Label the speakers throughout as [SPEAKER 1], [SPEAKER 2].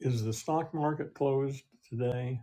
[SPEAKER 1] Is the stock market closed today?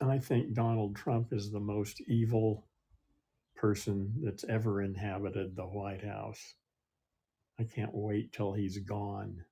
[SPEAKER 1] I think Donald Trump is the most evil person that's ever inhabited the White House. I can't wait till he's gone.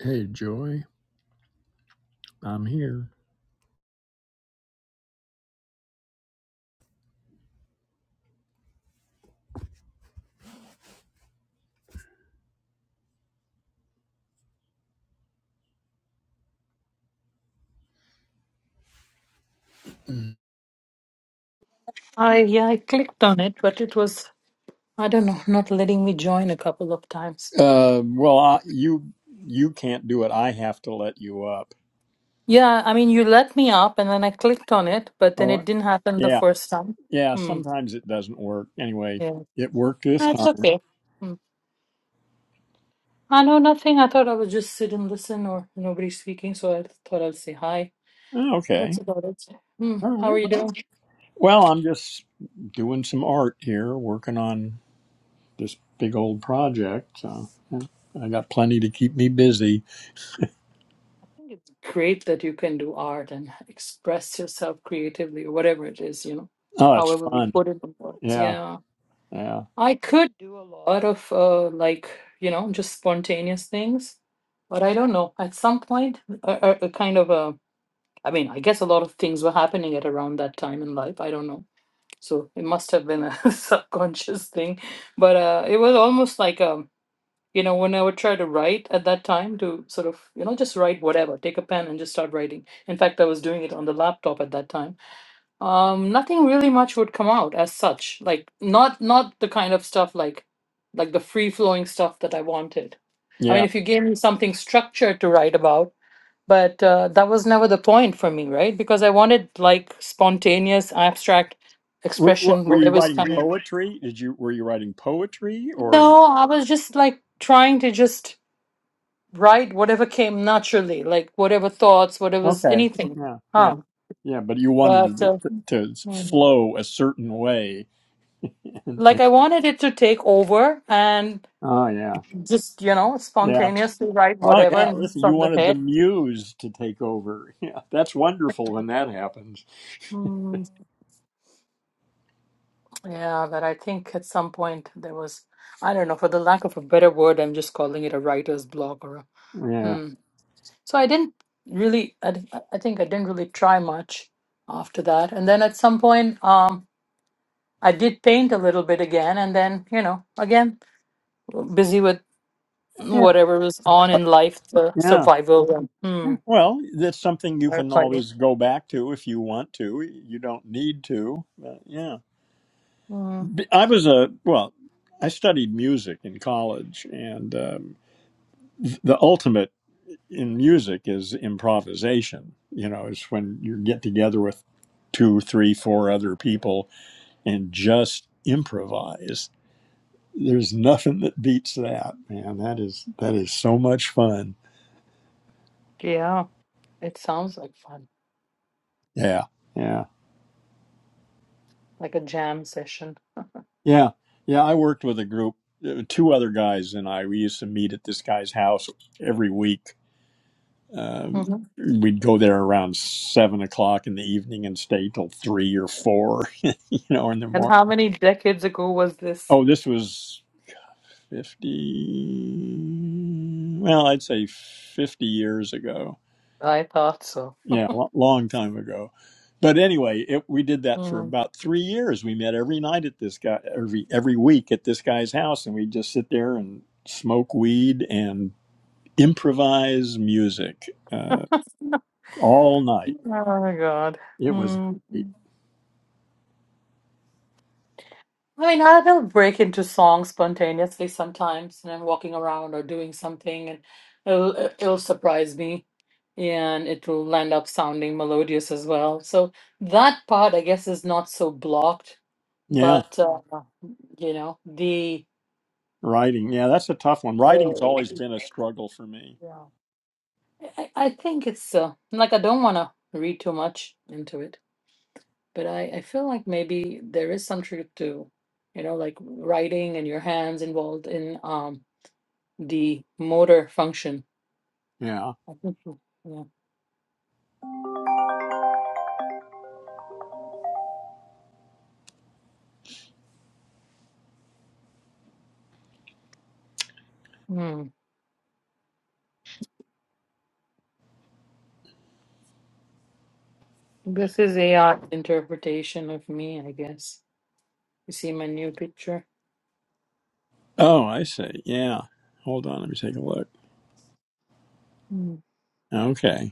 [SPEAKER 1] hey, Joy, I'm here.
[SPEAKER 2] I yeah, I clicked on it, but it was I don't know, not letting me join a couple of times.
[SPEAKER 1] Uh, well, I, you you can't do it. I have to let you up.
[SPEAKER 2] Yeah, I mean you let me up and then I clicked on it, but then
[SPEAKER 1] Oh,
[SPEAKER 2] it didn't happen the
[SPEAKER 1] yeah,
[SPEAKER 2] first time.
[SPEAKER 1] yeah.
[SPEAKER 2] Hmm.
[SPEAKER 1] Sometimes it doesn't work. Anyway,
[SPEAKER 2] Yeah.
[SPEAKER 1] it worked this
[SPEAKER 2] That's
[SPEAKER 1] time.
[SPEAKER 2] okay. Hmm. I know nothing. I thought I would just sit and listen or nobody's speaking, so I thought i will say hi.
[SPEAKER 1] Oh,
[SPEAKER 2] That's
[SPEAKER 1] Okay.
[SPEAKER 2] about it. Hmm.
[SPEAKER 1] All
[SPEAKER 2] How are
[SPEAKER 1] right.
[SPEAKER 2] you
[SPEAKER 1] Well,
[SPEAKER 2] doing?
[SPEAKER 1] well, I'm just doing some art here, working on this big old project. So yeah, I got plenty to keep me busy.
[SPEAKER 2] I think it's great that you can do art and express yourself creatively or whatever it is, you know.
[SPEAKER 1] Oh, it's
[SPEAKER 2] However we
[SPEAKER 1] fun.
[SPEAKER 2] put it in words.
[SPEAKER 1] Yeah,
[SPEAKER 2] Yeah.
[SPEAKER 1] yeah,
[SPEAKER 2] I could do a lot of uh, like you know just spontaneous things, but I don't know. At some point, a, a, a kind of a I mean, I guess a lot of things were happening at around that time in life. I don't know, so it must have been a subconscious thing. But uh, it was almost like um, you know, when I would try to write at that time to sort of you know just write whatever, take a pen and just start writing. In fact, I was doing it on the laptop at that time um, nothing really much would come out as such. Like not not the kind of stuff like like the free flowing stuff that I wanted. I mean,
[SPEAKER 1] yeah.
[SPEAKER 2] if you gave me something structured to write about, but uh, that was never the point for me, right? Because I wanted like spontaneous, abstract
[SPEAKER 1] Were, were
[SPEAKER 2] expression,
[SPEAKER 1] were you
[SPEAKER 2] whatever's
[SPEAKER 1] writing
[SPEAKER 2] coming.
[SPEAKER 1] poetry? Did you were you writing poetry or
[SPEAKER 2] No, I was just like trying to just write whatever came naturally, like whatever thoughts, whatever's
[SPEAKER 1] okay?
[SPEAKER 2] anything.
[SPEAKER 1] Yeah, yeah,
[SPEAKER 2] Huh.
[SPEAKER 1] yeah. But you
[SPEAKER 2] But
[SPEAKER 1] wanted it
[SPEAKER 2] uh,
[SPEAKER 1] to, to
[SPEAKER 2] mm.
[SPEAKER 1] flow a certain way.
[SPEAKER 2] like I
[SPEAKER 1] oh
[SPEAKER 2] wanted it to take over and
[SPEAKER 1] yeah,
[SPEAKER 2] just you know
[SPEAKER 1] yeah.
[SPEAKER 2] spontaneously write
[SPEAKER 1] Oh
[SPEAKER 2] whatever
[SPEAKER 1] yeah.
[SPEAKER 2] and
[SPEAKER 1] Listen, you
[SPEAKER 2] from the
[SPEAKER 1] wanted the
[SPEAKER 2] head
[SPEAKER 1] muse to take over. Yeah, that's wonderful when that happens.
[SPEAKER 2] mm, yeah but i think at some point there was i don't know for the lack of a better word i'm just calling it a writer's block or a
[SPEAKER 1] Yeah,
[SPEAKER 2] hmm. so i didn't really I, d- I think i didn't really try much after that and then at some point um i did paint a little bit again and then you know again busy with
[SPEAKER 1] yeah,
[SPEAKER 2] whatever was on in life the
[SPEAKER 1] yeah.
[SPEAKER 2] survival and
[SPEAKER 1] Yeah,
[SPEAKER 2] hmm,
[SPEAKER 1] Well, that's something you can
[SPEAKER 2] firefighting
[SPEAKER 1] always go back to if you want to. You don't need to. But yeah.
[SPEAKER 2] Hmm,
[SPEAKER 1] B- I was a, well, I studied music in college, and um, th- the ultimate in music is improvisation. You know, it's when you get together with two, three, four other people and just improvise. There's nothing that beats that, man. That is that is so much fun.
[SPEAKER 2] yeah it sounds like fun
[SPEAKER 1] Yeah. Yeah.
[SPEAKER 2] like a jam session.
[SPEAKER 1] Yeah, yeah. I worked with a group, uh, two other guys and I. We used to meet at this guy's house every week. Um,
[SPEAKER 2] hmm
[SPEAKER 1] we'd go there around seven o'clock in the evening and stay till three or four, you know, in the
[SPEAKER 2] And
[SPEAKER 1] morning.
[SPEAKER 2] how many decades ago was this?
[SPEAKER 1] Oh, this was fifty. Well, I'd say fifty years ago.
[SPEAKER 2] I thought so.
[SPEAKER 1] yeah, a lo- long time ago. But anyway, it, we did that for
[SPEAKER 2] Mm.
[SPEAKER 1] about three years. We met every night at this guy, every every week at this guy's house, and we'd just sit there and smoke weed and improvise music uh, all night.
[SPEAKER 2] Oh my God.
[SPEAKER 1] It was
[SPEAKER 2] Mm.
[SPEAKER 1] great.
[SPEAKER 2] I mean, I will break into songs spontaneously sometimes, and I'm walking around or doing something, and it'll it- it'll surprise me, and it will end up sounding melodious as well. So that part, I guess, is not so blocked,
[SPEAKER 1] Yeah,
[SPEAKER 2] but uh, you know, the
[SPEAKER 1] writing. Yeah, that's a tough one. Writing's
[SPEAKER 2] the
[SPEAKER 1] always been a struggle for me.
[SPEAKER 2] yeah. I, I think it's uh, like I don't want to read too much into it, but I, I feel like maybe there is some truth to, you know, like writing and your hands involved in um the motor function.
[SPEAKER 1] Yeah.
[SPEAKER 2] I think so, yeah. Hmm. This is a uh, interpretation of me, I guess. You see my new picture.
[SPEAKER 1] Oh, I see. Yeah. Hold on. Let me take a look.
[SPEAKER 2] Hmm.
[SPEAKER 1] Okay.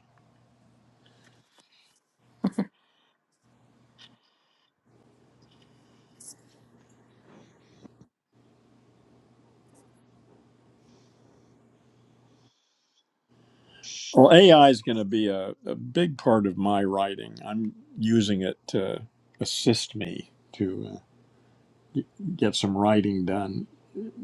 [SPEAKER 1] Well, AI is going to be a, a big part of my writing. I'm using it to assist me to uh, g- get some writing done.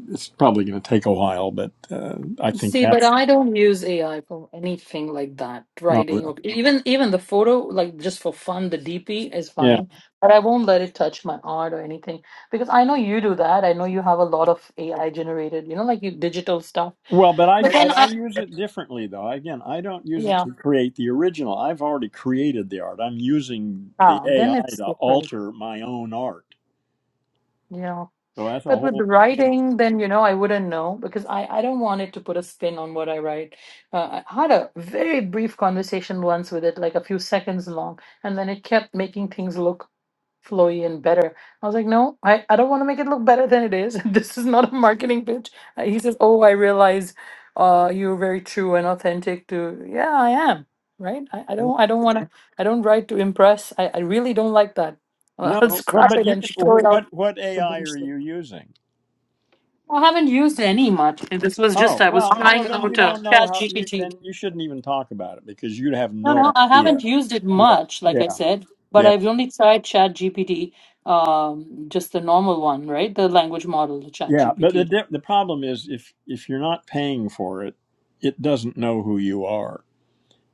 [SPEAKER 1] It's probably going to take a while, but uh, I think
[SPEAKER 2] See, but
[SPEAKER 1] that's
[SPEAKER 2] I don't use AI for anything like that,
[SPEAKER 1] oh,
[SPEAKER 2] writing
[SPEAKER 1] well,
[SPEAKER 2] or even even the photo, like just for fun, the DP is
[SPEAKER 1] yeah.
[SPEAKER 2] fine, but I won't let it touch my art or anything because I know you do that. I know you have a lot of AI generated, you know, like you digital stuff.
[SPEAKER 1] Well, but I
[SPEAKER 2] But then
[SPEAKER 1] but I
[SPEAKER 2] I,
[SPEAKER 1] use it differently though. Again, I don't use it
[SPEAKER 2] yeah,
[SPEAKER 1] to create the original. I've already created the art. I'm using the
[SPEAKER 2] ah, then
[SPEAKER 1] AI
[SPEAKER 2] it's
[SPEAKER 1] to
[SPEAKER 2] different.
[SPEAKER 1] alter my own art.
[SPEAKER 2] Yeah.
[SPEAKER 1] So that's a
[SPEAKER 2] But with
[SPEAKER 1] whole
[SPEAKER 2] writing, then, you know, I wouldn't know because I, I don't want it to put a spin on what I write. Uh, I had a very brief conversation once with it, like a few seconds long, and then it kept making things look flowy and better. I was like, no, I, I don't want to make it look better than it is. This is not a marketing pitch. Uh, He says, oh, I realize uh, you're very true and authentic to, yeah, I am. Right? I, I
[SPEAKER 1] yeah.
[SPEAKER 2] don't I don't want to I don't write to impress. I, I really don't like that. I'll
[SPEAKER 1] no. Well,
[SPEAKER 2] scrap
[SPEAKER 1] but
[SPEAKER 2] it
[SPEAKER 1] you
[SPEAKER 2] and
[SPEAKER 1] can.
[SPEAKER 2] throw it out
[SPEAKER 1] What what
[SPEAKER 2] the
[SPEAKER 1] AI are
[SPEAKER 2] bullshit.
[SPEAKER 1] you using?
[SPEAKER 2] I haven't used any much. This was
[SPEAKER 1] Oh
[SPEAKER 2] just I was
[SPEAKER 1] well, well
[SPEAKER 2] trying
[SPEAKER 1] then
[SPEAKER 2] out
[SPEAKER 1] you
[SPEAKER 2] uh,
[SPEAKER 1] don't know
[SPEAKER 2] Chat
[SPEAKER 1] how you
[SPEAKER 2] GPT.
[SPEAKER 1] then you shouldn't even talk about it because you'd have
[SPEAKER 2] No, no,
[SPEAKER 1] no
[SPEAKER 2] I haven't
[SPEAKER 1] idea.
[SPEAKER 2] used it
[SPEAKER 1] Yeah,
[SPEAKER 2] much, like I
[SPEAKER 1] yeah,
[SPEAKER 2] said, but
[SPEAKER 1] yeah,
[SPEAKER 2] I've only tried Chat GPT, um, just the normal one, right? The language model, the Chat
[SPEAKER 1] yeah. But the
[SPEAKER 2] GPT.
[SPEAKER 1] di- the problem is if if you're not paying for it, it doesn't know who you are,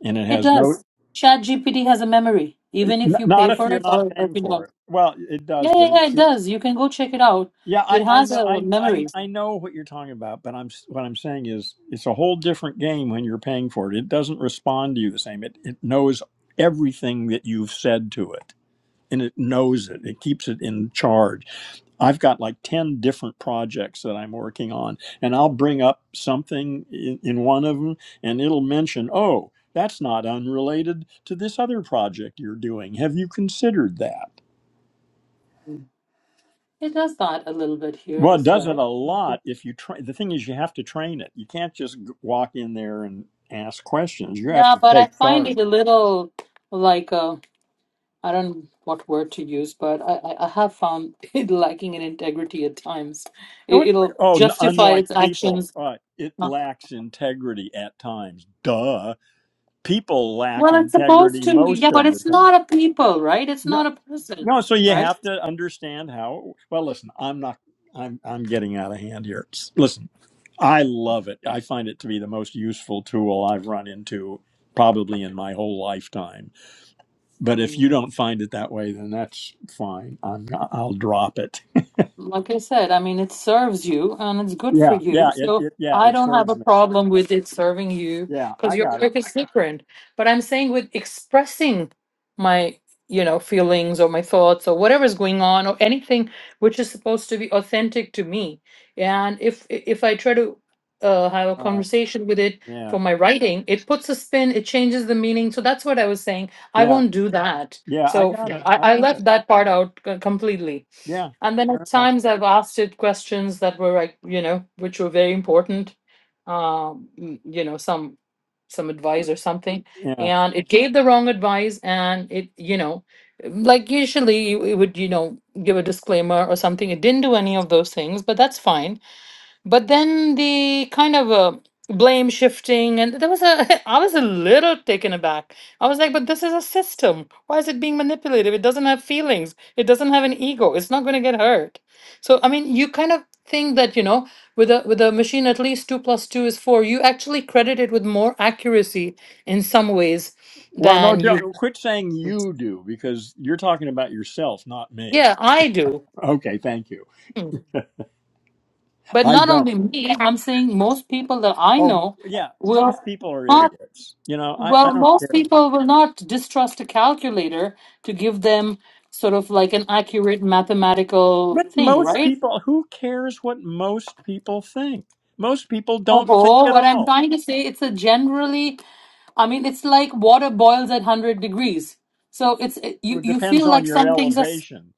[SPEAKER 1] and it
[SPEAKER 2] It
[SPEAKER 1] has no.
[SPEAKER 2] does. Chat GPT has a memory,
[SPEAKER 1] n-
[SPEAKER 2] even if you pay
[SPEAKER 1] Not if
[SPEAKER 2] for
[SPEAKER 1] you're
[SPEAKER 2] it
[SPEAKER 1] not
[SPEAKER 2] or, or if
[SPEAKER 1] paying
[SPEAKER 2] you
[SPEAKER 1] for
[SPEAKER 2] don't.
[SPEAKER 1] it. Well, it
[SPEAKER 2] Yeah,
[SPEAKER 1] does,
[SPEAKER 2] yeah,
[SPEAKER 1] but it,
[SPEAKER 2] yeah, it
[SPEAKER 1] it,
[SPEAKER 2] does. You can go check it out.
[SPEAKER 1] yeah, I,
[SPEAKER 2] It
[SPEAKER 1] I
[SPEAKER 2] has
[SPEAKER 1] know
[SPEAKER 2] a
[SPEAKER 1] I, I
[SPEAKER 2] memory.
[SPEAKER 1] I know what you're talking about, but I'm s- what I'm saying is it's a whole different game when you're paying for it. It doesn't respond to you the same. It it knows everything that you've said to it and it knows it. It keeps it in charge. I've got like 10 different projects that I'm working on, and I'll bring up something in, in one of them, and it'll mention, oh, that's not unrelated to this other project you're doing. Have you considered that?
[SPEAKER 2] It does that a little bit here
[SPEAKER 1] Well, it
[SPEAKER 2] as
[SPEAKER 1] does it a
[SPEAKER 2] well.
[SPEAKER 1] lot if you train. The thing is, you have to train it. You can't just g- walk in there and ask questions. You have
[SPEAKER 2] Yeah,
[SPEAKER 1] to
[SPEAKER 2] but I
[SPEAKER 1] take
[SPEAKER 2] find
[SPEAKER 1] charge.
[SPEAKER 2] it a little like uh I don't know what word to use, but I, I I have found it lacking in integrity at times.
[SPEAKER 1] Oh,
[SPEAKER 2] It,
[SPEAKER 1] it-
[SPEAKER 2] it'll
[SPEAKER 1] oh, n-
[SPEAKER 2] justify its
[SPEAKER 1] unlike people,
[SPEAKER 2] actions.
[SPEAKER 1] uh, it
[SPEAKER 2] Uh,
[SPEAKER 1] lacks integrity at times. Duh. people lack
[SPEAKER 2] Well, it's supposed
[SPEAKER 1] integrity
[SPEAKER 2] to, yeah,
[SPEAKER 1] most
[SPEAKER 2] but
[SPEAKER 1] of the
[SPEAKER 2] it's
[SPEAKER 1] time.
[SPEAKER 2] not a people, right? It's
[SPEAKER 1] No,
[SPEAKER 2] not a person,
[SPEAKER 1] no. So you
[SPEAKER 2] right?
[SPEAKER 1] have to understand how. Well, listen, I'm not. I'm I'm getting out of hand here. S- Listen, I love it. I find it to be the most useful tool I've run into probably in my whole lifetime. But if you
[SPEAKER 2] Hmm.
[SPEAKER 1] don't find it that way, then that's fine. I'm not- I'll drop it.
[SPEAKER 2] Like I said, I mean, it serves you and it's good for
[SPEAKER 1] Yeah,
[SPEAKER 2] you.
[SPEAKER 1] yeah, it,
[SPEAKER 2] So
[SPEAKER 1] it yeah
[SPEAKER 2] I
[SPEAKER 1] it
[SPEAKER 2] don't have a
[SPEAKER 1] serves me.
[SPEAKER 2] problem with it serving you
[SPEAKER 1] Yeah,
[SPEAKER 2] because
[SPEAKER 1] I
[SPEAKER 2] your
[SPEAKER 1] got it.
[SPEAKER 2] work is different. But I'm saying with expressing my, you know, feelings or my thoughts or whatever's going on or anything which is supposed to be authentic to me. And if if I try to uh, have a
[SPEAKER 1] Uh,
[SPEAKER 2] conversation with it
[SPEAKER 1] yeah,
[SPEAKER 2] for my writing, it puts a spin, it changes the meaning. So that's what I was saying. I
[SPEAKER 1] yeah,
[SPEAKER 2] won't do that.
[SPEAKER 1] yeah. I
[SPEAKER 2] So
[SPEAKER 1] got
[SPEAKER 2] Yeah.
[SPEAKER 1] it.
[SPEAKER 2] I,
[SPEAKER 1] I
[SPEAKER 2] I
[SPEAKER 1] got it.
[SPEAKER 2] left that part out c- completely.
[SPEAKER 1] Yeah,
[SPEAKER 2] And then at
[SPEAKER 1] fair enough.
[SPEAKER 2] times I've asked it questions that were like, you know, which were very important, um, mm, you know, some some advice or something,
[SPEAKER 1] Yeah.
[SPEAKER 2] and it gave the wrong advice, and it, you know, like usually it would, you know, give a disclaimer or something. It didn't do any of those things, but that's fine but then the kind of uh, blame shifting, and there was a, I was a little taken aback. I was like, but this is a system. Why is it being manipulative? It doesn't have feelings. It doesn't have an ego. It's not going to get hurt. So, I mean, you kind of think that, you know, with a with a machine, at least two plus two is four. You actually credit it with more accuracy in some ways
[SPEAKER 1] Well, no,
[SPEAKER 2] than you.
[SPEAKER 1] don't, quit saying you do because you're talking about yourself, not me.
[SPEAKER 2] Yeah, I do.
[SPEAKER 1] Okay, thank you.
[SPEAKER 2] Mm. But
[SPEAKER 1] I
[SPEAKER 2] not only
[SPEAKER 1] don't.
[SPEAKER 2] me, I'm saying most people that I
[SPEAKER 1] Um,
[SPEAKER 2] know
[SPEAKER 1] yeah,
[SPEAKER 2] will.
[SPEAKER 1] most people are idiots. You know, I, I
[SPEAKER 2] Well,
[SPEAKER 1] don't
[SPEAKER 2] most
[SPEAKER 1] care.
[SPEAKER 2] people will not distrust a calculator to give them sort of like an accurate mathematical
[SPEAKER 1] But
[SPEAKER 2] thing,
[SPEAKER 1] most
[SPEAKER 2] right?
[SPEAKER 1] people, who cares what most people think? Most people
[SPEAKER 2] Oh,
[SPEAKER 1] don't think
[SPEAKER 2] oh,
[SPEAKER 1] at
[SPEAKER 2] what I'm
[SPEAKER 1] all.
[SPEAKER 2] trying to say, it's a generally, I mean, it's like water boils at 100 degrees. So it's it- you
[SPEAKER 1] It
[SPEAKER 2] you
[SPEAKER 1] depends
[SPEAKER 2] feel
[SPEAKER 1] on
[SPEAKER 2] like
[SPEAKER 1] your
[SPEAKER 2] some things are, s-
[SPEAKER 1] elevation.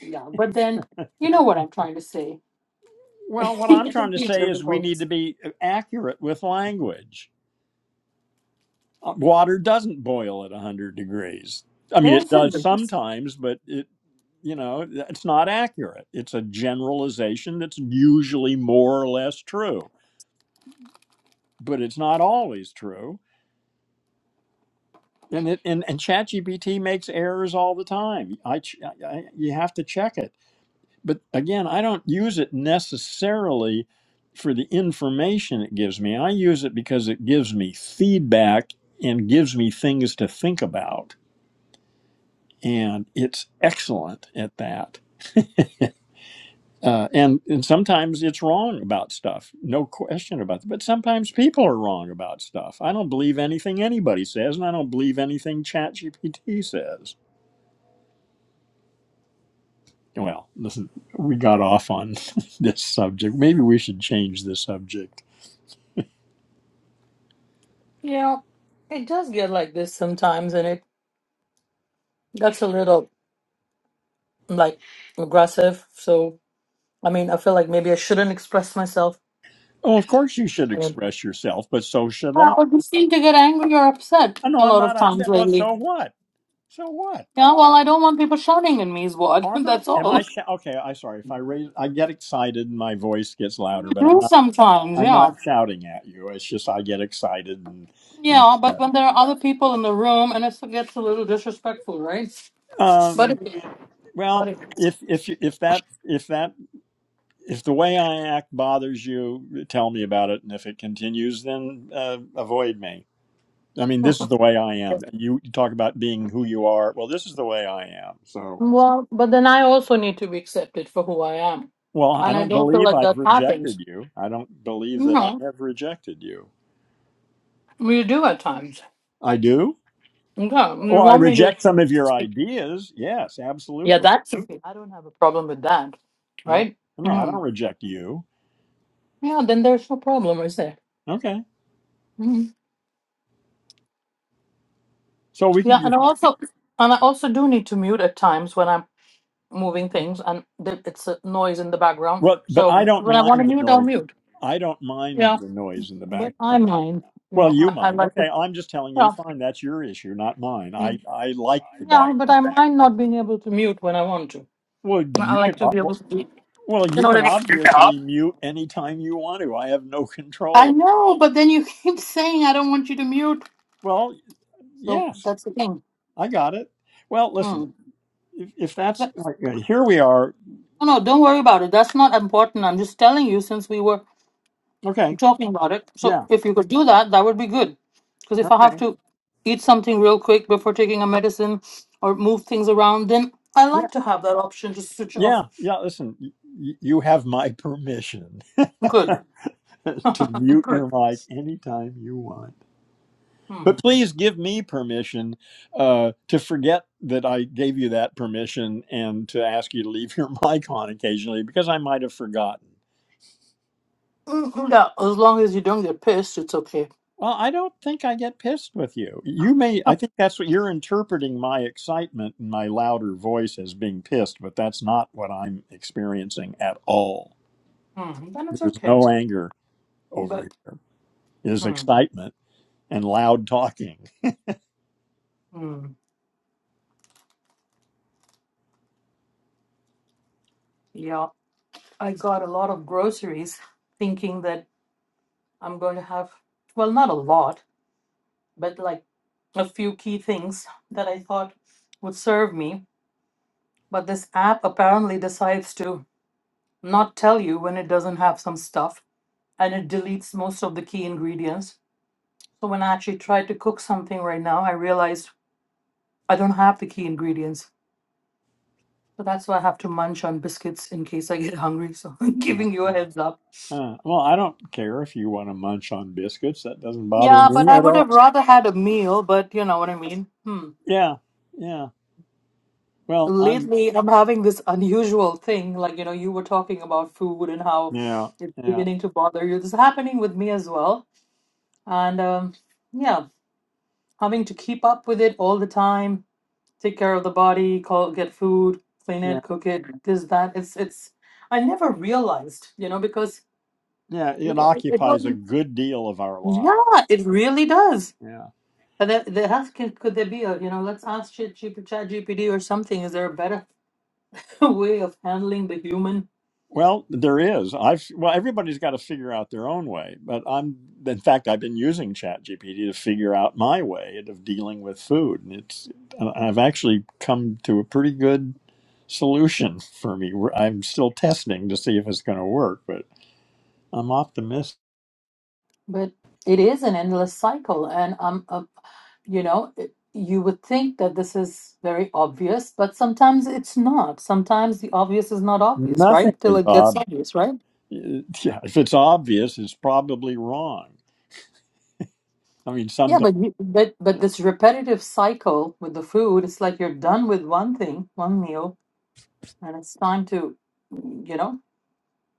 [SPEAKER 2] yeah, but then you know what I'm trying to say.
[SPEAKER 1] Well, what I'm
[SPEAKER 2] It can
[SPEAKER 1] trying to
[SPEAKER 2] be
[SPEAKER 1] say is we
[SPEAKER 2] difficult.
[SPEAKER 1] need to be uh, accurate with language. Uh, Water doesn't boil at 100 degrees. I mean,
[SPEAKER 2] Yeah,
[SPEAKER 1] it
[SPEAKER 2] it's
[SPEAKER 1] does sometimes, but it you know it's not accurate it's a generalization that's usually more or less true but it's not always true and it and, and ChatGPT makes errors all the time I, ch- I you have to check it but again I don't use it necessarily for the information it gives me I use it because it gives me feedback and gives me things to think about and it's excellent at that uh, and and sometimes it's wrong about stuff, no question about that. But sometimes people are wrong about stuff. I don't believe anything anybody says, and I don't believe anything ChatGPT says. Well, listen, we got off on this subject. Maybe we should change the subject.
[SPEAKER 2] Yeah, it does get like this sometimes, and it that's a little like aggressive. So. I mean, I feel like maybe I shouldn't express myself.
[SPEAKER 1] Oh, of course you should
[SPEAKER 2] Or
[SPEAKER 1] express yourself, but so should
[SPEAKER 2] Uh,
[SPEAKER 1] I.
[SPEAKER 2] or just seem to get angry or upset
[SPEAKER 1] Oh, no,
[SPEAKER 2] a
[SPEAKER 1] I'm
[SPEAKER 2] lot of
[SPEAKER 1] not
[SPEAKER 2] times
[SPEAKER 1] upset. Well,
[SPEAKER 2] lately.
[SPEAKER 1] so what? So what?
[SPEAKER 2] Yeah, well, I don't want people shouting at me, is what.
[SPEAKER 1] Oh, I'm not.
[SPEAKER 2] That's
[SPEAKER 1] Am I?
[SPEAKER 2] all.
[SPEAKER 1] Sh- okay, I sorry if I raise. I get excited and my voice gets
[SPEAKER 2] I
[SPEAKER 1] louder, but I'm
[SPEAKER 2] do
[SPEAKER 1] not.
[SPEAKER 2] sometimes,
[SPEAKER 1] I'm
[SPEAKER 2] yeah.
[SPEAKER 1] not shouting at you. It's just I get excited and you
[SPEAKER 2] Yeah, but
[SPEAKER 1] know,
[SPEAKER 2] when there are other people in the room and it gets a little disrespectful, right?
[SPEAKER 1] that.
[SPEAKER 2] But
[SPEAKER 1] Um,
[SPEAKER 2] it, but
[SPEAKER 1] well,
[SPEAKER 2] it-
[SPEAKER 1] if if if that if that if the way I act bothers you, tell me about it. And if it continues, then uh, avoid me. I mean, this is the way I am. You you talk about being who you are. Well, this is the way I am. So,
[SPEAKER 2] well, but then I also need to be accepted for who I am.
[SPEAKER 1] well, I
[SPEAKER 2] And I
[SPEAKER 1] don't
[SPEAKER 2] don't feel
[SPEAKER 1] believe
[SPEAKER 2] like that
[SPEAKER 1] I've
[SPEAKER 2] happens.
[SPEAKER 1] rejected you. I don't believe that I
[SPEAKER 2] No,
[SPEAKER 1] have rejected you.
[SPEAKER 2] we do at times.
[SPEAKER 1] I do.
[SPEAKER 2] Yeah, you
[SPEAKER 1] Well, I
[SPEAKER 2] want me
[SPEAKER 1] reject some of
[SPEAKER 2] to.
[SPEAKER 1] your ideas. Yes,
[SPEAKER 2] Yeah,
[SPEAKER 1] absolutely.
[SPEAKER 2] that's okay. I don't have a problem with that,
[SPEAKER 1] Yeah.
[SPEAKER 2] right?
[SPEAKER 1] No, I don't
[SPEAKER 2] Mm.
[SPEAKER 1] reject you.
[SPEAKER 2] Yeah, then there's no problem, is there?
[SPEAKER 1] Okay.
[SPEAKER 2] Mm.
[SPEAKER 1] So we
[SPEAKER 2] Yeah,
[SPEAKER 1] can
[SPEAKER 2] and
[SPEAKER 1] just
[SPEAKER 2] I also and I also do need to mute at times when I'm moving things and th- it's a noise in the background.
[SPEAKER 1] well, but
[SPEAKER 2] So
[SPEAKER 1] I don't
[SPEAKER 2] when I want to
[SPEAKER 1] mind the
[SPEAKER 2] mute, I'll
[SPEAKER 1] noise.
[SPEAKER 2] mute.
[SPEAKER 1] I don't mind
[SPEAKER 2] Yeah,
[SPEAKER 1] the noise in the
[SPEAKER 2] but I
[SPEAKER 1] background.
[SPEAKER 2] mind, you
[SPEAKER 1] Well,
[SPEAKER 2] know,
[SPEAKER 1] you
[SPEAKER 2] I, I
[SPEAKER 1] mind.
[SPEAKER 2] like
[SPEAKER 1] Okay,
[SPEAKER 2] to.
[SPEAKER 1] I'm just telling you.
[SPEAKER 2] Yeah,
[SPEAKER 1] Fine, that's your issue, not mine. I
[SPEAKER 2] mm.
[SPEAKER 1] I like the
[SPEAKER 2] yeah, but
[SPEAKER 1] background.
[SPEAKER 2] I mind not being able to mute when I want to.
[SPEAKER 1] Well,
[SPEAKER 2] I
[SPEAKER 1] you can.
[SPEAKER 2] like to
[SPEAKER 1] uh,
[SPEAKER 2] be able
[SPEAKER 1] Well,
[SPEAKER 2] to be.
[SPEAKER 1] well,
[SPEAKER 2] You
[SPEAKER 1] you
[SPEAKER 2] know what
[SPEAKER 1] can
[SPEAKER 2] I mean?
[SPEAKER 1] obviously mute anytime you want to. I have no
[SPEAKER 2] I
[SPEAKER 1] control.
[SPEAKER 2] know, but then you keep saying I don't want you to mute,
[SPEAKER 1] Well,
[SPEAKER 2] so
[SPEAKER 1] yes,
[SPEAKER 2] that's the thing.
[SPEAKER 1] I got it. Well, listen,
[SPEAKER 2] Mm.
[SPEAKER 1] if, if that's like, uh, here we are.
[SPEAKER 2] No, no, don't worry about it. That's not important. I'm just telling you since we were
[SPEAKER 1] Okay.
[SPEAKER 2] talking about it. So
[SPEAKER 1] Yeah.
[SPEAKER 2] if you could do that, that would be good. Because if I have
[SPEAKER 1] Okay.
[SPEAKER 2] to eat something real quick before taking a medicine or move things around, then I
[SPEAKER 1] Yeah.
[SPEAKER 2] like to have that option to switch
[SPEAKER 1] Yeah.
[SPEAKER 2] off.
[SPEAKER 1] Yeah. Listen, y- y- you have my permission.
[SPEAKER 2] Good.
[SPEAKER 1] to mute
[SPEAKER 2] good.
[SPEAKER 1] your mic anytime you want.
[SPEAKER 2] Hmm.
[SPEAKER 1] But please give me permission uh, to forget that I gave you that permission and to ask you to leave your mic on occasionally because I might have forgotten.
[SPEAKER 2] Mm, Yeah, as long as you don't get pissed, it's okay.
[SPEAKER 1] Well, I don't think I get pissed with you. You may, I think that's what you're interpreting my excitement and my louder voice as being pissed, but that's not what I'm experiencing at all.
[SPEAKER 2] Hmm. Then it's
[SPEAKER 1] There's
[SPEAKER 2] okay.
[SPEAKER 1] no anger over
[SPEAKER 2] But
[SPEAKER 1] here, there's
[SPEAKER 2] hmm.
[SPEAKER 1] excitement and loud talking.
[SPEAKER 2] Hmm. yeah, I got a lot of groceries thinking that I'm going to have, well, not a lot. but like a few key things that I thought would serve me. But this app apparently decides to not tell you when it doesn't have some stuff and it deletes most of the key ingredients. So when I actually tried to cook something right now, I realized I don't have the key ingredients. So that's why I have to munch on biscuits in case I get hungry. So I'm giving
[SPEAKER 1] Uh-huh.
[SPEAKER 2] you a heads up.
[SPEAKER 1] Uh, well, I don't care if you want to munch on biscuits. That doesn't bother
[SPEAKER 2] Yeah, but
[SPEAKER 1] me
[SPEAKER 2] I
[SPEAKER 1] at
[SPEAKER 2] would have
[SPEAKER 1] all.
[SPEAKER 2] rather had a meal, but you know what I mean. Hmm.
[SPEAKER 1] Yeah, yeah. Well, I'm.
[SPEAKER 2] Lately, I'm having this unusual thing. Like, you know, you were talking about food and how
[SPEAKER 1] Yeah,
[SPEAKER 2] it's
[SPEAKER 1] yeah,
[SPEAKER 2] beginning to bother you. This is happening with me as well. And um, yeah, having to keep up with it all the time, take care of the body, call, get food, clean it,
[SPEAKER 1] yeah,
[SPEAKER 2] cook it, this, that. It's, it's, I never realized, you know, because
[SPEAKER 1] yeah.
[SPEAKER 2] it,
[SPEAKER 1] It
[SPEAKER 2] wa- it, it
[SPEAKER 1] occupies a
[SPEAKER 2] wasn't,
[SPEAKER 1] good deal of our life.
[SPEAKER 2] yeah, it really does.
[SPEAKER 1] Yeah.
[SPEAKER 2] And there, there has, could, could there be a, you know, let's ask Chat GPT or something. Is there a better way of handling the human?
[SPEAKER 1] Well, there is. I've well, everybody's got to figure out their own way. But I'm. In fact, I've been using ChatGPT to figure out my way of dealing with food, and it's. and I've actually come to a pretty good solution for me. We're- I'm still testing to see if it's going to work, but I'm optimistic.
[SPEAKER 2] But it is an endless cycle, and um, uh, you know, it- you would think that this is very obvious, but sometimes it's not. Sometimes the obvious is not obvious,
[SPEAKER 1] Nothing
[SPEAKER 2] right? Till
[SPEAKER 1] is
[SPEAKER 2] it gets
[SPEAKER 1] ob.
[SPEAKER 2] obvious, right?
[SPEAKER 1] Yeah, if it's obvious, it's probably wrong. I mean,
[SPEAKER 2] Yeah,
[SPEAKER 1] sometimes.
[SPEAKER 2] but you, but but this repetitive cycle with the food, it's like you're done with one thing, one meal, and it's time to, you know,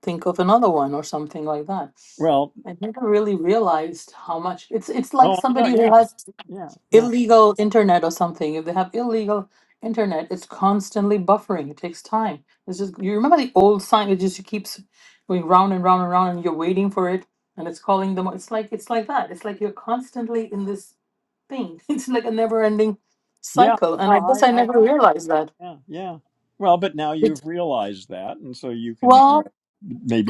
[SPEAKER 2] think of another one or something like that.
[SPEAKER 1] Well,
[SPEAKER 2] I never really realized how much it's it's like
[SPEAKER 1] oh, I know.
[SPEAKER 2] somebody who
[SPEAKER 1] Yeah,
[SPEAKER 2] has
[SPEAKER 1] yeah, yeah,
[SPEAKER 2] illegal internet or something, if they have illegal internet, it's constantly buffering. It takes time. It's just you remember the old sign. It just keeps going round and round and round, and you're waiting for it, and it's calling them. It's like it's like that. It's like you're constantly in this thing. It's like a never-ending
[SPEAKER 1] yeah.
[SPEAKER 2] cycle. And
[SPEAKER 1] No,
[SPEAKER 2] I guess
[SPEAKER 1] I,
[SPEAKER 2] I
[SPEAKER 1] I
[SPEAKER 2] never
[SPEAKER 1] got. It.
[SPEAKER 2] realized that.
[SPEAKER 1] Yeah, yeah. Well, but now
[SPEAKER 2] It's,
[SPEAKER 1] you've realized that, and so you can uh,
[SPEAKER 2] well,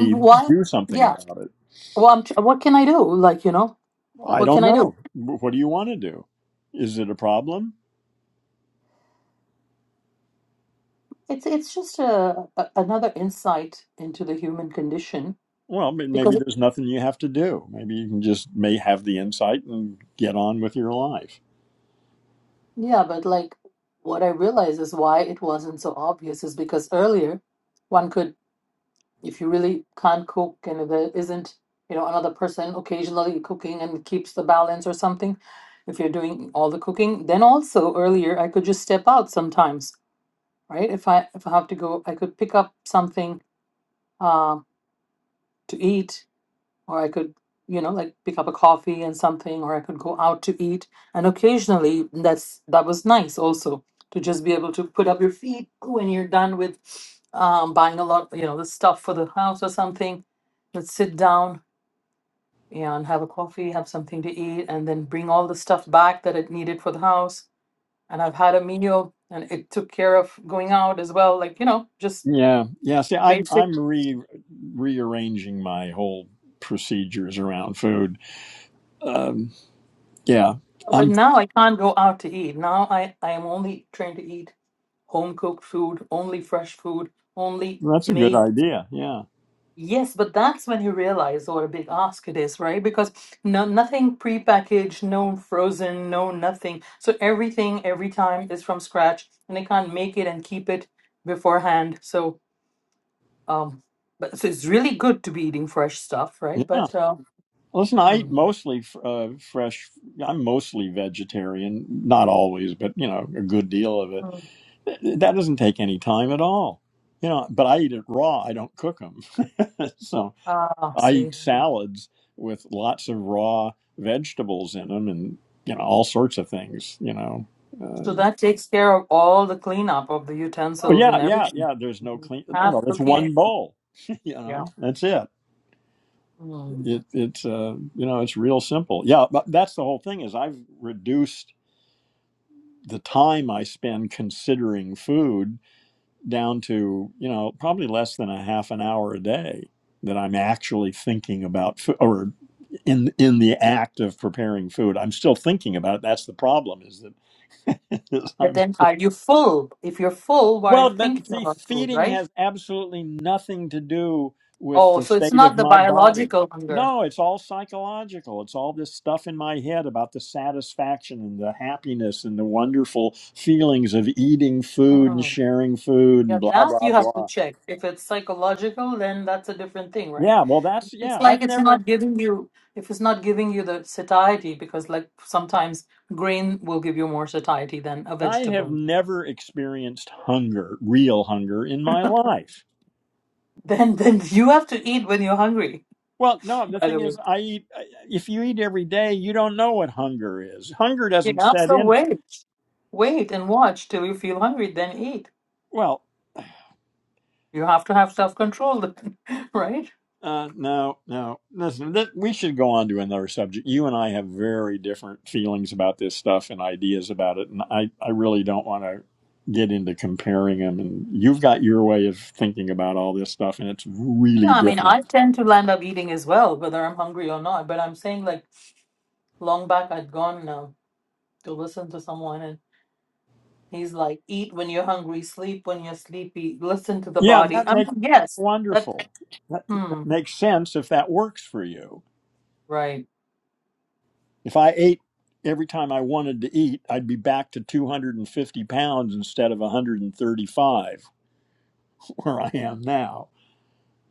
[SPEAKER 2] mm, why?
[SPEAKER 1] do something
[SPEAKER 2] Yeah.
[SPEAKER 1] about it.
[SPEAKER 2] Well, I'm, tr- what can I do? Like you know,
[SPEAKER 1] I
[SPEAKER 2] what
[SPEAKER 1] don't
[SPEAKER 2] can I do?
[SPEAKER 1] know. What do you want to do? Is it a problem?
[SPEAKER 2] It's it's just a, a another insight into the human condition
[SPEAKER 1] Well, may-
[SPEAKER 2] because
[SPEAKER 1] maybe there's nothing you have to do. Maybe you can just may have the insight and get on with your life.
[SPEAKER 2] Yeah, but like what I realize is why it wasn't so obvious is because earlier one could, if you really can't cook and there isn't, you know, another person occasionally cooking and keeps the balance or something, if you're doing all the cooking, then also earlier I could just step out sometimes, right? If I if I have to go, I could pick up something uh, to eat or I could, you know, like pick up a coffee and something, or I could go out to eat. And occasionally, that's that was nice also to just be able to put up your feet when you're done with um, buying a lot, you know, the stuff for the house or something. Let's sit down and have a coffee, have something to eat, and then bring all the stuff back that it needed for the house. And I've had a meal, and it took care of going out as well, like you know, just
[SPEAKER 1] Yeah, yeah. See,
[SPEAKER 2] the
[SPEAKER 1] I'm
[SPEAKER 2] basic
[SPEAKER 1] I'm re rearranging my whole procedures around food. Um, yeah,
[SPEAKER 2] But
[SPEAKER 1] I'm.
[SPEAKER 2] now I can't go out to eat. Now I, I am only trained to eat home cooked food, only fresh food, only
[SPEAKER 1] That's a good
[SPEAKER 2] made.
[SPEAKER 1] idea. Yeah,
[SPEAKER 2] Yes, but that's when you realize what a big ask it is, right? Because no nothing prepackaged, no frozen, no nothing. So everything every time is from scratch, and they can't make it and keep it beforehand. So um, but so it's really good to be eating fresh stuff, right?
[SPEAKER 1] yeah.
[SPEAKER 2] But uh,
[SPEAKER 1] Listen, I eat
[SPEAKER 2] mm,
[SPEAKER 1] mostly f- uh, fresh. I'm mostly vegetarian, not always, but you know, a good deal of it.
[SPEAKER 2] mm,
[SPEAKER 1] Th- That doesn't take any time at all. You know, but I eat it raw. I don't cook them, so
[SPEAKER 2] ah,
[SPEAKER 1] I
[SPEAKER 2] see.
[SPEAKER 1] eat salads with lots of raw vegetables in them, and you know, all sorts of things. You know. uh,
[SPEAKER 2] So that takes care of all the cleanup of the
[SPEAKER 1] Oh
[SPEAKER 2] utensils and
[SPEAKER 1] yeah, yeah,
[SPEAKER 2] everything.
[SPEAKER 1] yeah. There's no clean.
[SPEAKER 2] Half
[SPEAKER 1] Well, it's
[SPEAKER 2] cooking.
[SPEAKER 1] one bowl. you
[SPEAKER 2] Yeah.
[SPEAKER 1] know, that's it.
[SPEAKER 2] Mm.
[SPEAKER 1] It it's uh, you know it's real simple. Yeah, but that's the whole thing. Is I've reduced the time I spend considering food down to you know probably less than a half an hour a day that I'm actually thinking about food or in in the act of preparing food. I'm still thinking about it. That's the problem. Is that
[SPEAKER 2] But
[SPEAKER 1] I'm.
[SPEAKER 2] then are you full? If you're full, why are you
[SPEAKER 1] Well, but
[SPEAKER 2] thinking
[SPEAKER 1] see,
[SPEAKER 2] about food,
[SPEAKER 1] feeding
[SPEAKER 2] right?
[SPEAKER 1] has absolutely nothing to do with
[SPEAKER 2] Oh,
[SPEAKER 1] the
[SPEAKER 2] so it's
[SPEAKER 1] state
[SPEAKER 2] not
[SPEAKER 1] of
[SPEAKER 2] the
[SPEAKER 1] my body.
[SPEAKER 2] biological hunger.
[SPEAKER 1] No, it's all psychological. It's all this stuff in my head about the satisfaction and the happiness and the wonderful feelings of eating food and
[SPEAKER 2] Mm.
[SPEAKER 1] sharing food
[SPEAKER 2] Yeah,
[SPEAKER 1] and blah,
[SPEAKER 2] that
[SPEAKER 1] blah,
[SPEAKER 2] you have to
[SPEAKER 1] blah.
[SPEAKER 2] check. If it's psychological, then that's a different thing, right?
[SPEAKER 1] Yeah, well, that's,
[SPEAKER 2] It's
[SPEAKER 1] yeah, I've
[SPEAKER 2] like it's
[SPEAKER 1] never,
[SPEAKER 2] not giving you, if it's not giving you the satiety, because like sometimes grain will give you more satiety than a
[SPEAKER 1] I have
[SPEAKER 2] vegetable.
[SPEAKER 1] never experienced hunger, real hunger in my life.
[SPEAKER 2] Then then you have to eat when you're hungry,
[SPEAKER 1] Well, no, the
[SPEAKER 2] by the
[SPEAKER 1] thing
[SPEAKER 2] way.
[SPEAKER 1] is, I eat, if you eat every day, you don't know what hunger is. Hunger
[SPEAKER 2] You
[SPEAKER 1] doesn't
[SPEAKER 2] know,
[SPEAKER 1] set
[SPEAKER 2] so
[SPEAKER 1] in
[SPEAKER 2] wait, wait and watch till you feel hungry, then eat.
[SPEAKER 1] Well,
[SPEAKER 2] You have to have self-control, then, right?
[SPEAKER 1] uh, no, no. Listen, th- we should go on to another subject. You and I have very different feelings about this stuff and ideas about it, and I, I really don't want to get into comparing them. And you've got your way of thinking about all this stuff, and it's
[SPEAKER 2] Yeah,
[SPEAKER 1] really
[SPEAKER 2] I mean,
[SPEAKER 1] different.
[SPEAKER 2] I tend to land up eating as well, whether I'm hungry or not. But I'm saying, like, long back, I'd gone now to listen to someone, and he's like, "Eat when you're hungry, sleep when you're sleepy, listen to the
[SPEAKER 1] Yeah,
[SPEAKER 2] body."
[SPEAKER 1] that
[SPEAKER 2] I'm
[SPEAKER 1] makes
[SPEAKER 2] like,
[SPEAKER 1] that's
[SPEAKER 2] yes, that.
[SPEAKER 1] wonderful. That,
[SPEAKER 2] Hmm,
[SPEAKER 1] that makes sense if that works for you.
[SPEAKER 2] right.
[SPEAKER 1] If I ate every time I wanted to eat, I'd be back to 250 pounds instead of 135 where I am now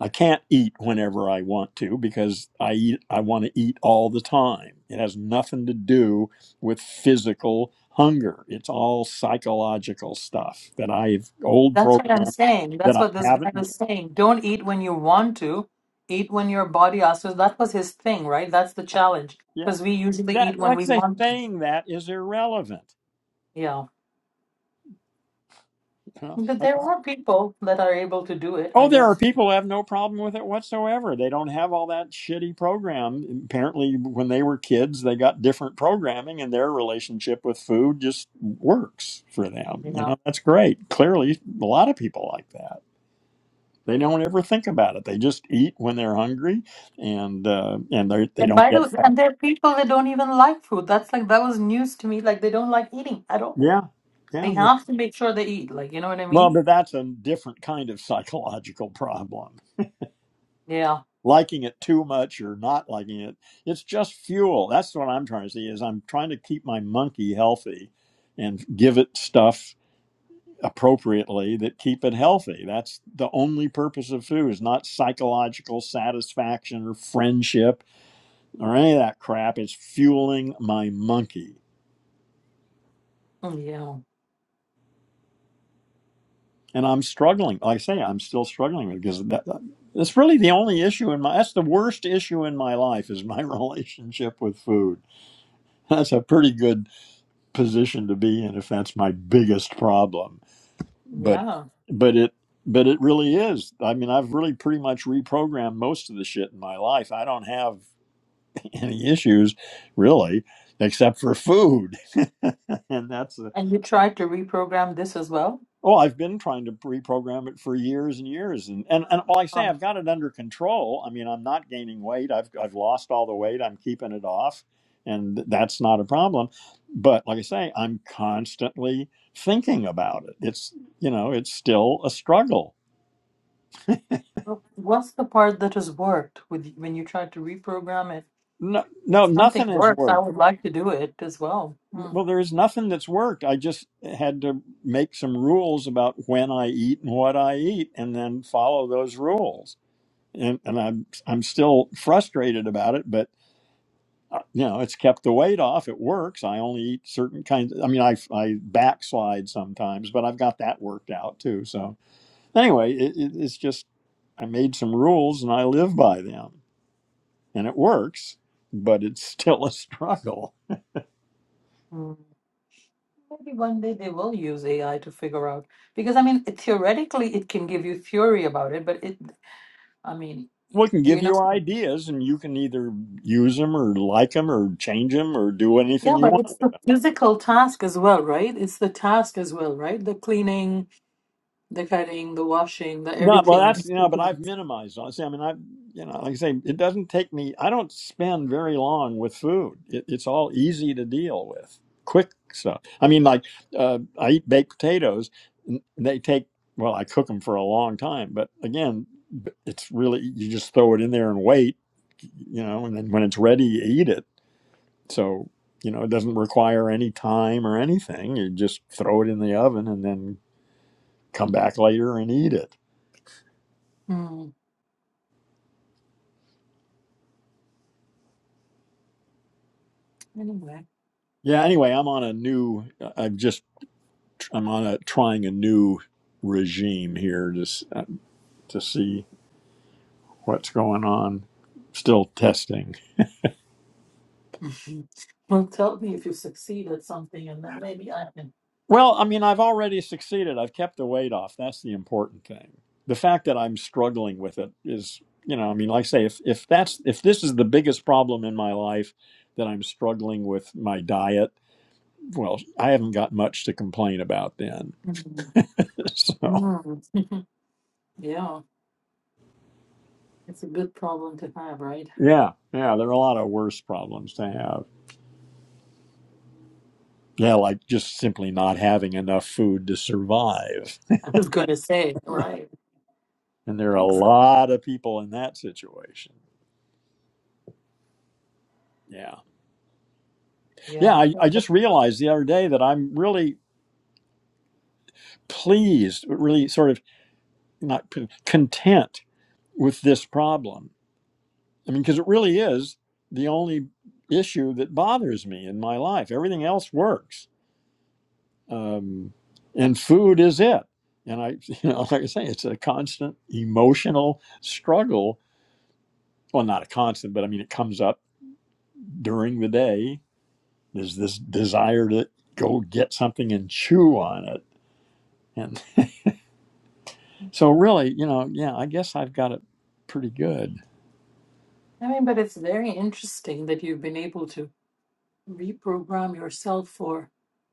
[SPEAKER 1] I can't eat whenever I want to because I eat, I want to eat all the time. It has nothing to do with physical hunger. It's all psychological stuff that I've old
[SPEAKER 2] That's what I'm
[SPEAKER 1] programs
[SPEAKER 2] saying.
[SPEAKER 1] that
[SPEAKER 2] That's
[SPEAKER 1] I
[SPEAKER 2] what this guy
[SPEAKER 1] haven't.
[SPEAKER 2] was saying. Don't eat when you want to, eat when your body asks. So that was his thing, right? That's the challenge.
[SPEAKER 1] Yeah,
[SPEAKER 2] Because we usually eat
[SPEAKER 1] that
[SPEAKER 2] when
[SPEAKER 1] like
[SPEAKER 2] we
[SPEAKER 1] I say,
[SPEAKER 2] want to.
[SPEAKER 1] saying that is irrelevant.
[SPEAKER 2] Yeah.
[SPEAKER 1] You
[SPEAKER 2] But
[SPEAKER 1] know?
[SPEAKER 2] there are people that are able to do it,
[SPEAKER 1] Oh,
[SPEAKER 2] I
[SPEAKER 1] there are
[SPEAKER 2] guess.
[SPEAKER 1] people who have no problem with it whatsoever. They don't have all that shitty program. Apparently, when they were kids, they got different programming, and their relationship with food just works for them. You
[SPEAKER 2] Yeah.
[SPEAKER 1] know, that's great. Clearly, a lot of people like that. They don't ever think about it. They just eat when they're hungry, and uh, and they they
[SPEAKER 2] And
[SPEAKER 1] don't
[SPEAKER 2] by the way,
[SPEAKER 1] get fat.
[SPEAKER 2] and there are people that don't even like food. That's like, that was news to me. Like, they don't like eating at all.
[SPEAKER 1] Yeah,
[SPEAKER 2] They
[SPEAKER 1] yeah. They're,
[SPEAKER 2] have to make sure they eat. Like, you know what I
[SPEAKER 1] well,
[SPEAKER 2] mean?
[SPEAKER 1] but that's a different kind of psychological problem.
[SPEAKER 2] Yeah.
[SPEAKER 1] liking it too much or not liking it. It's just fuel. That's what I'm trying to see is I'm trying to keep my monkey healthy and give it stuff appropriately that keep it healthy. That's the only purpose of food is not psychological satisfaction or friendship or any of that crap. It's fueling my monkey.
[SPEAKER 2] Mm, Yeah.
[SPEAKER 1] And I'm struggling. Like I say, I'm still struggling with it because that, that's really the only issue in my that's the worst issue in my life is my relationship with food. That's a pretty good position to be in if that's my biggest problem but
[SPEAKER 2] Yeah.
[SPEAKER 1] but it but it really is i mean i've really pretty much reprogrammed most of the shit in my life i don't have any issues really except for food and that's a,
[SPEAKER 2] And you tried to reprogram this as well?
[SPEAKER 1] Oh, I've been trying to reprogram it for years and years, and and and like I say, I've got it under control. I mean, I'm not gaining weight. I've I've lost all the weight. I'm keeping it off, and that's not a problem. But like I say, I'm constantly thinking about it. It's you know, it's still a struggle.
[SPEAKER 2] Well, What's the part that has worked with when you tried to reprogram it?
[SPEAKER 1] No,
[SPEAKER 2] If
[SPEAKER 1] no,
[SPEAKER 2] something
[SPEAKER 1] nothing has
[SPEAKER 2] worked, I
[SPEAKER 1] worked.
[SPEAKER 2] would like to do it as well. Hmm.
[SPEAKER 1] Well, there is nothing that's worked. I just had to make some rules about when I eat and what I eat, and then follow those rules and and I'm I'm still frustrated about it, but uh, you know it's kept the weight off. It works. I only eat certain kinds. Of, I mean, I I backslide sometimes, but I've got that worked out too. So anyway, it, it, it's just I made some rules and I live by them, and it works. But it's still a struggle.
[SPEAKER 2] Hmm. Maybe one day they will use AI to figure out because I mean theoretically it can give you theory about it, but it I mean
[SPEAKER 1] We can
[SPEAKER 2] you
[SPEAKER 1] give
[SPEAKER 2] know
[SPEAKER 1] you ideas, and you can either use them or like them or change them or do anything
[SPEAKER 2] yeah,
[SPEAKER 1] you
[SPEAKER 2] but
[SPEAKER 1] want.
[SPEAKER 2] it's the physical task as well, right? It's the task as well, right? The cleaning, the cutting, the washing, the
[SPEAKER 1] No, well,
[SPEAKER 2] everything.
[SPEAKER 1] that's you know, but I've minimized. I I mean, I, you know, like I say, it doesn't take me. I don't spend very long with food. It, it's all easy to deal with, quick stuff. I mean, like uh, I eat baked potatoes. and They take well, I cook them for a long time, but again, b- it's really you just throw it in there and wait, you know, and then when it's ready, you eat it. So you know, it doesn't require any time or anything. You just throw it in the oven and then come back later and eat it
[SPEAKER 2] Hmm. Anyway,
[SPEAKER 1] Yeah. Anyway, I'm on a new. I'm just. I'm on a trying a new regime here. Just uh, to see what's going on. Still testing.
[SPEAKER 2] well, tell me if you succeed at something, and then maybe I can.
[SPEAKER 1] Well, I mean, I've already succeeded. I've kept the weight off. That's the important thing. The fact that I'm struggling with it is, you know, I mean, like I say, if if that's if this is the biggest problem in my life that I'm struggling with my diet, well, I haven't got much to complain about then.
[SPEAKER 2] Mm,
[SPEAKER 1] so
[SPEAKER 2] mm. Yeah, it's a good problem to have, right?
[SPEAKER 1] yeah, yeah, there are a lot of worse problems to have. Yeah, like just simply not having enough food to survive.
[SPEAKER 2] I was going to say, right,
[SPEAKER 1] And there are a
[SPEAKER 2] exactly.
[SPEAKER 1] lot of people in that situation. Yeah.
[SPEAKER 2] Yeah,
[SPEAKER 1] Yeah,
[SPEAKER 2] I
[SPEAKER 1] I, I
[SPEAKER 2] think that-
[SPEAKER 1] just realized the other day that I'm really pleased, really sort of not p- content with this problem. I mean, because it really is the only issue that bothers me in my life. Everything else works. Um, and food is it. And I, you know, like I say, it's a constant emotional struggle well, not a constant, but I mean, it comes up during the day is this desire to go get something and chew on it. And so, really, you know, yeah, I guess I've got it pretty good.
[SPEAKER 2] I mean, but it's very interesting that you've been able to reprogram yourself for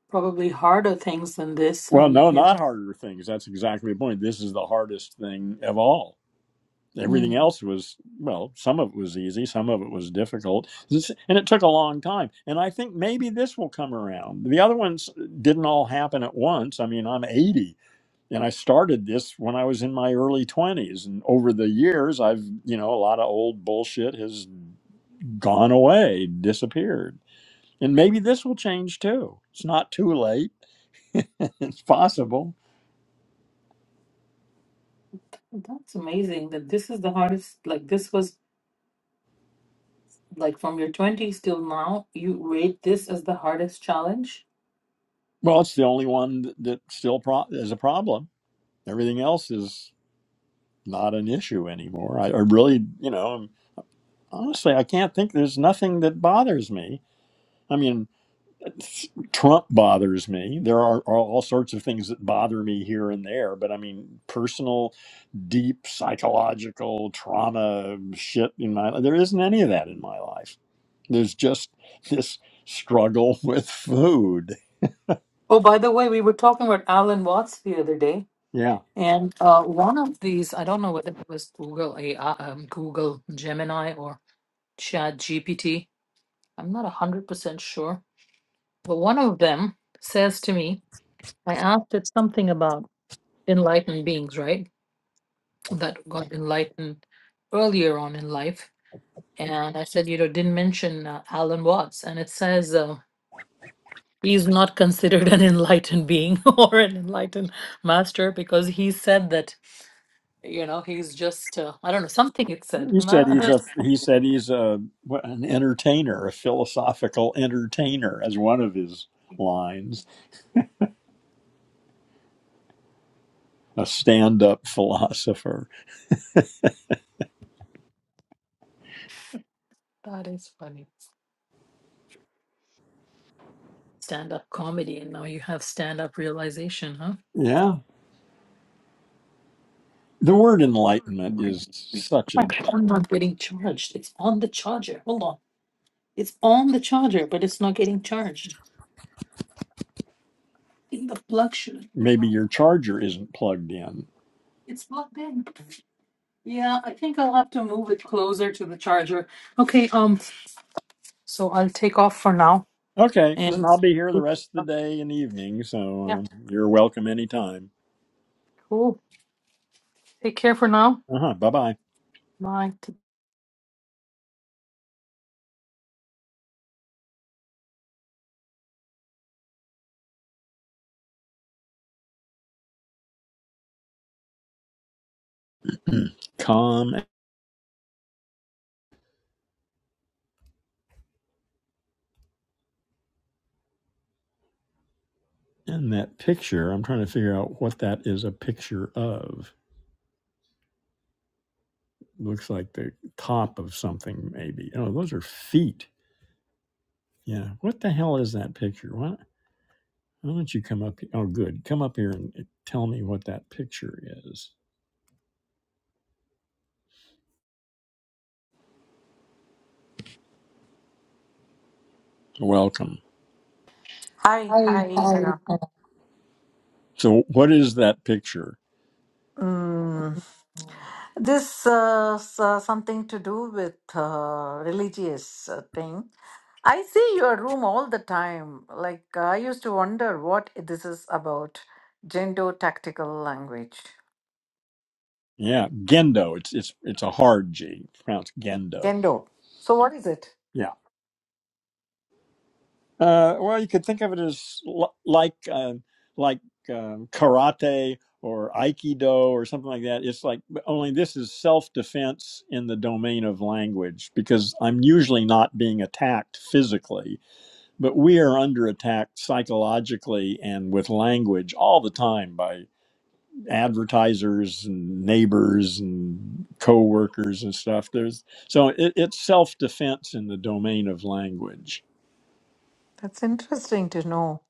[SPEAKER 2] probably harder things than this,
[SPEAKER 1] Well,
[SPEAKER 2] and
[SPEAKER 1] no,
[SPEAKER 2] you
[SPEAKER 1] not harder things. That's exactly the point. This is the hardest thing of all.
[SPEAKER 2] know,
[SPEAKER 1] Everything
[SPEAKER 2] mm,
[SPEAKER 1] else was, well, some of it was easy, some of it was difficult, and it took a long time. And I think maybe this will come around. The other ones didn't all happen at once. I mean, I'm 80 and I started this when I was in my early 20s and over the years I've you know a lot of old bullshit has gone away disappeared and maybe this will change too it's not too late it's possible
[SPEAKER 2] that's amazing that this is the hardest. Like this was like from your twenties till now, you rate this as the hardest challenge.
[SPEAKER 1] well it's the only one that, that still pro- is a problem everything else is not an issue anymore I, I really you know honestly I can't think there's nothing that bothers me I mean. Trump bothers me. There are, are all sorts of things that bother me here and there, but I mean, personal, deep psychological trauma shit in my life. there isn't any of that in my life. There's just this struggle with food.
[SPEAKER 2] Oh, by the way, we were talking about Alan Watts the other day
[SPEAKER 1] Yeah,
[SPEAKER 2] And uh, one of these, I don't know whether it was Google AI, um, Google Gemini or Chat GPT. I'm not 100% sure. But one of them says to me, I asked it something about enlightened beings, right? That got enlightened earlier on in life. And I said, you know, didn't mention uh, Alan Watts. And it says, uh, he's not considered an enlightened being or an enlightened master because he said that You know, he's just, uh, I don't know, something it said.
[SPEAKER 1] he said he's a he said he's a what, an entertainer, a philosophical entertainer, as one of his lines, a stand-up philosopher.
[SPEAKER 2] that is funny. Stand up comedy, and now you have stand up realization, huh?
[SPEAKER 1] Yeah, the word enlightenment is such a
[SPEAKER 2] My phone not getting charged. It's on the charger. Hold on. It's on the charger, but it's not getting charged. I think the plug should be
[SPEAKER 1] Maybe
[SPEAKER 2] on.
[SPEAKER 1] your charger isn't plugged in.
[SPEAKER 2] It's plugged in. Yeah, I think I'll have to move it closer to the charger. Okay, um, so I'll take off for now.
[SPEAKER 1] Okay, then
[SPEAKER 2] And
[SPEAKER 1] I'll be here the rest of the day and evening,
[SPEAKER 2] yeah,
[SPEAKER 1] so uh, you're welcome anytime.
[SPEAKER 2] cool. Take care for now.
[SPEAKER 1] Uh huh. Bye bye.
[SPEAKER 2] Bye.
[SPEAKER 1] Calm. And that picture, I'm trying to figure out what that is a picture of. Looks like the top of something, maybe. Oh, those are feet. Yeah. What the hell is that picture? What? why don't you come up? here? Oh, good. Come up here and tell me what that picture is. Welcome.
[SPEAKER 3] Hi,
[SPEAKER 1] Hi,
[SPEAKER 3] hi,
[SPEAKER 1] hi.
[SPEAKER 3] hello.
[SPEAKER 1] So, what is that picture?
[SPEAKER 3] Mm, this uh, s- uh, something to do with uh, religious uh, thing. I see your room all the time. Like I used to wonder what this is about. Gendo tactical language.
[SPEAKER 1] Yeah, Gendo. It's it's it's a hard G. It's pronounced Gendo.
[SPEAKER 3] Gendo. So what is it?
[SPEAKER 1] Yeah. Uh, well, you could think of it as l- like uh, like um karate or aikido or something like that. It's like but only this is self defense in the domain of language because I'm usually not being attacked physically, but we are under attack psychologically and with language all the time advertisers and neighbors and co-workers and stuff there's so it, it's self-defense in the domain of language
[SPEAKER 3] That's interesting to know.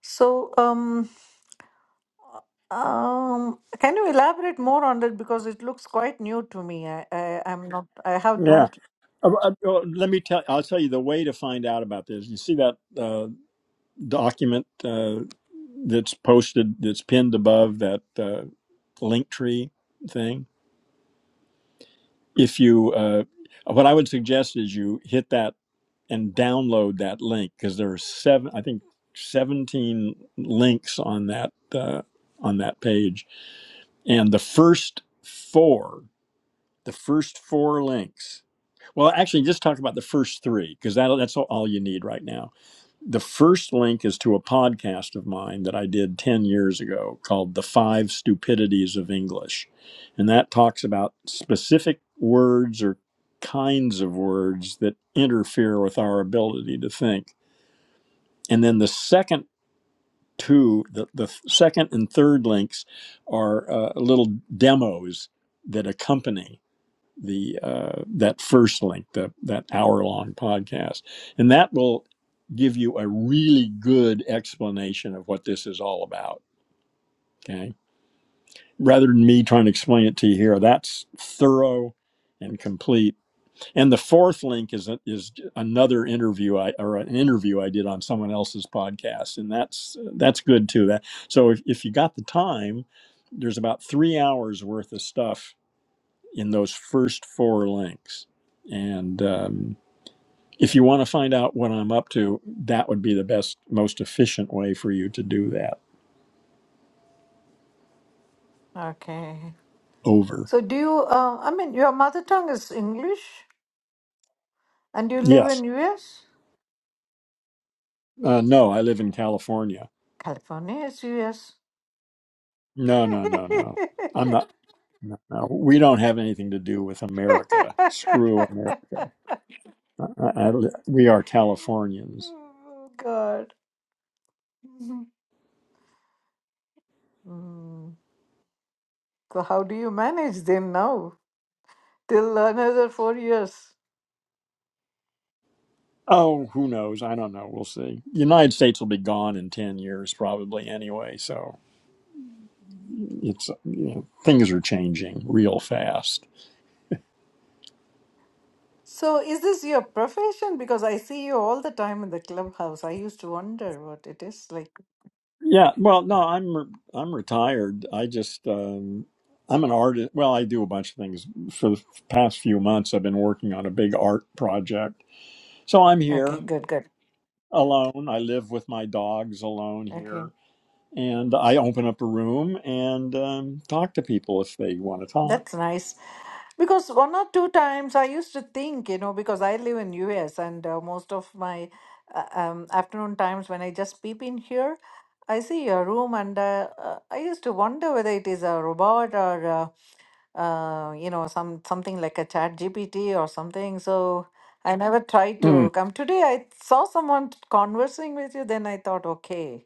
[SPEAKER 3] So um um can you elaborate more on that because it looks quite new to me. I, I I'm not I have
[SPEAKER 1] yeah
[SPEAKER 3] don't
[SPEAKER 1] Uh, uh, uh, let me tell i'll tell you the way to find out about this you see that uh, document uh, that's posted that's pinned above that uh, link tree thing if you uh, what i would suggest is you hit that and download that link because there are seven i think 17 links on that uh, on that page and the first four the first four links well actually just talk about the first three because that, that's all all you need right now the first link is to a podcast of mine that I did 10 years ago called The Five Stupidities of English. And that talks about specific words or kinds of words that interfere with our ability to think. And then the second two, the, the second and third links are uh, little demos that accompany the uh, that first link, the, that hour long podcast, and that will give you a really good explanation of what this is all about. Okay, rather than me trying to explain it to you here, that's thorough and complete. And the fourth link is a, is another interview I or an interview I did on someone else's podcast, and that's that's good too. That so if, if you got the time, there's about three hours worth of stuff in those first four links. And um, if you want to find out what I'm up to, that would be the best, most efficient way for you to do that.
[SPEAKER 3] okay
[SPEAKER 1] Over.
[SPEAKER 3] So do you? Uh, I mean, your mother tongue is English, and you live in
[SPEAKER 1] Yes.
[SPEAKER 3] US.
[SPEAKER 1] Uh, no, I live in California.
[SPEAKER 3] California is US.
[SPEAKER 1] No, no, no, no. I'm not. No, no. we don't have anything to do with America. Screw America. I, I, I- we are Californians.
[SPEAKER 3] oh, God. Mhm. Mm. So how do you manage them now till another four years?
[SPEAKER 1] Oh, who knows? I don't know. We'll see. The United States will be gone in 10 years, probably, anyway. So. it's you know, things are changing real fast.
[SPEAKER 3] So is this your profession? Because I see you all the time in the clubhouse. I used to wonder what it is like.
[SPEAKER 1] Yeah, well, no, I'm re- I'm retired. I just um, I'm an artist. Well, I do a bunch of things. For the past few months, I've been working on a big art project. So I'm
[SPEAKER 3] Okay,
[SPEAKER 1] here
[SPEAKER 3] good, good.
[SPEAKER 1] alone. I live with my dogs alone
[SPEAKER 3] Okay.
[SPEAKER 1] here, and I open up a room and um, talk to people if they want to talk.
[SPEAKER 3] That's nice. Because one or two times I used to think, you know, because I live in US and uh, most of my uh, um, afternoon times when I just peep in here, I see a room and uh, uh, I used to wonder whether it is a robot or uh, uh, you know some something like a chat GPT or something. So I never tried to
[SPEAKER 1] Mm.
[SPEAKER 3] come. Today I saw someone conversing with you, then I thought, okay.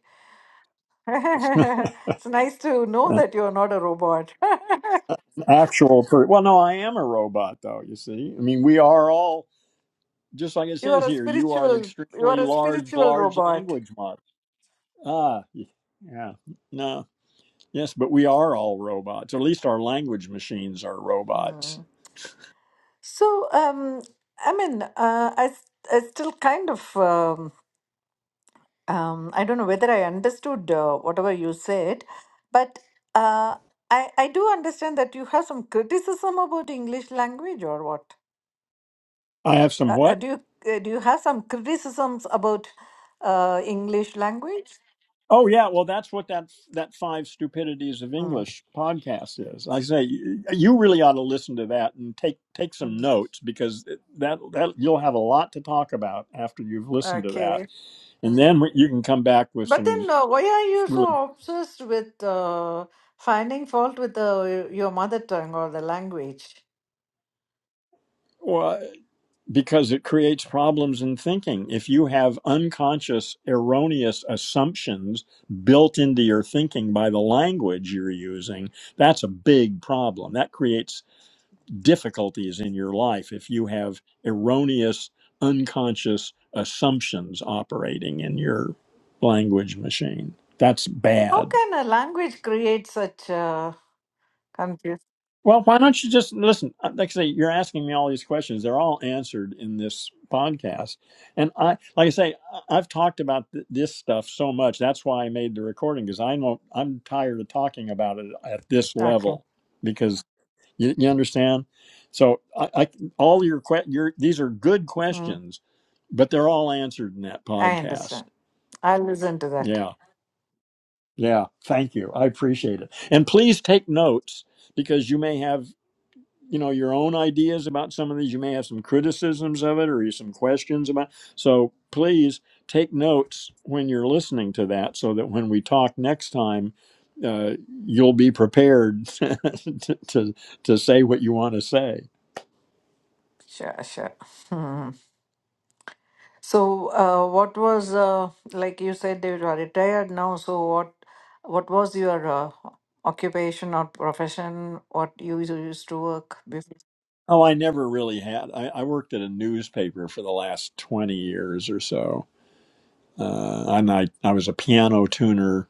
[SPEAKER 3] it's nice to know
[SPEAKER 1] An
[SPEAKER 3] that you are not a robot.
[SPEAKER 1] actual, per- well, no, I am a robot though. You see, I mean, we are all just like it
[SPEAKER 3] You are
[SPEAKER 1] says
[SPEAKER 3] a
[SPEAKER 1] here, you are an
[SPEAKER 3] spiritual. You
[SPEAKER 1] extremely
[SPEAKER 3] are a
[SPEAKER 1] large,
[SPEAKER 3] spiritual
[SPEAKER 1] large
[SPEAKER 3] robot.
[SPEAKER 1] language model. Ah, y- yeah, no, yes, but we are all robots. at least our language machines are robots.
[SPEAKER 3] Mm. So, um, I mean, uh, I, s- I still kind of, um, um, I don't know whether I understood uh, whatever you said, but uh, I, I do understand that you have some criticism about English language or what?
[SPEAKER 1] I have some
[SPEAKER 3] Uh, uh,
[SPEAKER 1] what?
[SPEAKER 3] do you uh, do you have some criticisms about uh, English language?
[SPEAKER 1] Oh yeah, well that's what that that five stupidities of
[SPEAKER 3] Mm.
[SPEAKER 1] English podcast is. I say you you really ought to listen to that and take take some
[SPEAKER 3] Mm.
[SPEAKER 1] notes because that that you'll have a lot to talk about after you've listened to
[SPEAKER 3] Okay.
[SPEAKER 1] that, and then you can come back with
[SPEAKER 3] But
[SPEAKER 1] some
[SPEAKER 3] then, uh, why are you
[SPEAKER 1] really.
[SPEAKER 3] so obsessed with uh, finding fault with the, your mother tongue or the language?
[SPEAKER 1] well, because it creates problems in thinking. If you have unconscious, erroneous assumptions built into your thinking by the language you're using, that's a big problem. That creates difficulties in your life if you have erroneous, unconscious assumptions operating in your language machine. That's
[SPEAKER 3] How
[SPEAKER 1] bad.
[SPEAKER 3] can a language create such uh, confusion?
[SPEAKER 1] Well, why don't you just listen? uh, Like I say, you're asking me all these questions. They're all answered in this podcast. And I, like I say, I- I've talked about th- this stuff so much. That's why I made the recording because I know I'm tired of talking about it at this
[SPEAKER 3] Okay,
[SPEAKER 1] level because you, you understand. So I, I all your, que- your, these are good
[SPEAKER 3] mm,
[SPEAKER 1] questions, but they're all answered in that
[SPEAKER 3] I
[SPEAKER 1] podcast.
[SPEAKER 3] understand. I'll listen to that.
[SPEAKER 1] Yeah. Yeah. Thank you. I appreciate it. And please take notes because you may have you know your own ideas about some of these you may have some criticisms of it or some questions about so please take notes when you're listening to that so that when we talk next time uh, you'll be prepared to, to to say what you want to say
[SPEAKER 3] Sure, sure. Hmm. So, uh, what was uh, like you said you are retired now? So, what what was your uh, occupation or profession? What you used to work before?
[SPEAKER 1] oh i never really had I, I worked at a newspaper for the last 20 years or so uh, and I, I was a piano tuner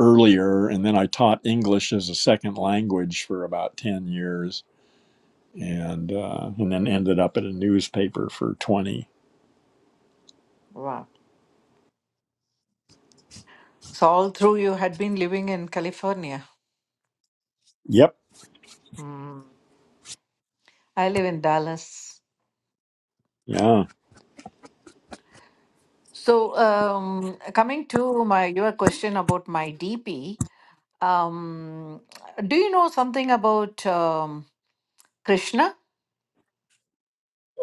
[SPEAKER 1] earlier and then i taught english as a second language for about 10 years and uh, and then ended up at a newspaper for 20.
[SPEAKER 3] Wow. So all through you had been living in California.
[SPEAKER 1] Yep.
[SPEAKER 3] Mm. I live in Dallas.
[SPEAKER 1] Yeah.
[SPEAKER 3] So, um, coming to my your question about my DP, um, do you know something about um, Krishna?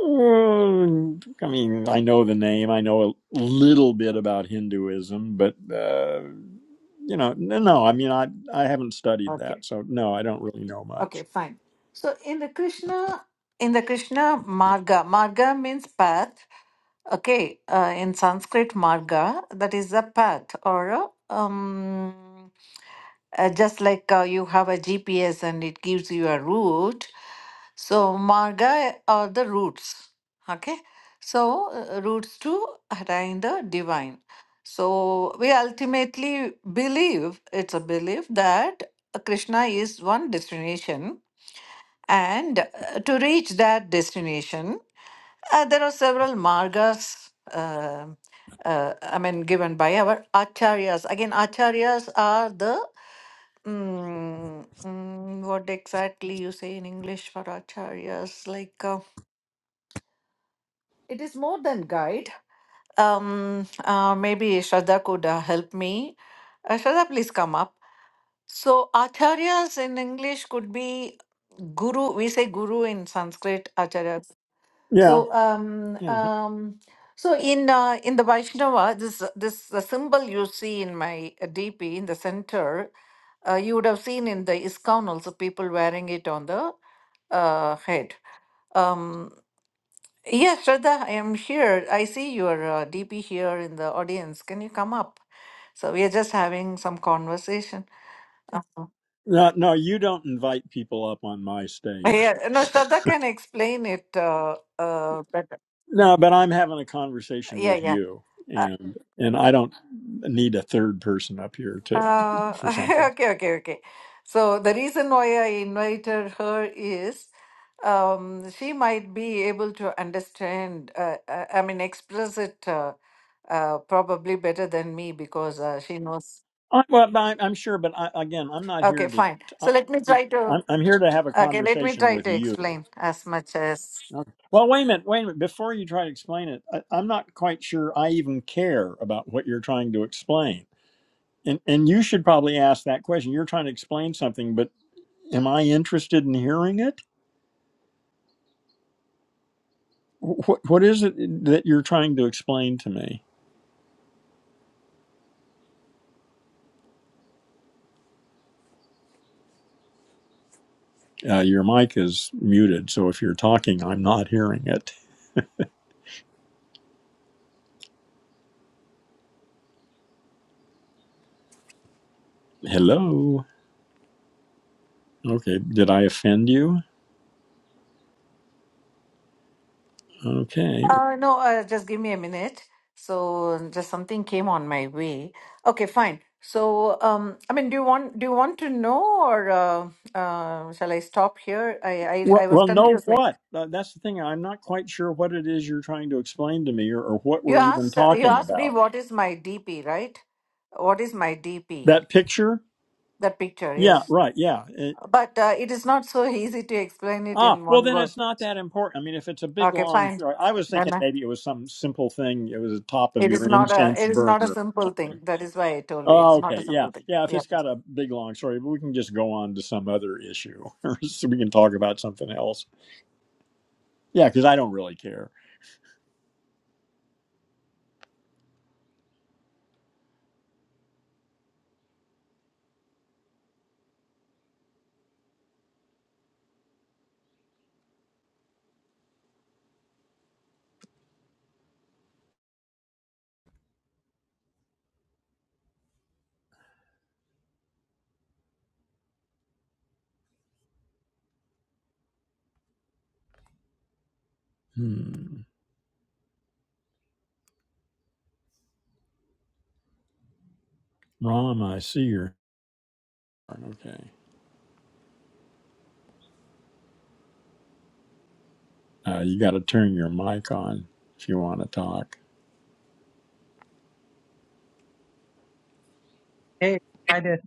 [SPEAKER 1] Um, I mean, I know the name. I know a little bit about Hinduism, but uh, you know, no, no. I mean, I I haven't studied
[SPEAKER 3] Okay.
[SPEAKER 1] that, so no, I don't really know
[SPEAKER 3] Okay,
[SPEAKER 1] much.
[SPEAKER 3] fine. So in the Krishna, in the Krishna Marga, Marga means path. Okay, uh, in Sanskrit, marga, that is a path or a, um, uh, just like uh, you have a GPS and it gives you a route. So, marga are the routes. Okay, so uh, routes to attain the divine. So, we ultimately believe it's a belief that Krishna is one destination, and uh, to reach that destination, uh, there are several margas, um uh, I mean, given by our acharyas. Again, acharyas are the, mm, mm, what exactly you say in English for acharyas? Like, uh, it is more than guide. Um, uh, maybe Shraddha could uh, help me. Uh, Shraddha, please come up. So, acharyas in English could be guru. We say guru in Sanskrit, acharya
[SPEAKER 1] Yeah,
[SPEAKER 3] So, um,
[SPEAKER 1] yeah.
[SPEAKER 3] um, so in uh, in the Vaishnava, this this the symbol you see in my uh, DP in the center, uh, you would have seen in the ISKCON also people wearing it on the uh, head. Um, yeah, Shraddha, I am here. I see your uh, DP here in the audience. Can you come up? So we are just having some conversation. Uh-huh.
[SPEAKER 1] No, no, you don't invite people up on my stage.
[SPEAKER 3] Yeah, no, Shraddha can explain it uh, uh, better.
[SPEAKER 1] no, but I'm having a conversation
[SPEAKER 3] Yeah,
[SPEAKER 1] with
[SPEAKER 3] yeah.
[SPEAKER 1] you, and and I don't need a third person up here to
[SPEAKER 3] Uh,
[SPEAKER 1] for something.
[SPEAKER 3] okay, okay, okay. So the reason why I invited her is um, she might be able to understand, uh, uh, I mean, express it uh, uh, probably better than me because uh, she knows.
[SPEAKER 1] I, well, no, I, I'm sure, but I, again, I'm not here
[SPEAKER 3] Okay,
[SPEAKER 1] to.
[SPEAKER 3] fine. So
[SPEAKER 1] I,
[SPEAKER 3] let me try to,
[SPEAKER 1] I'm, I'm here to have a
[SPEAKER 3] okay, let me
[SPEAKER 1] conversation
[SPEAKER 3] try
[SPEAKER 1] with
[SPEAKER 3] to
[SPEAKER 1] you.
[SPEAKER 3] explain as much as.
[SPEAKER 1] Okay. Well, wait a minute, wait a minute. Before you try to explain it, I, I'm not quite sure I even care about what you're trying to explain. And and you should probably ask that question. You're trying to explain something, but am I interested in hearing it? What what is it that you're trying to explain to me? Uh, your mic is muted, so if you're talking, I'm not hearing it. Hello. Okay. Did I offend you? Okay.
[SPEAKER 3] Uh, no, uh, just give me a minute. So just something came on my way. Okay, fine. So um, I mean, do you want do you want to know, or uh, uh, shall I stop here? I I,
[SPEAKER 1] Well,
[SPEAKER 3] I was
[SPEAKER 1] well, know
[SPEAKER 3] confused. Like
[SPEAKER 1] what? Uh, that's the thing. I'm not quite sure what it is you're trying to explain to me, or, or what
[SPEAKER 3] you
[SPEAKER 1] we're even
[SPEAKER 3] asked you
[SPEAKER 1] talking
[SPEAKER 3] asked me
[SPEAKER 1] about.
[SPEAKER 3] what is my DP, right? What is my DP?
[SPEAKER 1] That picture?
[SPEAKER 3] That picture,
[SPEAKER 1] Yeah,
[SPEAKER 3] yes.
[SPEAKER 1] right. Yeah. It-
[SPEAKER 3] But uh, it is not so easy to explain it
[SPEAKER 1] ah,
[SPEAKER 3] in
[SPEAKER 1] well,
[SPEAKER 3] one
[SPEAKER 1] then
[SPEAKER 3] word.
[SPEAKER 1] it's not that important. I mean, if it's a big
[SPEAKER 3] Okay,
[SPEAKER 1] long,
[SPEAKER 3] fine.
[SPEAKER 1] I was
[SPEAKER 3] Then
[SPEAKER 1] thinking
[SPEAKER 3] uh,
[SPEAKER 1] maybe it was some simple thing. It was the top of
[SPEAKER 3] it is
[SPEAKER 1] your
[SPEAKER 3] not a
[SPEAKER 1] incense
[SPEAKER 3] it is not a
[SPEAKER 1] burner.
[SPEAKER 3] simple thing. That is why I told you
[SPEAKER 1] Oh,
[SPEAKER 3] it's not a
[SPEAKER 1] okay. Yeah,
[SPEAKER 3] simple thing.
[SPEAKER 1] yeah. If
[SPEAKER 3] Yeah.
[SPEAKER 1] it's got a big long story, we can just go on to some other issue, or so we can talk about something else. Yeah, because I don't really care. Hmm. Rom, I see your. Okay. Uh, you got to turn your mic on if you want to talk.
[SPEAKER 4] Hey, hi there.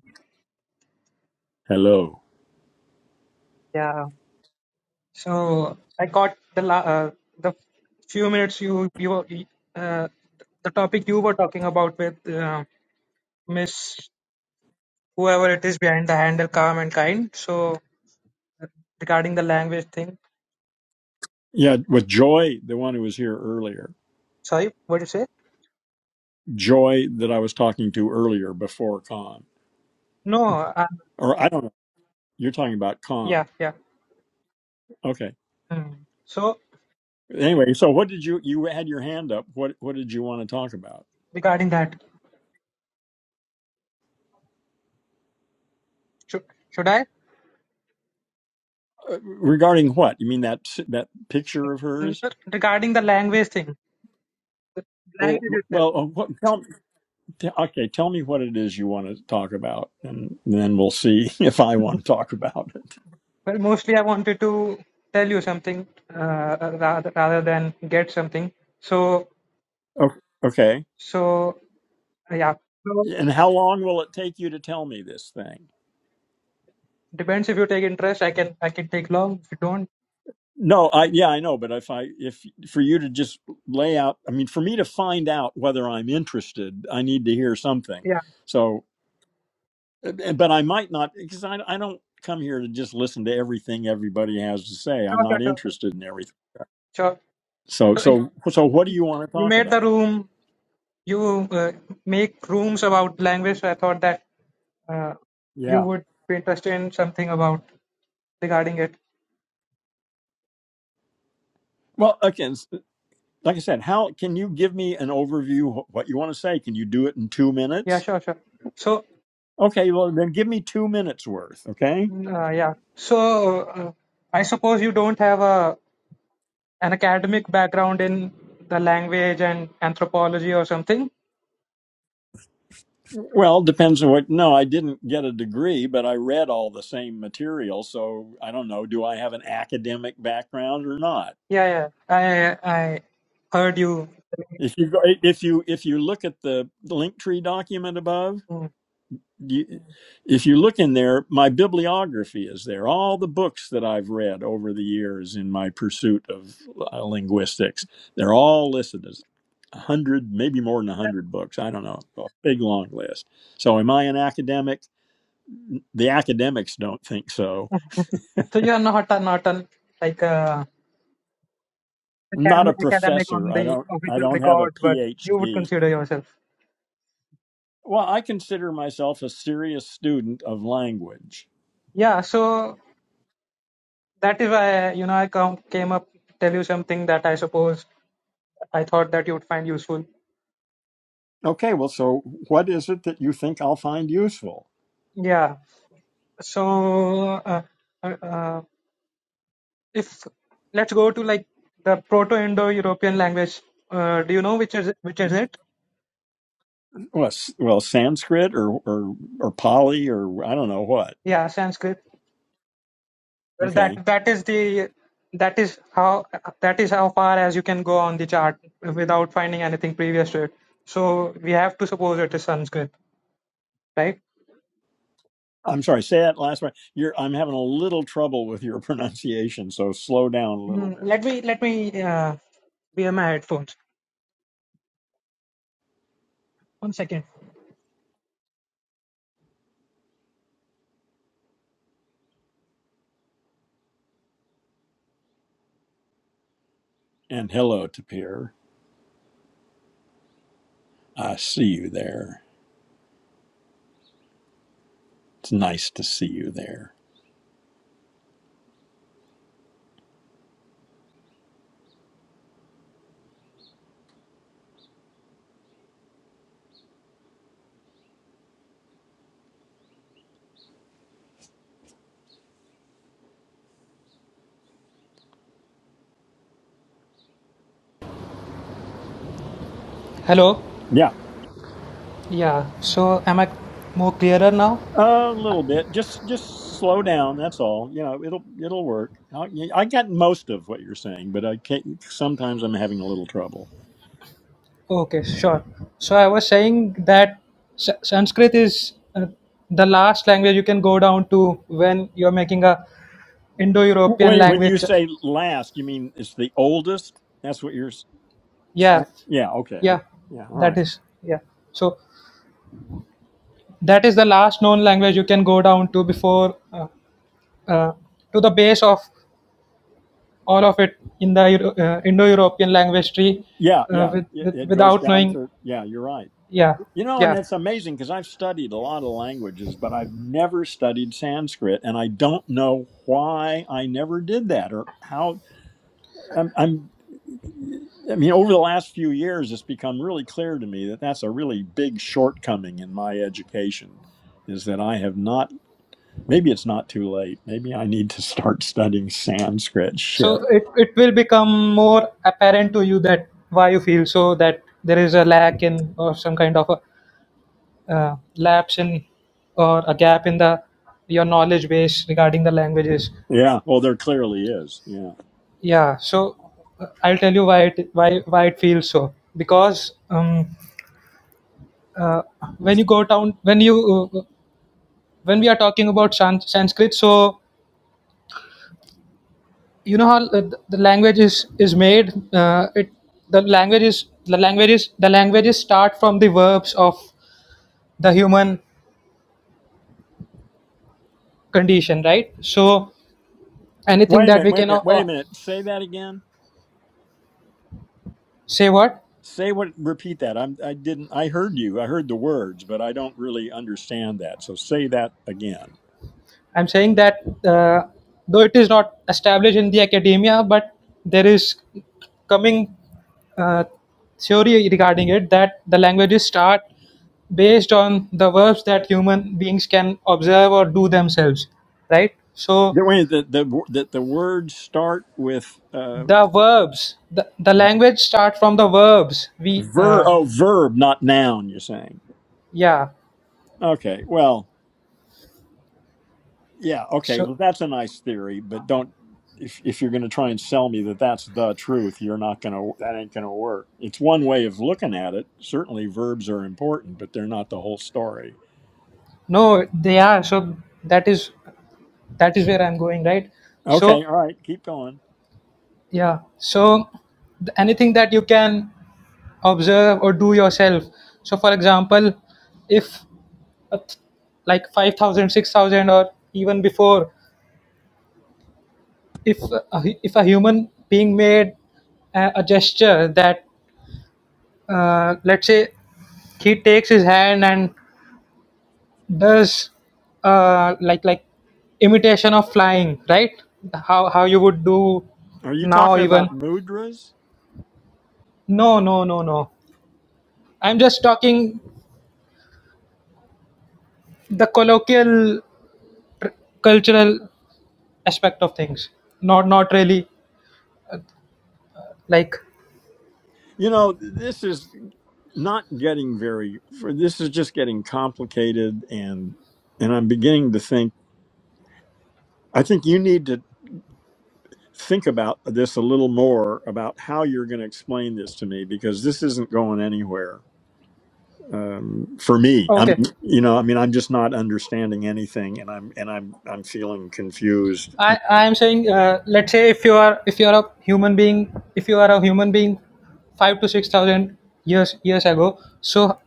[SPEAKER 1] Hello.
[SPEAKER 4] Yeah. So I caught the la uh, the few minutes you you were- uh, the topic you were talking about with uh, Miss whoever it is behind the handle, calm and kind. So uh, regarding the language thing,
[SPEAKER 1] Yeah, with Joy, the one who was here earlier,
[SPEAKER 4] sorry, what did you say?
[SPEAKER 1] Joy that I was talking to earlier before Con,
[SPEAKER 4] No, uh,
[SPEAKER 1] or I don't know. You're talking about
[SPEAKER 4] yeah,
[SPEAKER 1] Con.
[SPEAKER 4] yeah.
[SPEAKER 1] Okay.
[SPEAKER 4] Hmm. So
[SPEAKER 1] Anyway, so what did you you had your hand up? What what did you want to talk about
[SPEAKER 4] regarding that, should should I
[SPEAKER 1] uh, regarding what? You mean that that picture of
[SPEAKER 4] Mm,
[SPEAKER 1] hers?
[SPEAKER 4] regarding the language thing, the
[SPEAKER 1] Oh,
[SPEAKER 4] language itself?
[SPEAKER 1] well, uh, what, tell, me, t- okay, tell me what it is you want to talk about, and then we'll see if I want to talk about it.
[SPEAKER 4] Well, mostly I wanted to tell you something uh, rather, rather than get something. So,
[SPEAKER 1] O- Okay.
[SPEAKER 4] so uh, yeah. So
[SPEAKER 1] And how long will it take you to tell me this thing?
[SPEAKER 4] depends if you take interest. I can I can take long. If you don't,
[SPEAKER 1] No, I yeah, I know, but if I if for you to just lay out, I mean, for me to find out whether I'm interested, I need to hear something.
[SPEAKER 4] yeah.
[SPEAKER 1] So, eh, eh, but I might not because I I don't come here to just listen to everything everybody has to say. I'm
[SPEAKER 4] Sure, sure,
[SPEAKER 1] not
[SPEAKER 4] sure. sure.
[SPEAKER 1] interested in everything.
[SPEAKER 4] Sure.
[SPEAKER 1] So
[SPEAKER 4] So if
[SPEAKER 1] so so what do you want to
[SPEAKER 4] you
[SPEAKER 1] talk
[SPEAKER 4] made the
[SPEAKER 1] about?
[SPEAKER 4] room. You uh, make rooms about language. So I thought that uh, you
[SPEAKER 1] Yeah.
[SPEAKER 4] would be interested in something about regarding it.
[SPEAKER 1] Well, again, s- like I said, how can you give me an overview of what you want to say? Can you do it in 2
[SPEAKER 4] Yeah,
[SPEAKER 1] minutes?
[SPEAKER 4] sure, sure. So,
[SPEAKER 1] Okay, well then give me 2 minutes worth, okay?
[SPEAKER 4] uh, yeah. So, uh, I suppose you don't have a an academic background in the language and anthropology or something.
[SPEAKER 1] Well, depends on what. No, I didn't get a degree, but I read all the same material. So I don't know. Do I have an academic background or not?
[SPEAKER 4] Yeah, yeah. I I heard you.
[SPEAKER 1] If you go, if you if you look at the link tree document above,
[SPEAKER 4] Mm.
[SPEAKER 1] you, if you look in there, my bibliography is there. All the books that I've read over the years in my pursuit of uh, linguistics, they're all listed as a hundred, maybe more than a hundred books. I don't know, a big long list. So, am I an academic? the academics don't think so.
[SPEAKER 4] So you are not a, not an like a
[SPEAKER 1] I'm not a
[SPEAKER 4] academic academic
[SPEAKER 1] professor.
[SPEAKER 4] on
[SPEAKER 1] I
[SPEAKER 4] the
[SPEAKER 1] don't I
[SPEAKER 4] official
[SPEAKER 1] don't have a
[SPEAKER 4] records, but you would
[SPEAKER 1] PhD.
[SPEAKER 4] consider yourself.
[SPEAKER 1] Well, I consider myself a serious student of language.
[SPEAKER 4] Yeah. So that is why you know I come came up to tell you something that I suppose I thought that you would find useful.
[SPEAKER 1] Okay, well, so what is it that you think I'll find useful?
[SPEAKER 4] Yeah. So uh, uh, uh, if let's go to like the proto-indo-european language uh, do you know which is which is it
[SPEAKER 1] Well, s- well Sanskrit or or or Pali or I don't know what.
[SPEAKER 4] yeah sanskrit well that
[SPEAKER 1] Okay.
[SPEAKER 4] that is the that is how that is how far as you can go on the chart without finding anything previous to it so we have to suppose it is sanskrit right
[SPEAKER 1] I'm sorry, say that last one. You're I'm having a little trouble with your pronunciation, so slow down a little
[SPEAKER 4] mm,
[SPEAKER 1] bit.
[SPEAKER 4] let me let me uh, wear my headphones one second
[SPEAKER 1] And hello, Tapir. I see you there. It's nice to see you there.
[SPEAKER 4] hello
[SPEAKER 1] Yeah.
[SPEAKER 4] yeah so am i more clearer now
[SPEAKER 1] A little bit. Just just slow down. That's all. You know, it'll it'll work. I, I got most of what you're saying, but I can't. Sometimes I'm having a little trouble.
[SPEAKER 4] Okay, sure. So I was saying that S- Sanskrit is uh, the last language you can go down to when you're making a Indo-European
[SPEAKER 1] When when
[SPEAKER 4] language.
[SPEAKER 1] you say last, you mean it's the oldest? That's what you're s- saying.
[SPEAKER 4] Yeah,
[SPEAKER 1] Yeah. Okay. I,
[SPEAKER 4] yeah,
[SPEAKER 1] yeah. All
[SPEAKER 4] that
[SPEAKER 1] right.
[SPEAKER 4] is yeah. So that is the last known language you can go down to before uh, uh, to the base of all of it in the Euro- uh, Indo-European language tree,
[SPEAKER 1] Yeah.
[SPEAKER 4] uh,
[SPEAKER 1] Yeah.
[SPEAKER 4] with,
[SPEAKER 1] It,
[SPEAKER 4] with,
[SPEAKER 1] it goes
[SPEAKER 4] without
[SPEAKER 1] down
[SPEAKER 4] knowing.
[SPEAKER 1] to. Yeah. You're right.
[SPEAKER 4] Yeah,
[SPEAKER 1] You know, and
[SPEAKER 4] yeah.
[SPEAKER 1] it's amazing because I've studied a lot of languages, but I've never studied Sanskrit, and I don't know why I never did that or how. I'm, I'm I mean, over the last few years, it's become really clear to me that that's a really big shortcoming in my education is that I have not, maybe it's not too late. Maybe I need to start studying Sanskrit
[SPEAKER 4] so
[SPEAKER 1] shit.
[SPEAKER 4] it, it will become more apparent to you that why you feel so that there is a lack in or some kind of a uh, lapse in or a gap in the your knowledge base regarding the languages
[SPEAKER 1] Yeah. Well, there clearly is. Yeah.
[SPEAKER 4] yeah so uh, i'll tell you why it why why it feels so because um, uh, when you go down when you uh, when we are talking about San- sanskrit so you know how the, the language is is made uh, it the language is the languages the languages start from the verbs of the human condition right so anything
[SPEAKER 1] Wait a
[SPEAKER 4] that
[SPEAKER 1] minute.
[SPEAKER 4] we
[SPEAKER 1] Wait
[SPEAKER 4] can
[SPEAKER 1] a
[SPEAKER 4] uh,
[SPEAKER 1] minute.
[SPEAKER 4] uh,
[SPEAKER 1] Wait a minute. Say that again.
[SPEAKER 4] say what
[SPEAKER 1] Say what, repeat that. I'm, I didn't, I heard you. I heard the words, but I don't really understand that. So say that again.
[SPEAKER 4] i'm saying that uh, though it is not established in the academia but there is coming uh, theory regarding it that the languages start based on the verbs that human beings can observe or do themselves right so
[SPEAKER 1] The way that the, that the words start with uh,
[SPEAKER 4] The verbs. The, the language start from the verbs. We
[SPEAKER 1] Ver
[SPEAKER 4] uh,
[SPEAKER 1] oh verb, not noun, you're saying.
[SPEAKER 4] yeah.
[SPEAKER 1] Okay. Well, yeah, okay.
[SPEAKER 4] So
[SPEAKER 1] Well that's a nice theory, but don't if if you're gonna try and sell me that that's the truth, you're not gonna that ain't gonna work. It's one way of looking at it. Certainly verbs are important, but they're not the whole story.
[SPEAKER 4] no, they are. So that is that is where I'm going, right?
[SPEAKER 1] Okay,
[SPEAKER 4] So
[SPEAKER 1] all right, keep going.
[SPEAKER 4] yeah. So th- anything that you can observe or do yourself. So for example, if a th- like 5000, 6000, or even before if a, hu- if a human being made a, a gesture that uh, let's say he takes his hand and there's uh, like like imitation of flying right how how you would do
[SPEAKER 1] Are you
[SPEAKER 4] now
[SPEAKER 1] talking
[SPEAKER 4] even
[SPEAKER 1] about mudras?
[SPEAKER 4] no no no no i'm
[SPEAKER 1] Okay.
[SPEAKER 4] just talking the colloquial tr- cultural aspect of things not not really like
[SPEAKER 1] You know, this is not getting very for this is just getting complicated and and I'm beginning to think I think you need to think about this a little more about how you're going to explain this to me because this isn't going anywhere um, for me. I
[SPEAKER 4] okay
[SPEAKER 1] mean, you know, I mean, I'm just not understanding anything, and I'm and I'm I'm feeling confused. And
[SPEAKER 4] i i am saying uh, let's say if you are if you are a human being if you are a human being 5 to 6000 years years ago so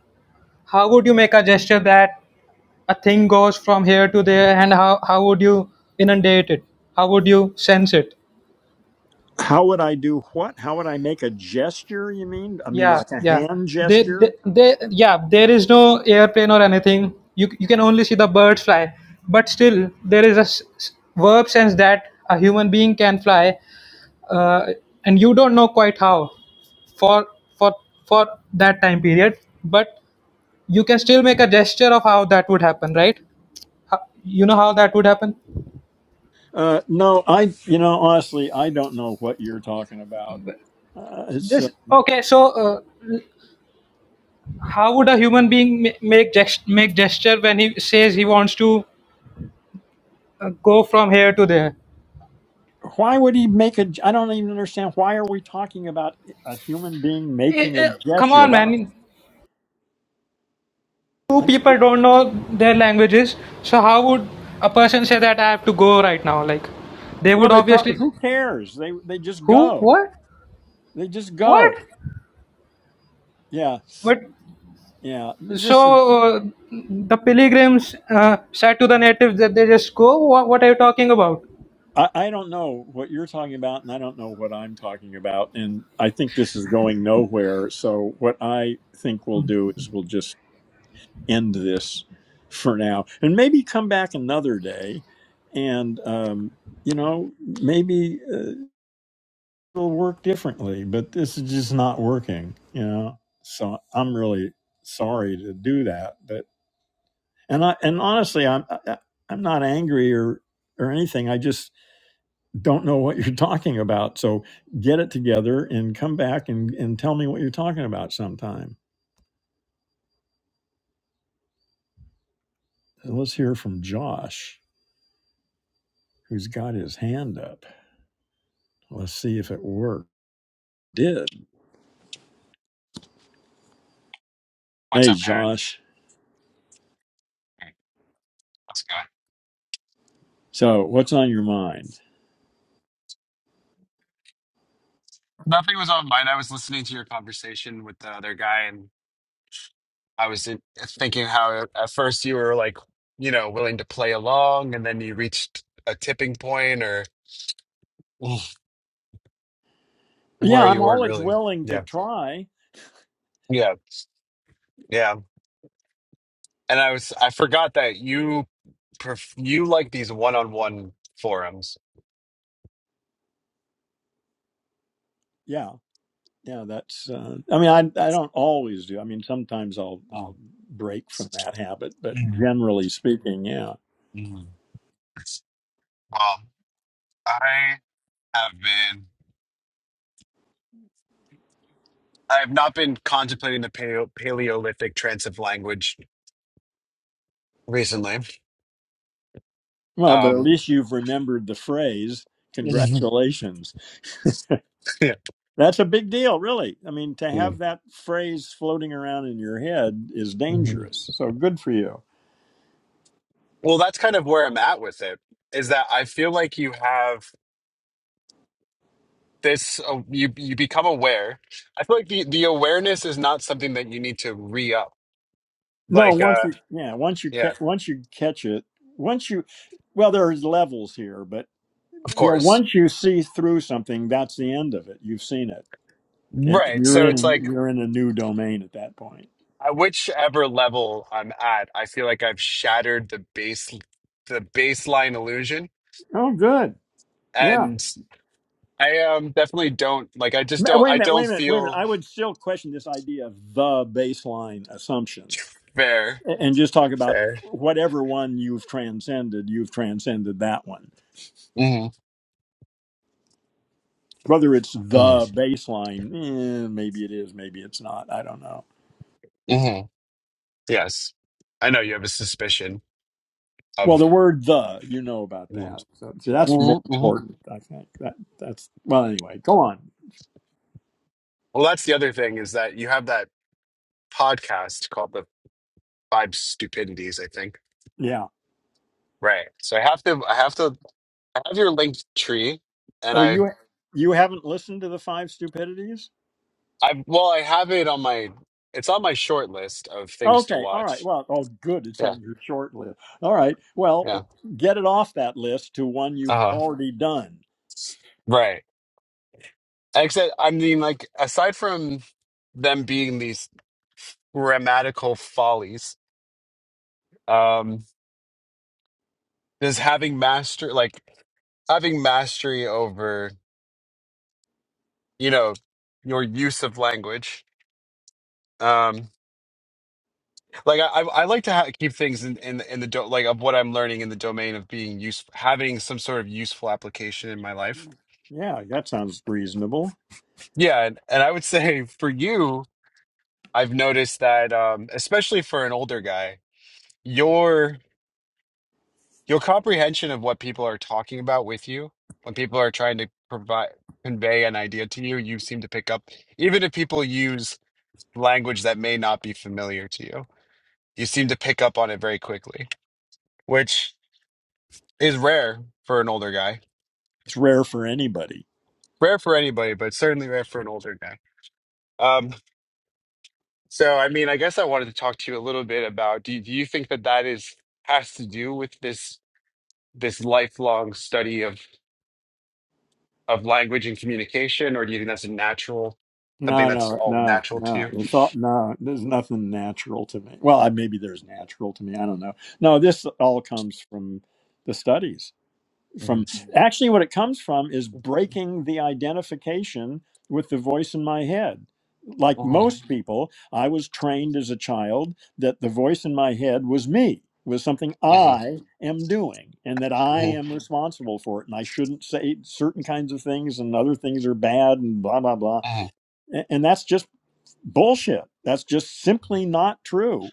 [SPEAKER 4] how would you make a gesture that a thing goes from here to there and how, how would you inundate it how would you sense it
[SPEAKER 1] how would I do what? How would I make a gesture? You mean? I mean,
[SPEAKER 4] yeah
[SPEAKER 1] like a
[SPEAKER 4] yeah
[SPEAKER 1] hand
[SPEAKER 4] they, they,
[SPEAKER 1] gesture?
[SPEAKER 4] they yeah there is no airplane or anything you, you can only see the birds fly but still there is a s- s- verb sense that a human being can fly uh, and you don't know quite how for for for that time period but you can still make a gesture of how that would happen right Ho- you know how that would happen
[SPEAKER 1] Uh, no, I. You know, honestly, I don't know what you're talking about. Uh, it's uh,
[SPEAKER 4] This okay. So, uh, l- how would a human being ma- make gest- make gesture when he says he wants to uh, go from here to there?
[SPEAKER 1] why would he make a? I don't even understand. Why are we talking about a human being
[SPEAKER 4] Eh,
[SPEAKER 1] making a
[SPEAKER 4] eh, come
[SPEAKER 1] gesture?
[SPEAKER 4] on,
[SPEAKER 1] Why not?
[SPEAKER 4] man. Two
[SPEAKER 1] Like,
[SPEAKER 4] people don't know their languages, so how would a person say that I have to go right now? Like, they
[SPEAKER 1] well,
[SPEAKER 4] would
[SPEAKER 1] they probably
[SPEAKER 4] obviously.
[SPEAKER 1] who cares? They they just
[SPEAKER 4] Who?
[SPEAKER 1] go.
[SPEAKER 4] What?
[SPEAKER 1] They just
[SPEAKER 4] What?
[SPEAKER 1] go. Yeah,
[SPEAKER 4] But
[SPEAKER 1] yeah.
[SPEAKER 4] so
[SPEAKER 1] This is
[SPEAKER 4] uh, the pilgrims uh, said to the natives that they just go. What, what are you talking about?
[SPEAKER 1] I, I don't know what you're talking about, and I don't know what I'm talking about, and I think this is going nowhere. So what I think we'll do is we'll just end this for now, and maybe come back another day, and um, you know maybe uh, it'll work differently. But this is just not working. You know, so I'm really sorry to do that, but. and I and honestly, I'm I- I'm not angry or or anything. I just don't know what you're talking about. So get it together and come back and and tell me what you're talking about sometime. And let's hear from Josh, who's got his hand up. Let's see if it worked. Did
[SPEAKER 5] What's
[SPEAKER 1] hey
[SPEAKER 5] up, Aaron?
[SPEAKER 1] Josh?
[SPEAKER 5] Hey, How's it going?
[SPEAKER 1] So what's on your mind?
[SPEAKER 5] Nothing was on mine. I was listening to your conversation with the other guy, and I was in- thinking how at first you were like, you know, willing to play along, and then you reached a tipping point or
[SPEAKER 1] Yeah,
[SPEAKER 5] where you
[SPEAKER 1] I'm
[SPEAKER 5] weren't
[SPEAKER 1] always
[SPEAKER 5] really.
[SPEAKER 1] willing to
[SPEAKER 5] Yeah.
[SPEAKER 1] try.
[SPEAKER 5] Yeah. Yeah. And I was, I forgot that you pref you like these one-on-one forums.
[SPEAKER 1] Yeah. Yeah, that's. Uh, I mean, I I don't always do. I mean, sometimes I'll
[SPEAKER 5] Mm.
[SPEAKER 1] I'll break from that habit, but
[SPEAKER 5] Mm.
[SPEAKER 1] generally speaking, yeah.
[SPEAKER 5] Mm. Well, I have been. I have not been contemplating the paleo Paleolithic transitive language recently.
[SPEAKER 1] Well, but at
[SPEAKER 5] Um,
[SPEAKER 1] least you've remembered the phrase.
[SPEAKER 5] yeah.
[SPEAKER 1] Congratulations. That's a big deal, really. I mean, to have that phrase floating around in your head is
[SPEAKER 5] Mhm.
[SPEAKER 1] dangerous. So good for you.
[SPEAKER 5] Well, that's kind of where I'm at with it, is that I feel like you have this, uh, you you become aware. I feel like the, the awareness is not something that you need to re-up.
[SPEAKER 1] No,
[SPEAKER 5] Like,
[SPEAKER 1] once
[SPEAKER 5] uh,
[SPEAKER 1] you yeah, once you
[SPEAKER 5] yeah,
[SPEAKER 1] catch once you catch it, once you well, there's levels here, but
[SPEAKER 5] of
[SPEAKER 1] yeah,
[SPEAKER 5] course.
[SPEAKER 1] once you see through something, that's the end of it. You've seen it, and
[SPEAKER 5] Right.
[SPEAKER 1] you're
[SPEAKER 5] So it's
[SPEAKER 1] in
[SPEAKER 5] like,
[SPEAKER 1] you're in a new domain at that point.
[SPEAKER 5] at whichever level I'm at, I feel like I've shattered the base, the baseline illusion.
[SPEAKER 1] Oh, good. Yeah.
[SPEAKER 5] And I um definitely don't like I just
[SPEAKER 1] Ma-
[SPEAKER 5] don't
[SPEAKER 1] Wait a
[SPEAKER 5] I
[SPEAKER 1] minute,
[SPEAKER 5] don't
[SPEAKER 1] wait a minute, wait a minute.
[SPEAKER 5] feel
[SPEAKER 1] I would still question this idea of the baseline assumption.
[SPEAKER 5] fair.
[SPEAKER 1] and just talk about
[SPEAKER 5] Fair.
[SPEAKER 1] whatever one you've transcended, you've transcended that one.
[SPEAKER 5] hmm
[SPEAKER 1] Whether it's the baseline, eh, maybe it is, maybe it's not. I don't know.
[SPEAKER 5] hmm Yes. I know you have a suspicion
[SPEAKER 1] Well,
[SPEAKER 5] of.
[SPEAKER 1] the word "the," you know about
[SPEAKER 5] hmm
[SPEAKER 1] that. So, so that's more
[SPEAKER 5] hmm Well,
[SPEAKER 1] important, I think. That that's well. Anyway, go on.
[SPEAKER 5] that's the other thing is that you have that podcast called the Five Stupidities, I think.
[SPEAKER 1] Yeah.
[SPEAKER 5] Right. So I have to, I have to, I have your linked tree, and
[SPEAKER 1] Oh,
[SPEAKER 5] I,
[SPEAKER 1] you you haven't listened to the five stupidities?
[SPEAKER 5] I, well, I have it on my, it's on my short list of things to
[SPEAKER 1] Okay. All right.
[SPEAKER 5] watch.
[SPEAKER 1] Well. Oh, good. It's
[SPEAKER 5] Yeah.
[SPEAKER 1] on your short list. All right. Well,
[SPEAKER 5] Yeah.
[SPEAKER 1] get it off that list to one you've
[SPEAKER 5] Uh huh.
[SPEAKER 1] already done.
[SPEAKER 5] Right. Except, I mean, like, aside from them being these grammatical follies, um. Does having master like having mastery over you know your use of language um like i i I like to ha- keep things in in, in the do- like of what i'm learning in the domain of being useful having some sort of useful application in my life
[SPEAKER 1] Yeah, that sounds reasonable.
[SPEAKER 5] yeah and, and i would say for you i've noticed that um especially for an older guy your your comprehension of what people are talking about with you when people are trying to provide convey an idea to you you seem to pick up even if people use language that may not be familiar to you. You seem to pick up on it very quickly, which is rare for an older guy.
[SPEAKER 1] It's rare for anybody.
[SPEAKER 5] Rare for anybody, but certainly rare for an older guy. Um, so, I mean, I guess I wanted to talk to you a little bit about do, you, do you think that that is has to do with this this lifelong study of of language and communication, or do you think that's a natural something
[SPEAKER 1] No,
[SPEAKER 5] that's
[SPEAKER 1] no,
[SPEAKER 5] all
[SPEAKER 1] no,
[SPEAKER 5] natural to
[SPEAKER 1] no.
[SPEAKER 5] you?
[SPEAKER 1] It's all no. There's nothing natural to me. Well, I, maybe there's natural to me. I don't know. No, this all comes from the studies. from
[SPEAKER 5] Mhm.
[SPEAKER 1] actually what it comes from is breaking the identification with the voice in my head like
[SPEAKER 5] Mhm.
[SPEAKER 1] most people i was trained as a child that the voice in my head was me was something
[SPEAKER 5] Mhm.
[SPEAKER 1] i am doing and that i am responsible for it and i shouldn't say certain kinds of things and other things are bad and blah blah blah
[SPEAKER 5] Mhm.
[SPEAKER 1] A- and that's just bullshit that's just simply not true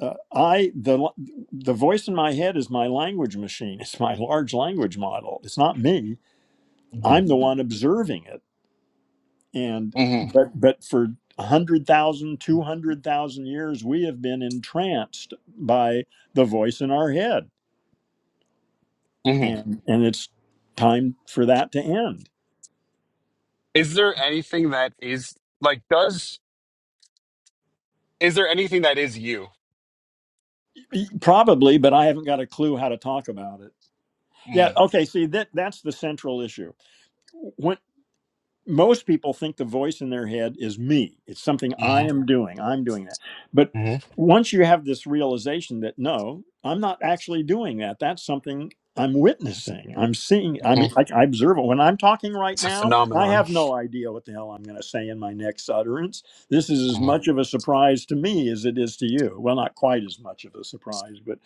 [SPEAKER 1] uh, I the the voice in my head is my language machine. It's my large language model. It's not me.
[SPEAKER 5] Mhm.
[SPEAKER 1] I'm the one observing it. And
[SPEAKER 5] Mhm.
[SPEAKER 1] but but for 100,000 200,000 years we have been entranced by the voice in our head.
[SPEAKER 5] Mhm.
[SPEAKER 1] And and it's time for that to end.
[SPEAKER 5] Is there anything that is like does Is there anything that is you?
[SPEAKER 1] E, Probably, but I haven't got a clue how to talk about it. Yeah,
[SPEAKER 5] Mm.
[SPEAKER 1] okay, see that that's the central issue most people think the voice in their head is me. It's something I
[SPEAKER 5] hmm
[SPEAKER 1] am doing. I'm doing that. But
[SPEAKER 5] hmm
[SPEAKER 1] once you have this realization that no, I'm not actually doing that. That's something I'm witnessing. I'm seeing. I
[SPEAKER 5] hmm
[SPEAKER 1] mean, I, I observe it. When I'm talking right
[SPEAKER 5] It's a
[SPEAKER 1] now, I
[SPEAKER 5] phenomenon.
[SPEAKER 1] have no idea what the hell I'm going to say in my next utterance. This is as
[SPEAKER 5] hmm
[SPEAKER 1] much of a surprise to me as it is to you. Well, not quite as much of a surprise, but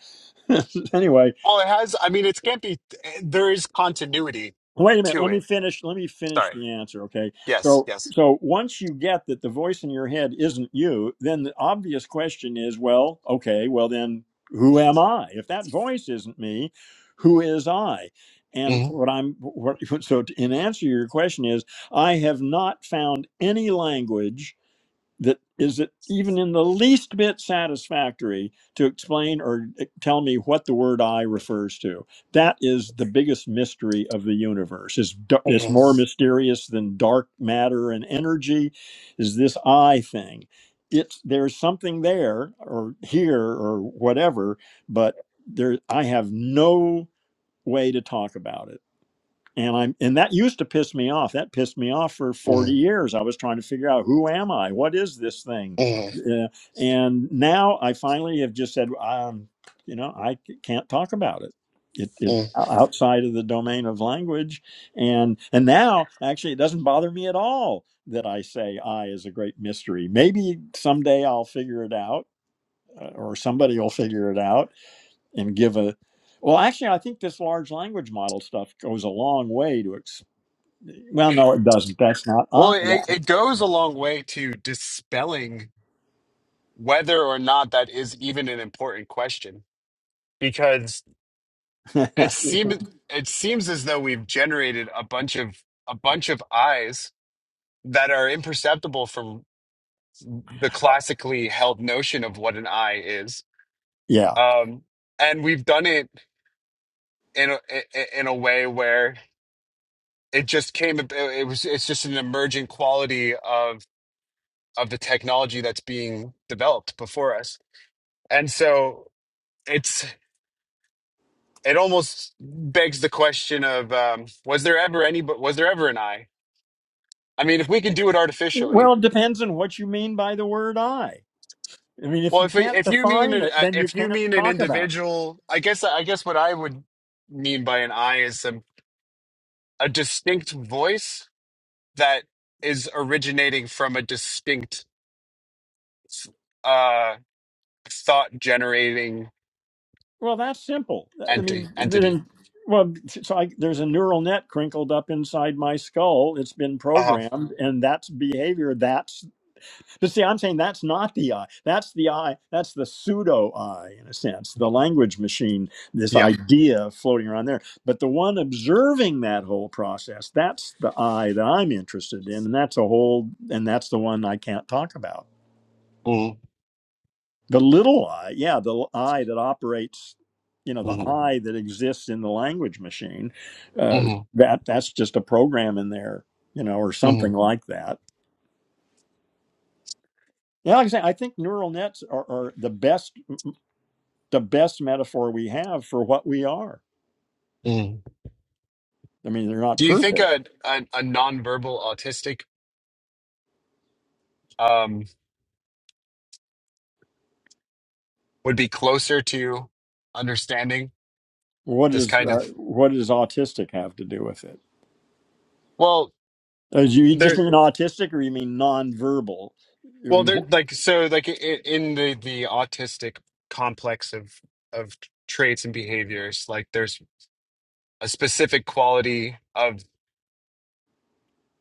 [SPEAKER 1] anyway,
[SPEAKER 5] Well, it has. I mean, it can't be. There is continuity
[SPEAKER 1] Wait a minute.
[SPEAKER 5] to
[SPEAKER 1] Let me
[SPEAKER 5] it.
[SPEAKER 1] finish. Let me finish
[SPEAKER 5] Sorry.
[SPEAKER 1] the answer. Okay.
[SPEAKER 5] Yes.
[SPEAKER 1] So,
[SPEAKER 5] Yes.
[SPEAKER 1] so once you get that the voice in your head isn't you, then the obvious question is, well, okay, well then, who am I? If that voice isn't me, who is I? And
[SPEAKER 5] hmm
[SPEAKER 1] what I'm what, so in answer to your question is, I have not found any language that is it even in the least bit satisfactory to explain or eh, tell me what the word i refers to that is the biggest mystery of the universe is it's d- it's more mysterious than dark matter and energy is this i thing it's there's something there or here or whatever but there i have no way to talk about it and i'm and that used to piss me off that pissed me off for
[SPEAKER 5] hmm
[SPEAKER 1] 40 years i was trying to figure out who am i what is this thing
[SPEAKER 5] hmm
[SPEAKER 1] uh, and now i finally have just said um, you know i c- can't talk about it it,
[SPEAKER 5] hmm
[SPEAKER 1] it's o- outside of the domain of language and and now actually it doesn't bother me at all that i say i is a great mystery maybe someday i'll figure it out uh, or somebody will figure it out and give a well, actually, I think this large language model stuff goes a long way to well, no, it doesn't. That's not
[SPEAKER 5] Well,
[SPEAKER 1] I.
[SPEAKER 5] it, it goes a long way to dispelling whether or not that is even an important question, because it
[SPEAKER 1] That-
[SPEAKER 5] seems it seems as though we've generated a bunch of a bunch of eyes that are imperceptible from. the classically held notion of what an eye is.
[SPEAKER 1] yeah.
[SPEAKER 5] Um, and we've done it in a, i- i- in a way where it just came, it was, it's just an emergent quality of, of the technology that's being developed before us. And so it's, it almost begs the question of, um, was there ever any, but was there ever an eye? I mean, if we can do it artificially,
[SPEAKER 1] Well, it depends on what you mean by the word I. I mean, if
[SPEAKER 5] well,
[SPEAKER 1] you
[SPEAKER 5] if,
[SPEAKER 1] can't
[SPEAKER 5] if you mean,
[SPEAKER 1] define
[SPEAKER 5] an-
[SPEAKER 1] it,
[SPEAKER 5] uh,
[SPEAKER 1] then you
[SPEAKER 5] if you
[SPEAKER 1] can't
[SPEAKER 5] mean an
[SPEAKER 1] talk about it.
[SPEAKER 5] individual, I guess, I guess what I would mean by an eye is some a distinct voice that is originating from a distinct uh, thought generating
[SPEAKER 1] Well, that's simple. Uh, I
[SPEAKER 5] enti-
[SPEAKER 1] mean,
[SPEAKER 5] entity.
[SPEAKER 1] then, well, so I, there's a neural net crinkled up inside my skull. It's been
[SPEAKER 5] Uh,
[SPEAKER 1] programmed, and that's behavior. That's But see, I'm saying that's not the I. That's the I. That's the pseudo I, in a sense, the language machine, this
[SPEAKER 5] yeah.
[SPEAKER 1] idea floating around there. But the one observing that whole process, that's the I that I'm interested in. And that's a whole, and that's the one I can't talk about.
[SPEAKER 5] Mm,
[SPEAKER 1] The little I, yeah, the l- I that operates, you know, the
[SPEAKER 5] mhm,
[SPEAKER 1] I that exists in the language machine, uh,
[SPEAKER 5] mhm,
[SPEAKER 1] that that's just a program in there, you know, or something
[SPEAKER 5] mhm,
[SPEAKER 1] like that. Yeah, like I say, I think neural nets are, are the best the best metaphor we have for what we are.
[SPEAKER 5] mhm.
[SPEAKER 1] I mean, they're not
[SPEAKER 5] Do you think
[SPEAKER 1] perfect.
[SPEAKER 5] a, a, a nonverbal autistic um, would be closer to understanding
[SPEAKER 1] What
[SPEAKER 5] this
[SPEAKER 1] does
[SPEAKER 5] kind
[SPEAKER 1] uh,
[SPEAKER 5] of?
[SPEAKER 1] what does autistic have to do with it?
[SPEAKER 5] Well,
[SPEAKER 1] Uh, you just
[SPEAKER 5] they're
[SPEAKER 1] mean autistic, or you mean nonverbal? I
[SPEAKER 5] well,
[SPEAKER 1] mean,
[SPEAKER 5] they're
[SPEAKER 1] wh-
[SPEAKER 5] like so like i- i- in the the autistic complex of of traits and behaviors. Like there's a specific quality of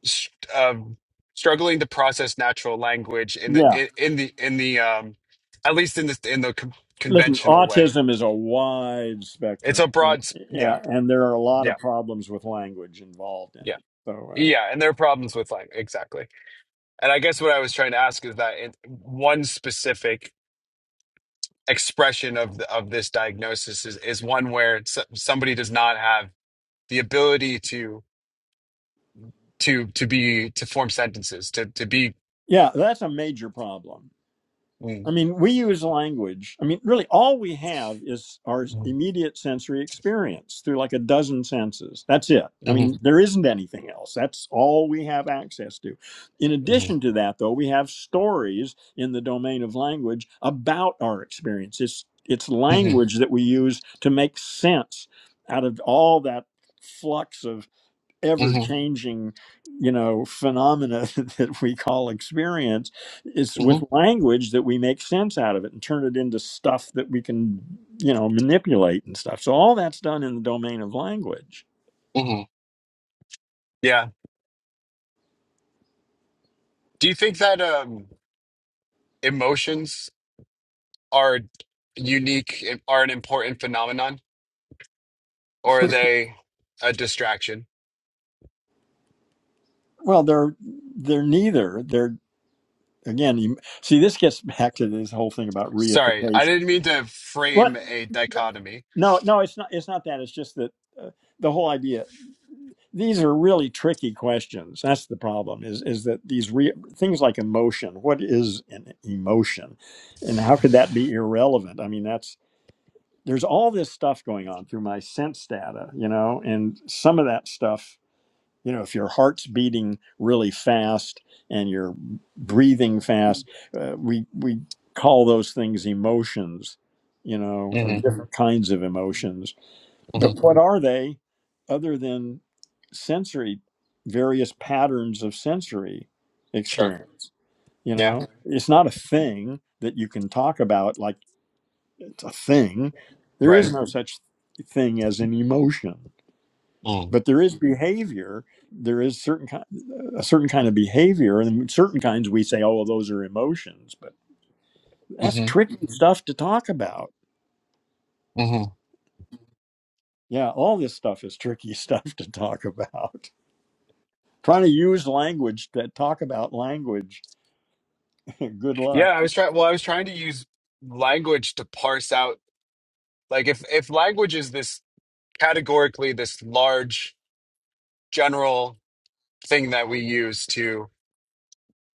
[SPEAKER 5] s- of struggling to process natural language in the
[SPEAKER 1] yeah.
[SPEAKER 5] in, in the in the um at least in the in the con-
[SPEAKER 1] Listen,
[SPEAKER 5] conventional way.
[SPEAKER 1] autism is a wide
[SPEAKER 5] It's
[SPEAKER 1] spectrum.
[SPEAKER 5] a
[SPEAKER 1] Uh,
[SPEAKER 5] broad, s- yeah,
[SPEAKER 1] Yeah, and there are a lot
[SPEAKER 5] yeah,
[SPEAKER 1] of problems with language involved in
[SPEAKER 5] yeah,
[SPEAKER 1] it. So, uh,
[SPEAKER 5] yeah. And there are problems with language exactly. And I guess what I was trying to ask is that in one specific expression of the, of this diagnosis is is one where s somebody does not have the ability to to to be to form sentences to to be.
[SPEAKER 1] yeah, that's a major problem. I
[SPEAKER 5] Mm,
[SPEAKER 1] mean, we use language. I mean, really, all we have is our
[SPEAKER 5] mm,
[SPEAKER 1] immediate sensory experience through like a dozen senses. That's it. I
[SPEAKER 5] mhm,
[SPEAKER 1] mean, there isn't anything else. That's all we have access to. In
[SPEAKER 5] mhm.
[SPEAKER 1] addition to that, though, we have stories in the domain of language about our experience. It's, it's
[SPEAKER 5] mhm.
[SPEAKER 1] language that we use to make sense out of all that flux of ever
[SPEAKER 5] hmm
[SPEAKER 1] changing you know phenomena that we call experience it's
[SPEAKER 5] hmm
[SPEAKER 1] with language that we make sense out of it and turn it into stuff that we can you know manipulate and stuff so all that's done in the domain of language
[SPEAKER 5] hmm Yeah. Do you think that um, emotions are unique, are an important phenomenon, or are they a distraction?
[SPEAKER 1] well they're they're neither they're again you, see this gets back to this whole thing about
[SPEAKER 5] Sorry, I
[SPEAKER 1] reification
[SPEAKER 5] didn't mean to
[SPEAKER 1] what
[SPEAKER 5] frame a dichotomy.
[SPEAKER 1] no no it's not it's not that it's just that uh, the whole idea these are really tricky questions that's the problem is is that these re- things like emotion what is an emotion and how could that be irrelevant i mean that's there's all this stuff going on through my sense data you know and some of that stuff you know if your heart's beating really fast and you're breathing fast uh, we we call those things emotions you know or
[SPEAKER 5] hmm
[SPEAKER 1] different kinds of emotions
[SPEAKER 5] hmm
[SPEAKER 1] but what are they other than sensory, various patterns of sensory
[SPEAKER 5] Sure.
[SPEAKER 1] experience? You
[SPEAKER 5] Yeah.
[SPEAKER 1] know, it's not a thing that you can talk about like it's a thing. There
[SPEAKER 5] Right.
[SPEAKER 1] is no such thing as an emotion,
[SPEAKER 5] Mm.
[SPEAKER 1] but there is behavior. There is certain kind, a certain kind of behavior, and certain kinds we say, "Oh, well, those are emotions," but that's
[SPEAKER 5] hmm
[SPEAKER 1] tricky stuff to talk about.
[SPEAKER 5] hmm
[SPEAKER 1] Yeah, all this stuff is tricky stuff to talk about. trying to use language to talk about language. Good
[SPEAKER 5] Yeah,
[SPEAKER 1] luck.
[SPEAKER 5] I was trying. Well, I was trying to use language to parse out, like, if if language is this categorically this large general thing that we use to.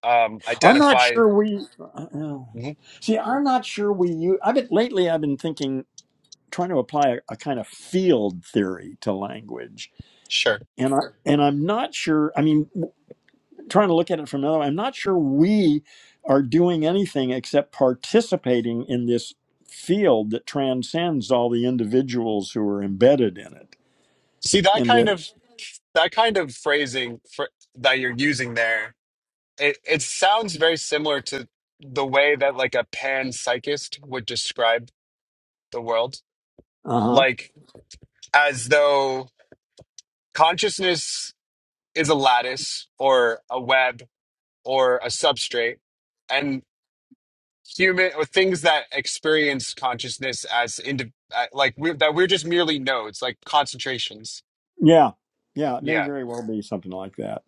[SPEAKER 5] um,
[SPEAKER 1] I'm not
[SPEAKER 5] identify.
[SPEAKER 1] sure we uh, uh,
[SPEAKER 5] Mhm,
[SPEAKER 1] see. I'm not sure we use. I've been lately. I've been thinking trying to apply a, a kind of field theory to language,
[SPEAKER 5] Sure.
[SPEAKER 1] and I and I'm not sure. I mean, w- trying to look at it from another. I'm not sure we are doing anything except participating in this field that transcends all the individuals who are embedded in it.
[SPEAKER 5] See that
[SPEAKER 1] And
[SPEAKER 5] kind
[SPEAKER 1] that.
[SPEAKER 5] of that kind of phrasing for, that you're using there. It it sounds very similar to the way that like a panpsychist would describe the world, like as though consciousness is a lattice or a web or a substrate, and human or things that experience consciousness as indi- uh, like we're, that we're just merely nodes, like concentrations.
[SPEAKER 1] Yeah, yeah, it may
[SPEAKER 5] Yeah.
[SPEAKER 1] very well be something like that.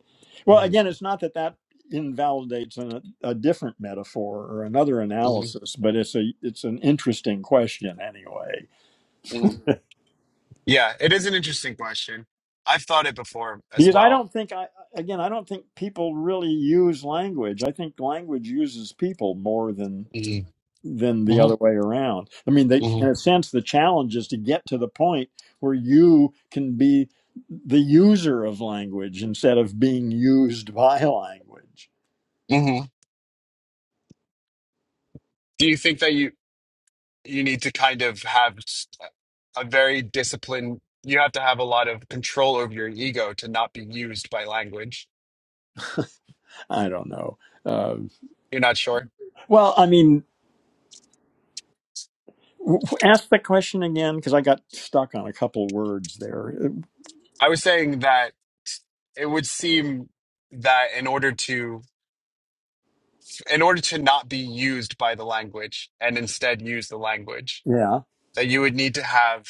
[SPEAKER 1] Well,
[SPEAKER 5] Mhm.
[SPEAKER 1] again, it's not that that invalidates an, a different metaphor or another analysis, but it's a it's an interesting question anyway.
[SPEAKER 5] Mhm. Yeah, it is an interesting question. I've thought it before as
[SPEAKER 1] Because I
[SPEAKER 5] well.
[SPEAKER 1] don't think I again I don't think people really use language. I think language uses people more than
[SPEAKER 5] hmm
[SPEAKER 1] than the
[SPEAKER 5] hmm
[SPEAKER 1] other way around. I mean, they
[SPEAKER 5] hmm
[SPEAKER 1] in a sense the challenge is to get to the point where you can be the user of language instead of being used by language.
[SPEAKER 5] hmm Do you think that you you need to kind of have s- uh, a very disciplined? You have to have a lot of control over your ego to not be used by language.
[SPEAKER 1] I don't know. Uh,
[SPEAKER 5] You're not sure.
[SPEAKER 1] well, I mean, w- ask the question again because I got stuck on a couple words there. Uh,
[SPEAKER 5] I was saying that it would seem that in order to in order to not be used by the language and instead use the language,
[SPEAKER 1] Yeah.
[SPEAKER 5] that you would need to have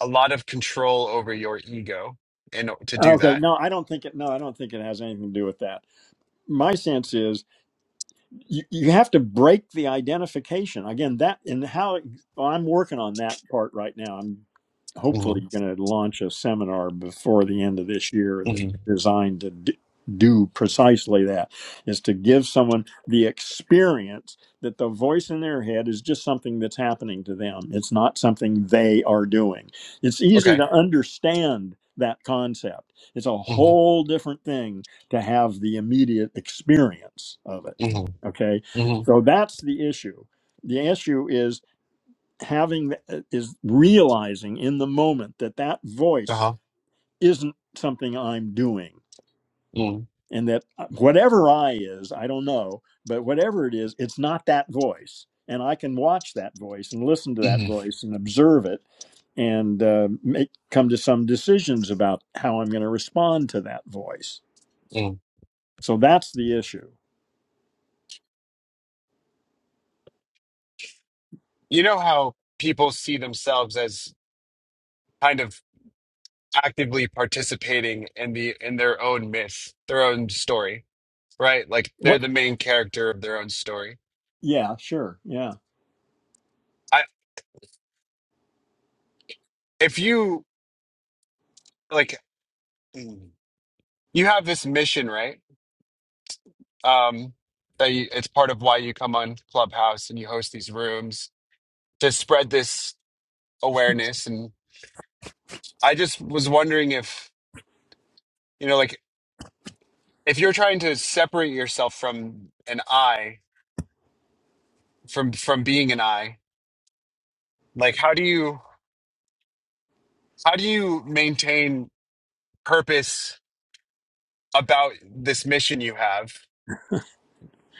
[SPEAKER 5] a lot of control over your ego and to do
[SPEAKER 1] Okay.
[SPEAKER 5] that.
[SPEAKER 1] No, I don't think it. No, I don't think it has anything to do with that. My sense is you, you have to break the identification again that and how well, i'm working on that part right now i'm
[SPEAKER 5] hmm
[SPEAKER 1] hopefully going to launch a seminar before the end of this year that's
[SPEAKER 5] hmm
[SPEAKER 1] designed to d- do precisely that is to give someone the experience that the voice in their head is just something that's happening to them it's not something they are doing it's easy
[SPEAKER 5] Okay.
[SPEAKER 1] to understand that concept it's a
[SPEAKER 5] hmm
[SPEAKER 1] whole different thing to have the immediate experience of it
[SPEAKER 5] hmm
[SPEAKER 1] Okay,
[SPEAKER 5] hmm
[SPEAKER 1] so that's the issue. The issue is having is realizing in the moment that that voice
[SPEAKER 5] Uh-huh.
[SPEAKER 1] isn't something I'm doing,
[SPEAKER 5] mm
[SPEAKER 1] and that uh, whatever I is, I don't know, but whatever it is, it's not that voice, and I can watch that voice and listen to that
[SPEAKER 5] hmm
[SPEAKER 1] voice and observe it and uh, make come to some decisions about how I'm going to respond to that voice.
[SPEAKER 5] mm
[SPEAKER 1] So that's the issue.
[SPEAKER 5] You know how people see themselves as kind of actively participating in the in their own myth, their own story, right? Like they're
[SPEAKER 1] What?
[SPEAKER 5] the main character of their own story.
[SPEAKER 1] Yeah, sure. Yeah.
[SPEAKER 5] I if you like mm, you have this mission, right? Um that you, it's part of why you come on Clubhouse and you host these rooms to spread this awareness and i just was wondering if you know like if you're trying to separate yourself from an i from from being an i like how do you how do you maintain purpose about this mission you have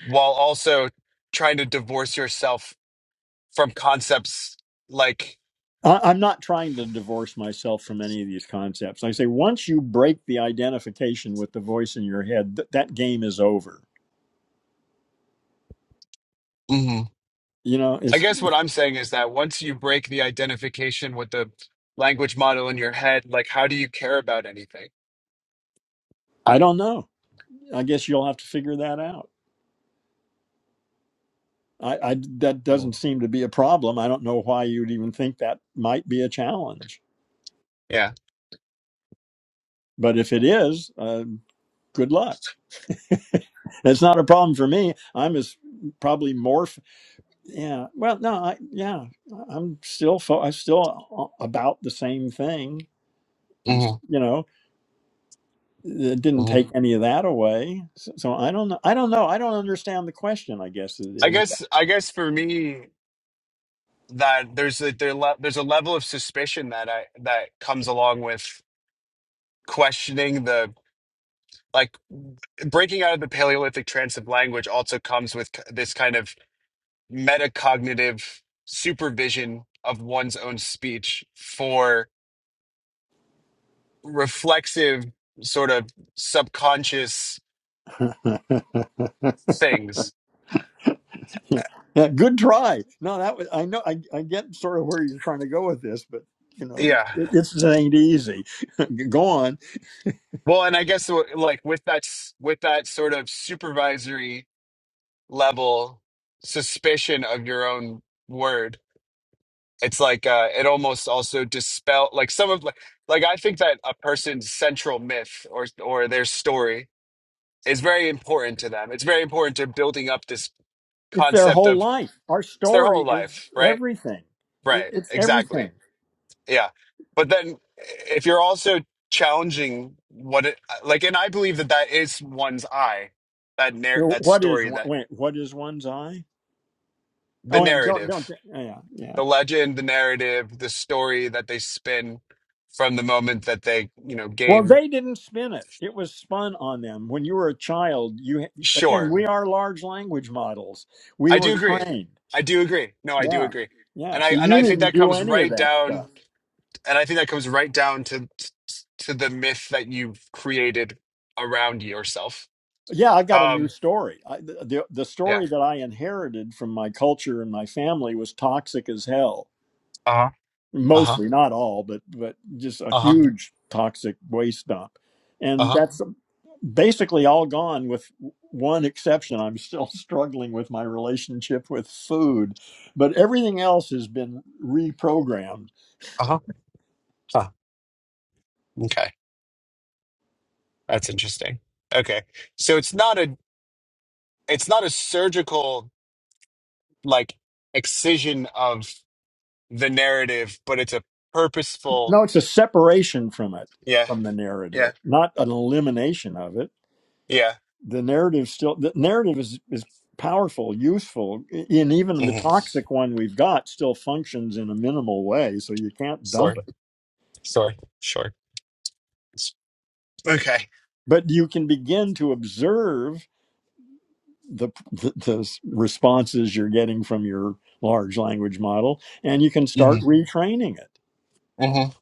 [SPEAKER 5] while also trying to divorce yourself from concepts like
[SPEAKER 1] I- I'm not trying to divorce myself from any of these concepts. Like I say once you break the identification with the voice in your head, th- that game is over.
[SPEAKER 5] Mhm.
[SPEAKER 1] You know,
[SPEAKER 5] i
[SPEAKER 1] it's
[SPEAKER 5] guess what i'm saying is that once you break the identification with the language model in your head like how do you care about anything
[SPEAKER 1] I don't know. I guess you'll have to figure that out. I, I that doesn't
[SPEAKER 5] Mm.
[SPEAKER 1] seem to be a problem. I don't know why you'd even think that might be a challenge.
[SPEAKER 5] yeah
[SPEAKER 1] But if it is, uh, good luck. It's not a problem for me. I'm as probably more. f- Yeah. Well, no. I, yeah. I'm still. Fo- I'm still a- about the same thing. I'm.
[SPEAKER 5] hmm
[SPEAKER 1] s- You know. it didn't
[SPEAKER 5] hmm
[SPEAKER 1] take any of that away. So, so I don't know. I don't know. I don't understand the question. I guess it
[SPEAKER 5] I
[SPEAKER 1] is.
[SPEAKER 5] guess I guess for me that there's a there le there's a level of suspicion that I that comes along with questioning the like breaking out of the Paleolithic trance of language also comes with k- this kind of metacognitive supervision of one's own speech for reflexive sort of subconscious things.
[SPEAKER 1] yeah. Yeah, good try. No, that was. I know. I, I get sort of where you're trying to go with this, but you know,
[SPEAKER 5] Yeah.
[SPEAKER 1] it, it's it ain't easy. go on.
[SPEAKER 5] Well, and I guess like with that s- with that sort of supervisory level suspicion of your own word. It's like uh, it almost also dispel like some of like like I think that a person's central myth or or their story is very important to them. It's very important to building up this
[SPEAKER 1] It's their
[SPEAKER 5] concept
[SPEAKER 1] whole
[SPEAKER 5] of
[SPEAKER 1] life. Our
[SPEAKER 5] it's their whole
[SPEAKER 1] story is
[SPEAKER 5] life, right?
[SPEAKER 1] everything. It,
[SPEAKER 5] Right,
[SPEAKER 1] it's
[SPEAKER 5] exactly.
[SPEAKER 1] everything.
[SPEAKER 5] Yeah. But then if you're also challenging what it like and I believe that that is one's eye, that
[SPEAKER 1] You
[SPEAKER 5] narr
[SPEAKER 1] know,
[SPEAKER 5] that
[SPEAKER 1] What is
[SPEAKER 5] story,
[SPEAKER 1] one-
[SPEAKER 5] that
[SPEAKER 1] wait? What is one's eye?
[SPEAKER 5] the
[SPEAKER 1] Oh, and don't don't.
[SPEAKER 5] narrative
[SPEAKER 1] Yeah, yeah.
[SPEAKER 5] the legend, the narrative, the story that they spin from the moment that they, you know,
[SPEAKER 1] Well,
[SPEAKER 5] gain.
[SPEAKER 1] they didn't spin it. It was spun on them. When you were a child, you again,
[SPEAKER 5] Sure.
[SPEAKER 1] we are large language models. We
[SPEAKER 5] I do
[SPEAKER 1] were
[SPEAKER 5] agree.
[SPEAKER 1] trained.
[SPEAKER 5] I do agree. No, I do
[SPEAKER 1] Yeah.
[SPEAKER 5] agree.
[SPEAKER 1] Yeah.
[SPEAKER 5] And
[SPEAKER 1] So
[SPEAKER 5] I and I
[SPEAKER 1] you
[SPEAKER 5] think
[SPEAKER 1] didn't
[SPEAKER 5] that
[SPEAKER 1] do
[SPEAKER 5] comes
[SPEAKER 1] any of
[SPEAKER 5] right
[SPEAKER 1] that stuff.
[SPEAKER 5] down and I think that comes right down to to the myth that you've created around yourself.
[SPEAKER 1] Yeah, I've got a new
[SPEAKER 5] Um
[SPEAKER 1] story. I, the, the
[SPEAKER 5] yeah.
[SPEAKER 1] story that I inherited from my culture and my family was toxic as hell.
[SPEAKER 5] Uh-huh. Uh-huh.
[SPEAKER 1] Mostly, not all, but but just a
[SPEAKER 5] Uh-huh.
[SPEAKER 1] huge toxic waste dump. And
[SPEAKER 5] Uh-huh.
[SPEAKER 1] that's basically all gone with one exception. I'm still struggling with my relationship with food, but everything else has been reprogrammed.
[SPEAKER 5] Uh-huh. Huh. Okay. That's interesting. Okay. So it's not a it's not a surgical like excision of. the narrative, but it's a purposeful.
[SPEAKER 1] No, it's a separation from it,
[SPEAKER 5] Yeah,
[SPEAKER 1] from the narrative,
[SPEAKER 5] yeah,
[SPEAKER 1] not an elimination of it.
[SPEAKER 5] yeah.
[SPEAKER 1] The narrative still, the narrative is, is powerful, useful, i- and even the
[SPEAKER 5] hmm
[SPEAKER 1] toxic one we've got still functions in a minimal way, so you can't dump
[SPEAKER 5] Sure,
[SPEAKER 1] it.
[SPEAKER 5] sure, sure. S- Okay.
[SPEAKER 1] But you can begin to observe the, the the responses you're getting from your large language model and you can
[SPEAKER 5] hmm
[SPEAKER 1] start retraining it
[SPEAKER 5] hmm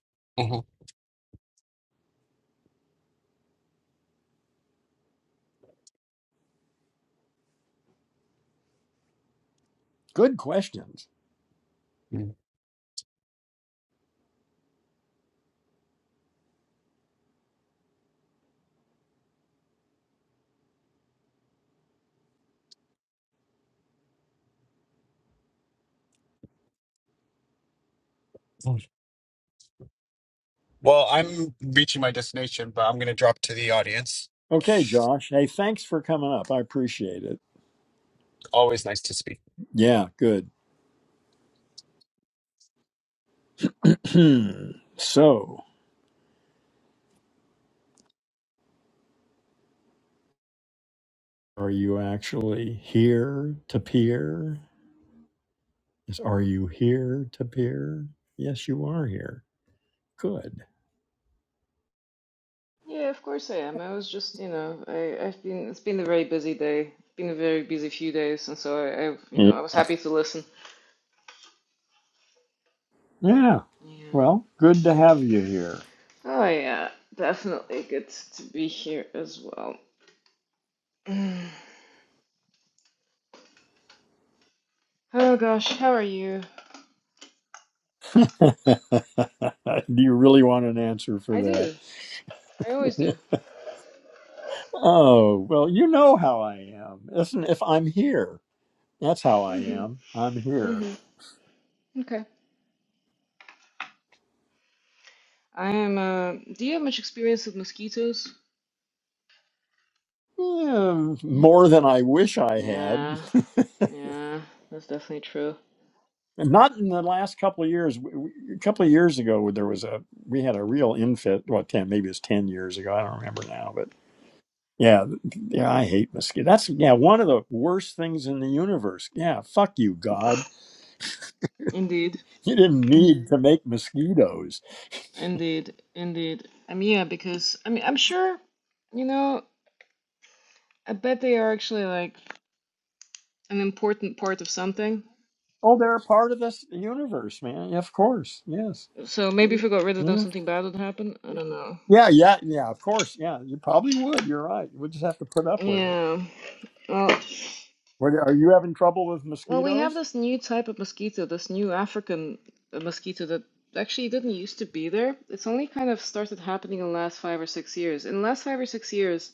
[SPEAKER 1] good questions
[SPEAKER 5] hmm Well, I'm reaching my destination, but I'm going to drop to the audience.
[SPEAKER 1] okay josh hey thanks for coming up i appreciate it
[SPEAKER 5] Always nice to speak.
[SPEAKER 1] yeah good so are you actually here to peer is are you here to peer yes you are here good
[SPEAKER 6] Yeah, of course I am. I was just, you know, I, I've been, it's been a very busy day. It's been a very busy few days, and so I, I've, you know, I was happy to listen.
[SPEAKER 1] yeah
[SPEAKER 6] Yeah.
[SPEAKER 1] well good to have you here
[SPEAKER 6] Oh yeah, definitely good to be here as well. Oh gosh, how are you?
[SPEAKER 1] do you really want an answer for
[SPEAKER 6] I do.
[SPEAKER 1] that
[SPEAKER 6] I always do.
[SPEAKER 1] Oh, well, you know how I am. Isn't if I'm here. That's how I
[SPEAKER 6] Mm-hmm.
[SPEAKER 1] am. I'm here.
[SPEAKER 6] Mm-hmm. Okay. I am, uh, do you have much experience with mosquitoes?
[SPEAKER 1] Yeah, more than I wish I had.
[SPEAKER 6] Yeah, yeah, that's definitely true.
[SPEAKER 1] And Not in the last couple of years. We- we- A couple of years ago, there was a we had a real infit. Well, ten maybe it's ten years ago. I don't remember now, but yeah, yeah. I hate mosquitoes. That's yeah one of the worst things in the universe. Yeah, fuck you, God.
[SPEAKER 6] Indeed,
[SPEAKER 1] You didn't need to make mosquitoes.
[SPEAKER 6] indeed, indeed. I mean, yeah, because, I mean, I'm sure. You know, I bet they are actually like an important part of something.
[SPEAKER 1] Oh, they're a part of this universe, man. Yeah, Of course, yes.
[SPEAKER 6] So maybe if we got rid of
[SPEAKER 1] Yeah.
[SPEAKER 6] them, something bad would happen. I don't know.
[SPEAKER 1] Yeah, yeah, yeah. Of course, yeah. You probably would. You're right. We just have to put up with it.
[SPEAKER 6] Yeah. Well,
[SPEAKER 1] What, are you having trouble with
[SPEAKER 6] well, we have
[SPEAKER 1] mosquitoes?
[SPEAKER 6] this new type of mosquito, this new African uh, mosquito that actually didn't used to be there. It's only kind of started happening in the last five or six years. In the last five or six years,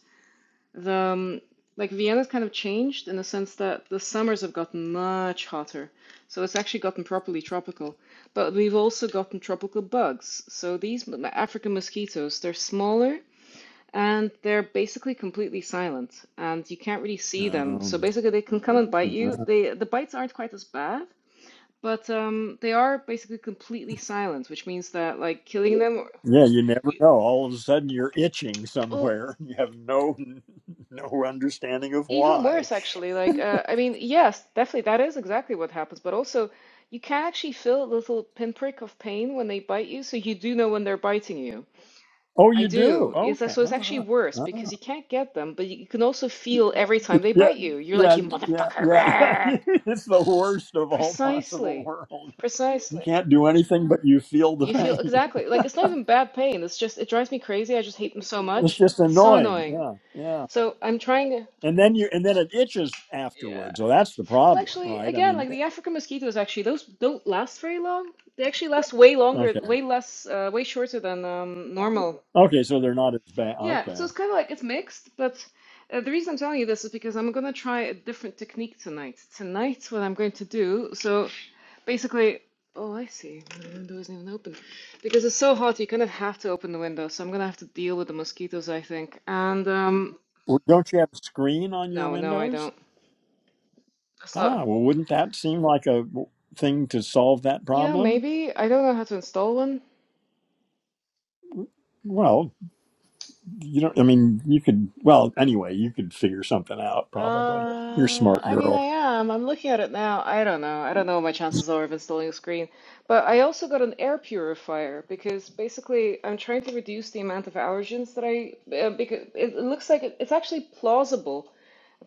[SPEAKER 6] The um, like Vienna's kind of changed in the sense that the summers have gotten much hotter, so it's actually gotten properly tropical. But we've also gotten tropical bugs. So these African mosquitoes, they're smaller and they're basically completely silent, and you can't really see them. So
[SPEAKER 1] Um,
[SPEAKER 6] basically, they can come and bite you.
[SPEAKER 1] uh,
[SPEAKER 6] They the bites aren't quite as bad, but um, they are basically completely silent, which means that like killing them,
[SPEAKER 1] yeah, you never know. All of a sudden, you're itching
[SPEAKER 6] well,
[SPEAKER 1] somewhere. You have no no understanding of
[SPEAKER 6] Even
[SPEAKER 1] why.
[SPEAKER 6] worse, actually. Like, uh, I mean, yes, definitely, that is exactly what happens. But also, you can actually feel a little pinprick of pain when they bite you, so you do know when they're biting you.
[SPEAKER 1] Oh,
[SPEAKER 6] I
[SPEAKER 1] you do.
[SPEAKER 6] do. It's
[SPEAKER 1] Okay.
[SPEAKER 6] so it's actually
[SPEAKER 1] All
[SPEAKER 6] worse
[SPEAKER 1] right. Ah,
[SPEAKER 6] because you can't get them, but you, can also feel every time they
[SPEAKER 1] yeah,
[SPEAKER 6] bite you. You're like,
[SPEAKER 1] yeah,
[SPEAKER 6] you
[SPEAKER 1] yeah,
[SPEAKER 6] motherfucker!
[SPEAKER 1] yeah, yeah.
[SPEAKER 6] rah!"
[SPEAKER 1] it's the worst of all possible
[SPEAKER 6] Precisely,
[SPEAKER 1] worlds. You
[SPEAKER 6] precisely.
[SPEAKER 1] can't do anything but you feel the
[SPEAKER 6] You feel
[SPEAKER 1] pain.
[SPEAKER 6] exactly like it's not even bad pain. It's just it drives me crazy. I just hate them so
[SPEAKER 1] It's
[SPEAKER 6] much.
[SPEAKER 1] just
[SPEAKER 6] It's so
[SPEAKER 1] annoying.
[SPEAKER 6] annoying.
[SPEAKER 1] Yeah, yeah.
[SPEAKER 6] So I'm trying to.
[SPEAKER 1] and then you and then it itches
[SPEAKER 6] yeah.
[SPEAKER 1] afterwards. So that's the
[SPEAKER 6] Well,
[SPEAKER 1] problem,
[SPEAKER 6] actually,
[SPEAKER 1] right? I
[SPEAKER 6] again,
[SPEAKER 1] mean,
[SPEAKER 6] like the African mosquitoes, actually, those don't last very long. They actually last way longer,
[SPEAKER 1] okay,
[SPEAKER 6] way less, uh, way shorter than um, normal.
[SPEAKER 1] okay. So they're not as bad.
[SPEAKER 6] Yeah, so
[SPEAKER 1] Okay,
[SPEAKER 6] it's kind of like it's mixed, but uh, the reason I'm telling you this is because I'm gonna try a different technique tonight. Tonight's what I'm going to do. So basically, oh, I see. The window isn't even open because it's so hot. You kind of have to open the window. So I'm gonna have to deal with the mosquitoes, I think. And um,
[SPEAKER 1] well, don't you have a screen on your
[SPEAKER 6] no, no, I
[SPEAKER 1] windows?
[SPEAKER 6] don't. That's
[SPEAKER 1] Ah,
[SPEAKER 6] not.
[SPEAKER 1] well, wouldn't that seem like a w- thing to solve that
[SPEAKER 6] You know,
[SPEAKER 1] problem?
[SPEAKER 6] maybe I don't know how to install one.
[SPEAKER 1] Well, you don't. I mean, you could. Well, anyway, you could figure something out. Probably, you're a
[SPEAKER 6] Uh,
[SPEAKER 1] smart
[SPEAKER 6] I mean,
[SPEAKER 1] girl.
[SPEAKER 6] I am. I'm looking at it now. I don't know. I don't know what my chances are of installing a screen. But I also got an air purifier because basically I'm trying to reduce the amount of allergens that I uh, because it, it looks like it, it's actually plausible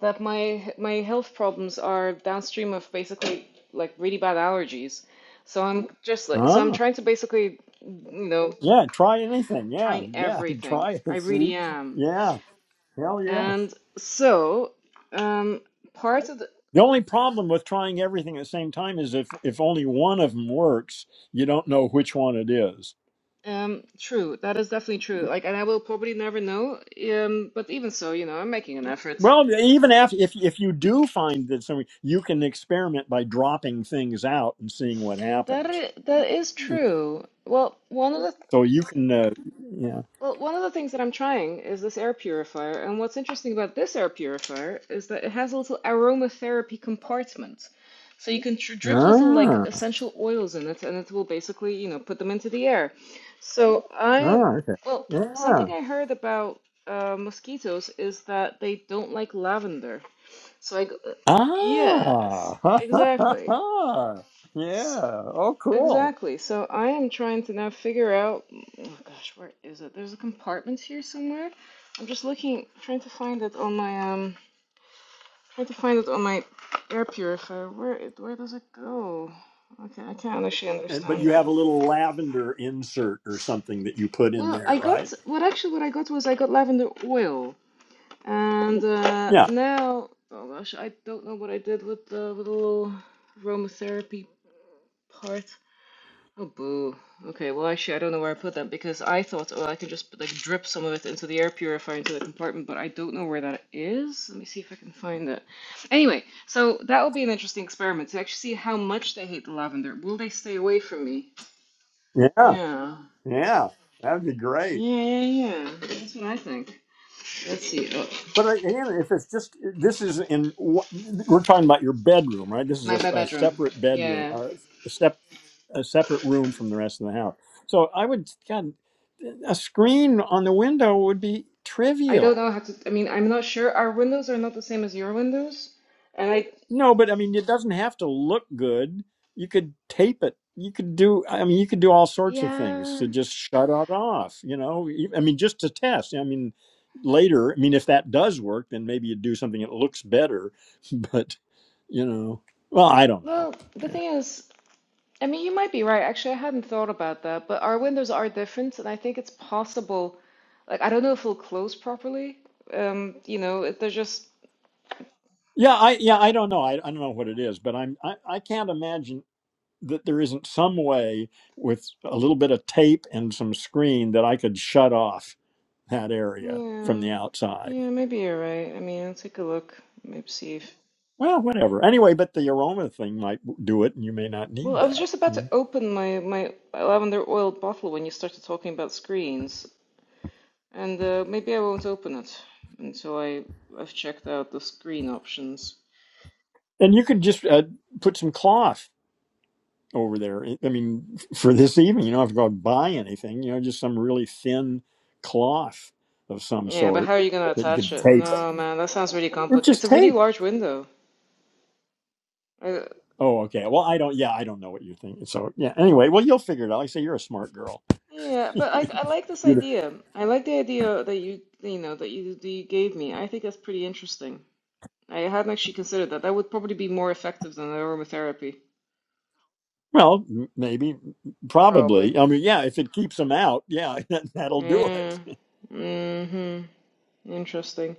[SPEAKER 6] that my my health problems are downstream of basically like really bad allergies. So I'm just like so I'm
[SPEAKER 1] Ah,
[SPEAKER 6] trying to basically, you know,
[SPEAKER 1] yeah. Try anything. Yeah,
[SPEAKER 6] trying
[SPEAKER 1] yeah.
[SPEAKER 6] everything.
[SPEAKER 1] Try
[SPEAKER 6] I
[SPEAKER 1] it.
[SPEAKER 6] really
[SPEAKER 1] See.
[SPEAKER 6] am.
[SPEAKER 1] Yeah. Hell yeah.
[SPEAKER 6] And so, um, part of the
[SPEAKER 1] The only problem with trying everything at the same time is if if only one of them works, you don't know which one it is.
[SPEAKER 6] Um, true. That is definitely true. Like, and I will probably never know. Um, but even so, you know, I'm making an effort.
[SPEAKER 1] Well, even after if if you do find that something, you can experiment by dropping things out and seeing what
[SPEAKER 6] That
[SPEAKER 1] happens.
[SPEAKER 6] is, that is true. Well, one of the
[SPEAKER 1] So you can, uh, yeah.
[SPEAKER 6] well, one of the things that I'm trying is this air purifier, and what's interesting about this air purifier is that it has a little aromatherapy compartment. So you can tr drip little like
[SPEAKER 1] Ah,
[SPEAKER 6] essential oils in it, and it will basically, you know, put them into the air. So I,
[SPEAKER 1] ah, okay.
[SPEAKER 6] well,
[SPEAKER 1] Yeah.
[SPEAKER 6] something I heard about uh, mosquitoes is that they don't like lavender. So I go, yes,
[SPEAKER 1] Ah, ha, ha, ha,
[SPEAKER 6] exactly.
[SPEAKER 1] ha.
[SPEAKER 6] S
[SPEAKER 1] yeah. Oh, cool.
[SPEAKER 6] exactly. So I am trying to now figure out, oh gosh, where is it? There's a compartment here somewhere. I'm just looking, trying to find it on my, um, trying to find it on my air purifier. Where it, where does it go? Okay, I can't actually
[SPEAKER 1] And but
[SPEAKER 6] understand
[SPEAKER 1] you
[SPEAKER 6] it.
[SPEAKER 1] have a little lavender insert or something that you put in
[SPEAKER 6] Well, I
[SPEAKER 1] there, right?
[SPEAKER 6] got, what actually what I got was I got lavender oil. And uh,
[SPEAKER 1] Yeah.
[SPEAKER 6] now, oh gosh, I don't know what I did with the, with the little aromatherapy part. Oh boo. Okay, well actually I don't know where I put that because I thought oh I can just like drip some of it into the air purifier into the compartment, but I don't know where that is. Let me see if I can find it. Anyway, so that will be an interesting experiment to actually see how much they hate the lavender. Will they stay away from me?
[SPEAKER 1] Yeah.
[SPEAKER 6] Yeah.
[SPEAKER 1] Yeah, that'd be great.
[SPEAKER 6] Yeah, yeah, yeah. That's what I think. Let's see. Oh,
[SPEAKER 1] But again, if it's just this is in one- we're talking about your bedroom, right? This
[SPEAKER 6] that's
[SPEAKER 1] is a,
[SPEAKER 6] my
[SPEAKER 1] s-
[SPEAKER 6] bed-
[SPEAKER 1] a
[SPEAKER 6] bedroom.
[SPEAKER 1] separate bedroom,
[SPEAKER 6] Yeah.
[SPEAKER 1] uh, a, sep, a separate room from the rest of the house. So I would, God, a screen on the window would be
[SPEAKER 6] I don't
[SPEAKER 1] trivial.
[SPEAKER 6] know how to I mean, I'm not sure. Our windows are not the same as your windows. And I
[SPEAKER 1] No, but I mean, it doesn't have to look good. You could tape it. You could do. I mean, you could do all sorts of things
[SPEAKER 6] yeah.
[SPEAKER 1] to just shut it off. You know, E- I mean, just to test. I mean, later. I mean, if that does work, then maybe you do something that looks better. But you know, well, I don't know.
[SPEAKER 6] Well, the
[SPEAKER 1] Yeah,
[SPEAKER 6] thing is I mean, you might be right. Actually, I hadn't thought about that, but our windows are different, and I think it's possible. Like, I don't know if it'll close properly. Um, you know, it- they're just.
[SPEAKER 1] yeah, I yeah, I don't know. I, I don't know what it is, but I'm I, I can't imagine that there isn't some way with a little bit of tape and some screen that I could shut off that area from
[SPEAKER 6] Yeah.
[SPEAKER 1] the outside
[SPEAKER 6] Yeah, maybe you're right. I mean, I'll take a look. Maybe see if.
[SPEAKER 1] Well, whatever. Anyway, but the aroma thing might do it, and you may not
[SPEAKER 6] Well,
[SPEAKER 1] need
[SPEAKER 6] I was
[SPEAKER 1] that.
[SPEAKER 6] just about to
[SPEAKER 1] Mm.
[SPEAKER 6] open my my lavender oil bottle when you started talking about screens, and uh, maybe I won't open it until I I've checked out the screen options.
[SPEAKER 1] And you could just uh, put some cloth over there. I mean, for this evening, you don't have to go out and buy anything. You know, just some really thin cloth of some
[SPEAKER 6] Yeah, but how
[SPEAKER 1] sort
[SPEAKER 6] are you gonna
[SPEAKER 1] that you
[SPEAKER 6] attach
[SPEAKER 1] could
[SPEAKER 6] it?
[SPEAKER 1] tape,
[SPEAKER 6] No, man, that sounds really
[SPEAKER 1] or
[SPEAKER 6] complicated.
[SPEAKER 1] just
[SPEAKER 6] It's a really
[SPEAKER 1] tape.
[SPEAKER 6] large window.
[SPEAKER 1] Oh, okay. Well, I don't. Yeah, I don't know what you think. So, yeah. Anyway, well, you'll figure it out. Like I say, you're a smart girl.
[SPEAKER 6] Yeah, but I
[SPEAKER 1] You'd-
[SPEAKER 6] I like this idea. I like the idea that you you know that you that you gave me. I think that's pretty interesting. I hadn't actually considered that. That would probably be more effective than aromatherapy.
[SPEAKER 1] well, m- maybe,
[SPEAKER 6] Probably.
[SPEAKER 1] probably. I mean, yeah. If it keeps them out, yeah, that, that'll do
[SPEAKER 6] Yeah.
[SPEAKER 1] it.
[SPEAKER 6] Mm-hmm. Interesting.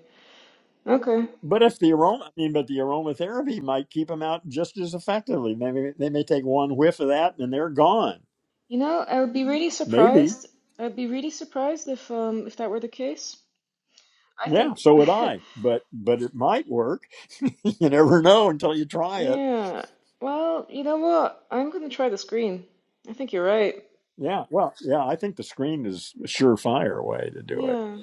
[SPEAKER 6] Okay.
[SPEAKER 1] But if the aroma, I mean, but the aromatherapy might keep them out just as effectively. Maybe they may take one whiff of that and they're gone.
[SPEAKER 6] You know, I would be really
[SPEAKER 1] Maybe.
[SPEAKER 6] surprised. I'd be really surprised if um if that were the case. I
[SPEAKER 1] Yeah,
[SPEAKER 6] think
[SPEAKER 1] so would I. But but it might work. you never know until you try it.
[SPEAKER 6] yeah. Well, you know what? I'm gonna try the screen. I think you're right.
[SPEAKER 1] Yeah. Well, yeah, I think the screen is a surefire way to do it.
[SPEAKER 6] Yeah.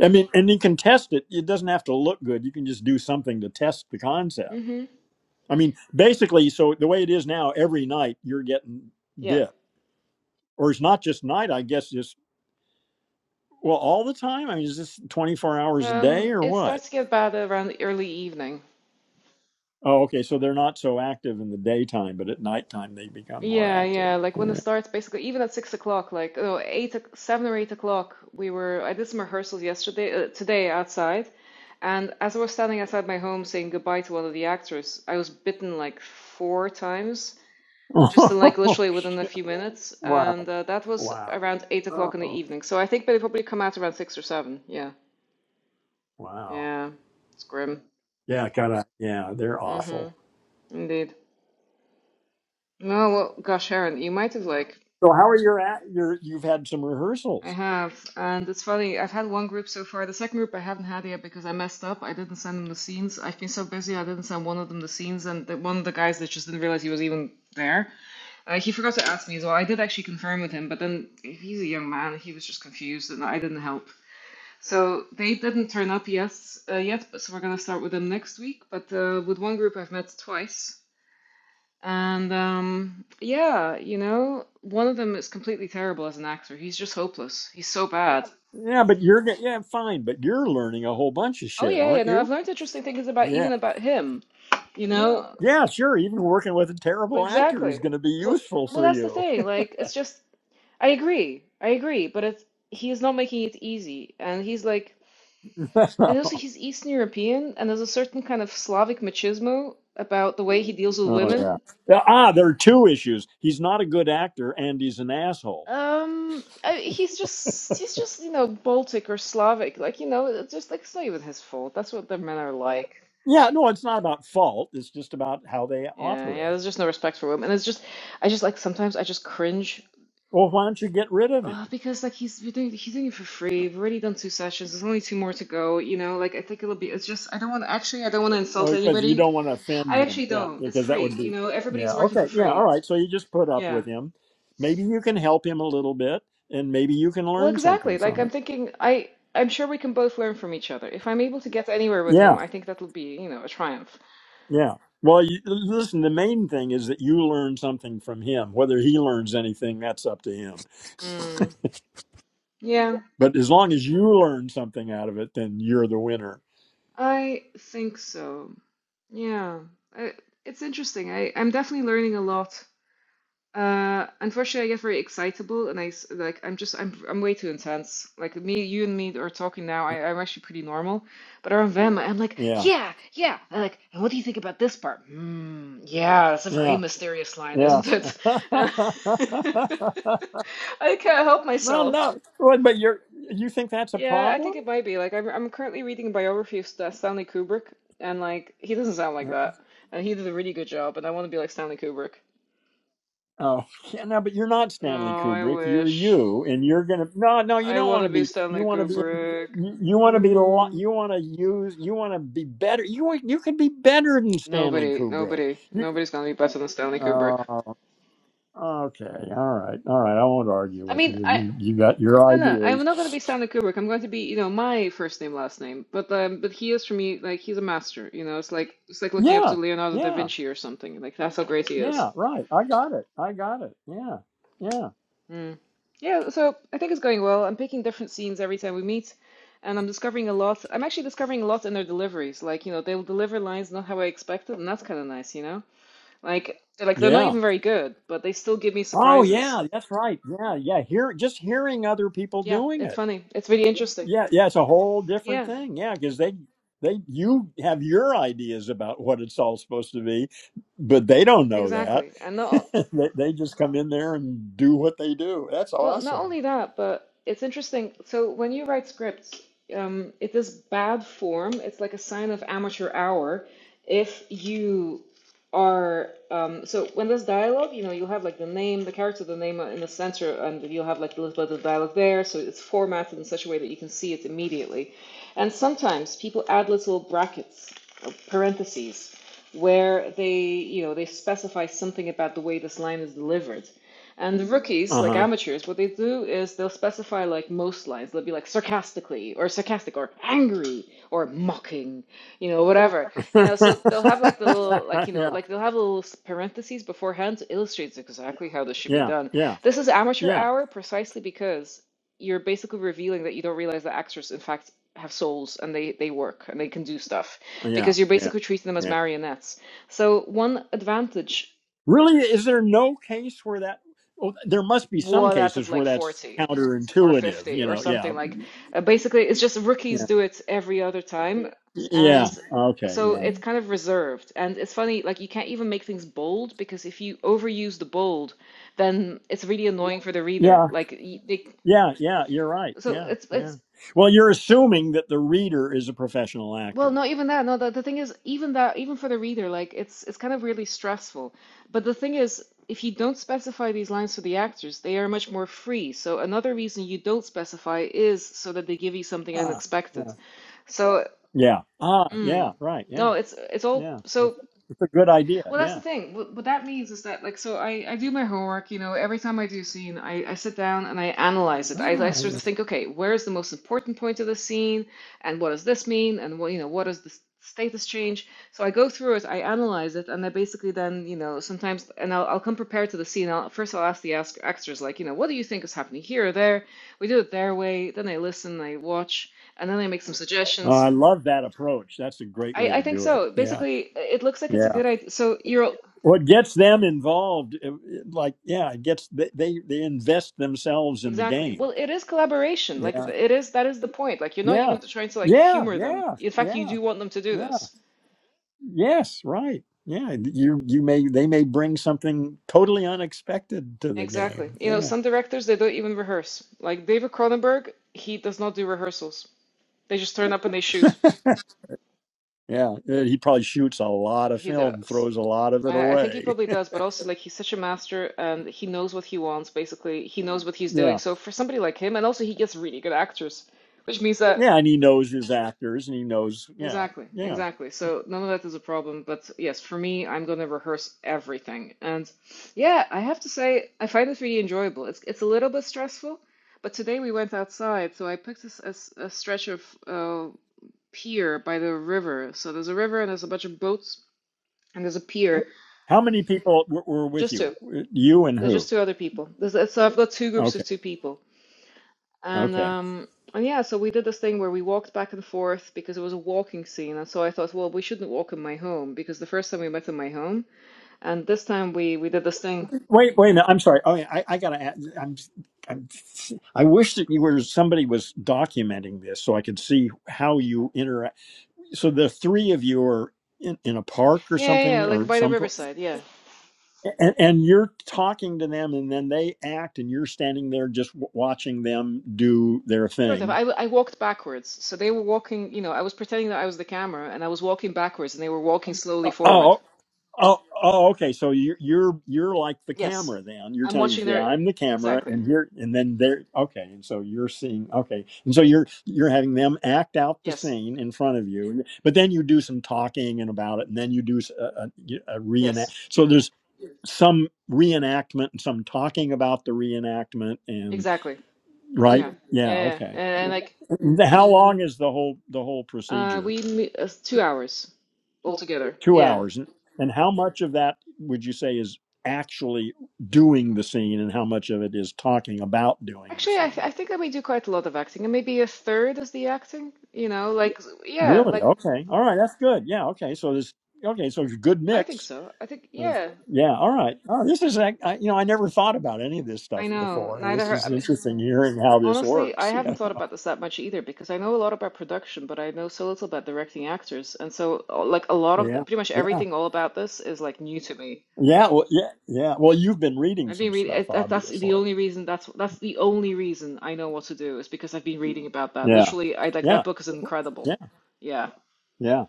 [SPEAKER 1] I mean, and you can test it. It doesn't have to look good. You can just do something to test the concept.
[SPEAKER 6] Mm-hmm.
[SPEAKER 1] I mean, basically, so the way it is now, every night you're getting
[SPEAKER 6] Yeah.
[SPEAKER 1] bit. Or it's not just night, I guess, it's Well, all the time? I mean, is this 24 hours a day
[SPEAKER 6] Um,
[SPEAKER 1] or
[SPEAKER 6] it
[SPEAKER 1] what?
[SPEAKER 6] starts to get bad around the early evening.
[SPEAKER 1] Oh, okay. So they're not so active in the daytime, but at nighttime they become more
[SPEAKER 6] Yeah,
[SPEAKER 1] active.
[SPEAKER 6] yeah. Like when it
[SPEAKER 1] All
[SPEAKER 6] starts, basically, even at six o'clock, like oh, eight, o- seven or eight o'clock, we were. I did some rehearsals yesterday, uh, today outside, and as I was standing outside my home saying goodbye to one of the actors, I was bitten like four times, just in like
[SPEAKER 1] right.
[SPEAKER 6] literally within a few minutes,
[SPEAKER 1] wow.
[SPEAKER 6] and uh, that was
[SPEAKER 1] Wow.
[SPEAKER 6] around eight o'clock in the
[SPEAKER 1] Oh,
[SPEAKER 6] evening. So I think they probably come out around six or seven. Yeah,
[SPEAKER 1] wow.
[SPEAKER 6] yeah. It's grim.
[SPEAKER 1] Yeah, kind of. Yeah, they're
[SPEAKER 6] Mm-hmm.
[SPEAKER 1] awful.
[SPEAKER 6] Indeed. No, well, gosh, Aaron, you might have like.
[SPEAKER 1] So how are your at your you've had some
[SPEAKER 6] I
[SPEAKER 1] rehearsals?
[SPEAKER 6] have, and it's funny. I've had one group so far. The second group I haven't had yet because I messed up. I didn't send them the scenes. I've been so busy, I didn't send one of them the scenes, and the, one of the guys that just didn't realize he was even there. Uh, he forgot to ask me as well. I did actually confirm with him, but then he's a young man. He was just confused, and I didn't help. So they didn't turn up yet, uh, yet. But so we're gonna start with them next week. But uh, with one group I've met twice, and um, yeah, you know, one of them is completely terrible as an actor. He's just hopeless. He's so bad.
[SPEAKER 1] Yeah, but you're get- yeah, fine, but you're learning a whole bunch of
[SPEAKER 6] Oh
[SPEAKER 1] shit,
[SPEAKER 6] yeah, yeah,
[SPEAKER 1] aren't
[SPEAKER 6] no, I've
[SPEAKER 1] you?
[SPEAKER 6] learned interesting things about
[SPEAKER 1] Yeah.
[SPEAKER 6] even about him, you Yeah. know?
[SPEAKER 1] Yeah, sure. Even working with a
[SPEAKER 6] But
[SPEAKER 1] terrible actor is
[SPEAKER 6] Exactly.
[SPEAKER 1] going to be
[SPEAKER 6] Well,
[SPEAKER 1] useful
[SPEAKER 6] well,
[SPEAKER 1] for
[SPEAKER 6] that's the
[SPEAKER 1] you.
[SPEAKER 6] thing. Like, it's just I agree. I agree, but it's he is not making it easy, and he's like, and also he's Eastern European, and there's a certain kind of Slavic machismo about the way he deals with
[SPEAKER 1] Oh yeah.
[SPEAKER 6] women.
[SPEAKER 1] Yeah, Ah, there are two issues. He's not a good actor, and he's an asshole.
[SPEAKER 6] Um, I, he's just he's just you know Baltic or Slavic, like you know, it's just like it's not even his fault. That's what the men are like.
[SPEAKER 1] Yeah, no, it's not about fault. It's just about how they
[SPEAKER 6] Yeah, yeah.
[SPEAKER 1] operate.
[SPEAKER 6] There's just no respect for women, and it's just I just like sometimes I just cringe
[SPEAKER 1] Well, why don't you get rid of him?
[SPEAKER 6] Uh, because like he's we're doing he's doing it for free. We've already done two sessions. There's only two more to go. You know, like I think it'll be. It's just I don't want actually I don't want to insult
[SPEAKER 1] Oh, because you
[SPEAKER 6] anybody.
[SPEAKER 1] don't want to offend
[SPEAKER 6] I
[SPEAKER 1] him.
[SPEAKER 6] actually
[SPEAKER 1] Yeah,
[SPEAKER 6] don't. It's
[SPEAKER 1] because that
[SPEAKER 6] free.
[SPEAKER 1] would
[SPEAKER 6] You
[SPEAKER 1] be.
[SPEAKER 6] know, everybody's
[SPEAKER 1] Yeah.
[SPEAKER 6] working for
[SPEAKER 1] Okay. Yeah. All
[SPEAKER 6] free.
[SPEAKER 1] right. So you just put up
[SPEAKER 6] Yeah.
[SPEAKER 1] with him. Maybe you can help him a little bit, and maybe you can
[SPEAKER 6] Well,
[SPEAKER 1] learn something
[SPEAKER 6] exactly. Like
[SPEAKER 1] from
[SPEAKER 6] I'm
[SPEAKER 1] it.
[SPEAKER 6] thinking, I I'm sure we can both learn from each other. If I'm able to get anywhere with him,
[SPEAKER 1] Yeah.
[SPEAKER 6] I think that'll be you know a triumph.
[SPEAKER 1] Yeah. Well, you, listen. The main thing is that you learn something from him. Whether he learns anything, that's up to him.
[SPEAKER 6] Mm. Yeah,
[SPEAKER 1] But as long as you learn something out of it, then you're the winner.
[SPEAKER 6] I think so. Yeah, I, it's interesting. I I'm definitely learning a lot. Uh, unfortunately, I get very excitable, and I s- like I'm just I'm I'm way too intense. Like me, you and me are talking now. I I'm actually pretty normal, but around them, I'm like,
[SPEAKER 1] Yeah.
[SPEAKER 6] yeah, yeah. And like, and what do you think about this part? Hmm, yeah, that's a very
[SPEAKER 1] Yeah.
[SPEAKER 6] mysterious line,
[SPEAKER 1] Yeah.
[SPEAKER 6] isn't it?
[SPEAKER 1] well,
[SPEAKER 6] And I can't help myself.
[SPEAKER 1] no. Well, but you're you think that's a
[SPEAKER 6] Yeah, I
[SPEAKER 1] problem?
[SPEAKER 6] think it might be. Like I'm I'm currently reading a biography of Sta- Stanley Kubrick, and like he doesn't sound like
[SPEAKER 1] Yeah.
[SPEAKER 6] that, and he did a really good job, and I want to be like Stanley Kubrick.
[SPEAKER 1] Oh, yeah, no, but you're not
[SPEAKER 6] No,
[SPEAKER 1] Stanley
[SPEAKER 6] I
[SPEAKER 1] Kubrick. You're
[SPEAKER 6] wish.
[SPEAKER 1] you, and you're gonna. No, no, you
[SPEAKER 6] I
[SPEAKER 1] don't
[SPEAKER 6] want
[SPEAKER 1] want
[SPEAKER 6] to
[SPEAKER 1] to
[SPEAKER 6] be
[SPEAKER 1] be. You
[SPEAKER 6] Stanley
[SPEAKER 1] want to be.
[SPEAKER 6] Kubrick.
[SPEAKER 1] You, you want to be. lo-
[SPEAKER 6] Ooh.
[SPEAKER 1] You want to use. You want to be better. You want- you could be better than Stanley
[SPEAKER 6] Nobody,
[SPEAKER 1] Kubrick.
[SPEAKER 6] nobody,
[SPEAKER 1] You,
[SPEAKER 6] nobody's gonna be better than Stanley Kubrick.
[SPEAKER 1] oh, okay, all right, all right. I won't argue
[SPEAKER 6] I
[SPEAKER 1] with
[SPEAKER 6] mean,
[SPEAKER 1] you.
[SPEAKER 6] I
[SPEAKER 1] You you got your
[SPEAKER 6] no, no, I'm not gonna be
[SPEAKER 1] ideas.
[SPEAKER 6] Stanley Kubrick. I'm going to be, you know, my first name, last name. But um, but he is for me like he's a master. You know, it's like it's like looking up to
[SPEAKER 1] Yeah,
[SPEAKER 6] Leonardo da
[SPEAKER 1] yeah,
[SPEAKER 6] Vinci or something. Like that's how great he is.
[SPEAKER 1] yeah, right. I got it. I got it. Yeah, yeah,
[SPEAKER 6] Mm. Yeah, so I think it's going well. I'm picking different scenes every time we meet, and I'm discovering a lot. I'm actually discovering a lot in their deliveries. Like, you know, they'll deliver lines not how I expected, and that's kind of nice, you know. Like they're like they're not
[SPEAKER 1] yeah.
[SPEAKER 6] even very good, but they still give me
[SPEAKER 1] Oh,
[SPEAKER 6] surprises.
[SPEAKER 1] yeah, that's right. Yeah, yeah. Hear just hearing other people
[SPEAKER 6] Yeah,
[SPEAKER 1] doing
[SPEAKER 6] it's
[SPEAKER 1] it.
[SPEAKER 6] funny. It's really interesting.
[SPEAKER 1] Yeah, yeah. It's a whole different
[SPEAKER 6] Yeah,
[SPEAKER 1] thing. Yeah, because they they you have your ideas about what it's all supposed to be, but they don't know that.
[SPEAKER 6] exactly. And not
[SPEAKER 1] they, they just come in there and do what they do. That's
[SPEAKER 6] Well, not
[SPEAKER 1] awesome.
[SPEAKER 6] only that, but it's interesting. So when you write scripts, um, it is bad form. It's like a sign of amateur hour. If you are um, so when there's dialogue, you know, you'll have like the name, the character, the name in the center, and you'll have like a little bit of dialogue there. So it's formatted in such a way that you can see it immediately. And sometimes people add little brackets, or parentheses, where they, you know, they specify something about the way this line is delivered. And the rookies,
[SPEAKER 1] Uh
[SPEAKER 6] like
[SPEAKER 1] huh.
[SPEAKER 6] amateurs, what they do is they'll specify like most lines. They'll be like sarcastically or sarcastic or angry or mocking, you know, whatever. You know, so they'll have like the little like you know,
[SPEAKER 1] yeah,
[SPEAKER 6] like they'll have little s- parentheses beforehand to illustrate exactly how this
[SPEAKER 1] yeah,
[SPEAKER 6] should be
[SPEAKER 1] yeah,
[SPEAKER 6] done.
[SPEAKER 1] yeah,
[SPEAKER 6] This is amateur hour precisely because you're basically revealing that you don't realize that actors in fact have souls and they they work and they can do stuff
[SPEAKER 1] yeah,
[SPEAKER 6] because you're
[SPEAKER 1] yeah,
[SPEAKER 6] basically treating them as
[SPEAKER 1] yeah.
[SPEAKER 6] marionettes. So one advantage
[SPEAKER 1] Really, is there no case where that? Well, there must be some
[SPEAKER 6] one out of
[SPEAKER 1] cases where
[SPEAKER 6] like
[SPEAKER 1] that's
[SPEAKER 6] 40. or
[SPEAKER 1] counterintuitive.
[SPEAKER 6] 50
[SPEAKER 1] You
[SPEAKER 6] or
[SPEAKER 1] know, yeah,
[SPEAKER 6] something like uh, basically it's just rookies
[SPEAKER 1] yeah,
[SPEAKER 6] do it every other time
[SPEAKER 1] yeah.
[SPEAKER 6] and
[SPEAKER 1] Okay,
[SPEAKER 6] so
[SPEAKER 1] yeah,
[SPEAKER 6] it's kind of reserved and it's funny like you can't even make things bold because if you overuse the bold then it's really annoying for the reader
[SPEAKER 1] yeah,
[SPEAKER 6] like y- they
[SPEAKER 1] yeah, yeah. You're right.
[SPEAKER 6] so
[SPEAKER 1] Yeah,
[SPEAKER 6] it's
[SPEAKER 1] yeah.
[SPEAKER 6] it's
[SPEAKER 1] Well, you're assuming that the reader is a professional
[SPEAKER 6] well
[SPEAKER 1] actor.
[SPEAKER 6] not even that no the, the thing is even that even for the reader like it's it's kind of really stressful but the thing is if you don't specify these lines for the actors they are much more free so another reason you don't specify is so that they give you something
[SPEAKER 1] Ah,
[SPEAKER 6] unexpected
[SPEAKER 1] yeah,
[SPEAKER 6] So,
[SPEAKER 1] yeah. Ah,
[SPEAKER 6] mm,
[SPEAKER 1] yeah. Right.
[SPEAKER 6] no,
[SPEAKER 1] Yeah,
[SPEAKER 6] it's it's all
[SPEAKER 1] yeah.
[SPEAKER 6] so.
[SPEAKER 1] It's a good idea.
[SPEAKER 6] Well, that's
[SPEAKER 1] Yeah.
[SPEAKER 6] the thing. What, what that means is that like, so I I do my homework. You know, every time I do a scene, I I sit down and I analyze it. I I
[SPEAKER 1] Ah,
[SPEAKER 6] sort
[SPEAKER 1] yeah.
[SPEAKER 6] of think, okay, where is the most important point of the scene, and what does this mean, and what you know, what is the s- status change? So I go through it, I analyze it, and I basically then you know sometimes, and I'll I'll come prepared to the scene. I'll first I'll ask the ask extras like, you know, what do you think is happening here or there? We do it their way. Then I listen, I watch, and then I make some
[SPEAKER 1] Oh,
[SPEAKER 6] suggestions.
[SPEAKER 1] I love that approach. That's a great
[SPEAKER 6] I,
[SPEAKER 1] way
[SPEAKER 6] I
[SPEAKER 1] to
[SPEAKER 6] think
[SPEAKER 1] do it.
[SPEAKER 6] so.
[SPEAKER 1] Yeah,
[SPEAKER 6] Basically, it looks like it's
[SPEAKER 1] yeah.
[SPEAKER 6] a good idea. So you're
[SPEAKER 1] what gets them involved uh, like yeah it gets they they, they invest themselves in the
[SPEAKER 6] exactly.
[SPEAKER 1] game
[SPEAKER 6] Well, it is collaboration. Like
[SPEAKER 1] yeah
[SPEAKER 6] it is that is the point. Like you're not
[SPEAKER 1] yeah
[SPEAKER 6] even trying to like
[SPEAKER 1] yeah
[SPEAKER 6] humor them.
[SPEAKER 1] yeah
[SPEAKER 6] In fact, you
[SPEAKER 1] yeah
[SPEAKER 6] do want them to do
[SPEAKER 1] yeah
[SPEAKER 6] this.
[SPEAKER 1] yes right yeah you you may they may bring something totally unexpected to the
[SPEAKER 6] Exactly.
[SPEAKER 1] game
[SPEAKER 6] You know,
[SPEAKER 1] yeah
[SPEAKER 6] some directors they don't even rehearse. Like David Cronenberg, he does not do rehearsals. They just turn up and they shoot.
[SPEAKER 1] yeah Uh, he probably shoots a lot of
[SPEAKER 6] He
[SPEAKER 1] film
[SPEAKER 6] does.
[SPEAKER 1] throws a lot of it
[SPEAKER 6] I, I think he
[SPEAKER 1] away
[SPEAKER 6] probably does, but also like he's such a master and he knows what he wants, basically. He knows what he's doing.
[SPEAKER 1] yeah
[SPEAKER 6] So for somebody like him, and also he gets really good actors, which means that
[SPEAKER 1] yeah and he knows his actors and he knows yeah
[SPEAKER 6] Exactly,
[SPEAKER 1] yeah
[SPEAKER 6] exactly. So none of that is a problem, but yes, for me, I'm gonna rehearse everything. And yeah, I have to say, I find it really enjoyable. It's it's a little bit stressful, but today we went outside, so I picked this a, s- a stretch of uh, pier by the river. So there's a river and there's a bunch of boats and there's a pier.
[SPEAKER 1] how many people w- were with
[SPEAKER 6] Just
[SPEAKER 1] you
[SPEAKER 6] two.
[SPEAKER 1] Uh, you and
[SPEAKER 6] There's
[SPEAKER 1] who
[SPEAKER 6] just two other people. There's, so I've got two groups of
[SPEAKER 1] okay
[SPEAKER 6] two people. And
[SPEAKER 1] okay
[SPEAKER 6] um and yeah, so we did this thing where we walked back and forth because it was a walking scene. And so I thought, well, we shouldn't walk in my home because the first time we met in my home, and this time we we did this thing.
[SPEAKER 1] Wait, wait a minute. I'm sorry. Oh, yeah, I, I gotta. add- I'm, I'm. I wish that you were somebody was documenting this so I could see how you interact. So the three of you are in, in a park or
[SPEAKER 6] Yeah, yeah, yeah,
[SPEAKER 1] something
[SPEAKER 6] like
[SPEAKER 1] or
[SPEAKER 6] by the
[SPEAKER 1] some, pl-
[SPEAKER 6] riverside, yeah.
[SPEAKER 1] and, and you're talking to them, and then they act, and you're standing there just w- watching them do their
[SPEAKER 6] Sort of.
[SPEAKER 1] thing.
[SPEAKER 6] I w- I walked backwards. So they were walking, you know, I was pretending that I was the camera and I was walking backwards and they were walking slowly
[SPEAKER 1] Uh,
[SPEAKER 6] forward.
[SPEAKER 1] Oh. Oh, oh, okay. So you're you're you're like the
[SPEAKER 6] Yes.
[SPEAKER 1] camera. Then you're
[SPEAKER 6] I'm
[SPEAKER 1] telling me,
[SPEAKER 6] watching
[SPEAKER 1] yeah,
[SPEAKER 6] their
[SPEAKER 1] I'm the camera,
[SPEAKER 6] exactly.
[SPEAKER 1] and here, and then there. Okay, and so you're seeing. Okay, and so you're you're having them act out the
[SPEAKER 6] Yes.
[SPEAKER 1] scene in front of you, but then you do some talking and about it, and then you do s- a, a, a
[SPEAKER 6] Yes.
[SPEAKER 1] reenact. So there's some reenactment and some talking about the reenactment, and
[SPEAKER 6] Exactly.
[SPEAKER 1] right,
[SPEAKER 6] Yeah.
[SPEAKER 1] Mhm. yeah,
[SPEAKER 6] Yeah, yeah.
[SPEAKER 1] okay.
[SPEAKER 6] And, and like
[SPEAKER 1] How long is the whole the whole
[SPEAKER 6] uh
[SPEAKER 1] procedure?
[SPEAKER 6] we me- uh, 2 hours altogether.
[SPEAKER 1] Two
[SPEAKER 6] Yeah.
[SPEAKER 1] hours. And and how much of that would you say is actually doing the scene and how much of it is talking about doing the
[SPEAKER 6] Actually, I, th I
[SPEAKER 1] scene?
[SPEAKER 6] think that we do quite a lot of acting, and maybe a third is the acting. You know, like yeah,
[SPEAKER 1] Really?
[SPEAKER 6] like
[SPEAKER 1] Okay. All right. That's good. Yeah. Okay. So this. okay. So it's a good
[SPEAKER 6] I think
[SPEAKER 1] mix
[SPEAKER 6] so. I think
[SPEAKER 1] of,
[SPEAKER 6] yeah.
[SPEAKER 1] yeah. All right. Oh, this is, I, I- you know, I never thought about any of this
[SPEAKER 6] I
[SPEAKER 1] stuff
[SPEAKER 6] know.
[SPEAKER 1] before. And
[SPEAKER 6] Neither
[SPEAKER 1] this
[SPEAKER 6] her. I
[SPEAKER 1] is
[SPEAKER 6] mean,
[SPEAKER 1] interesting hearing how this
[SPEAKER 6] honestly, I
[SPEAKER 1] works.
[SPEAKER 6] haven't thought about this that much either because I know a lot about production, but I know so little about directing actors, and so uh, like a lot of
[SPEAKER 1] Yeah.
[SPEAKER 6] pretty much
[SPEAKER 1] Yeah. Yeah.
[SPEAKER 6] everything all about this is like new to me.
[SPEAKER 1] Yeah. Well, yeah. Yeah. Well, you've been reading
[SPEAKER 6] I've
[SPEAKER 1] some
[SPEAKER 6] been reading.
[SPEAKER 1] stuff,
[SPEAKER 6] That, that's the
[SPEAKER 1] obviously.
[SPEAKER 6] only reason. That's that's the only reason I know what to do is because I've been reading about that.
[SPEAKER 1] Yeah.
[SPEAKER 6] Literally, I like that
[SPEAKER 1] Yeah.
[SPEAKER 6] book is incredible.
[SPEAKER 1] Yeah.
[SPEAKER 6] Yeah.
[SPEAKER 1] Yeah.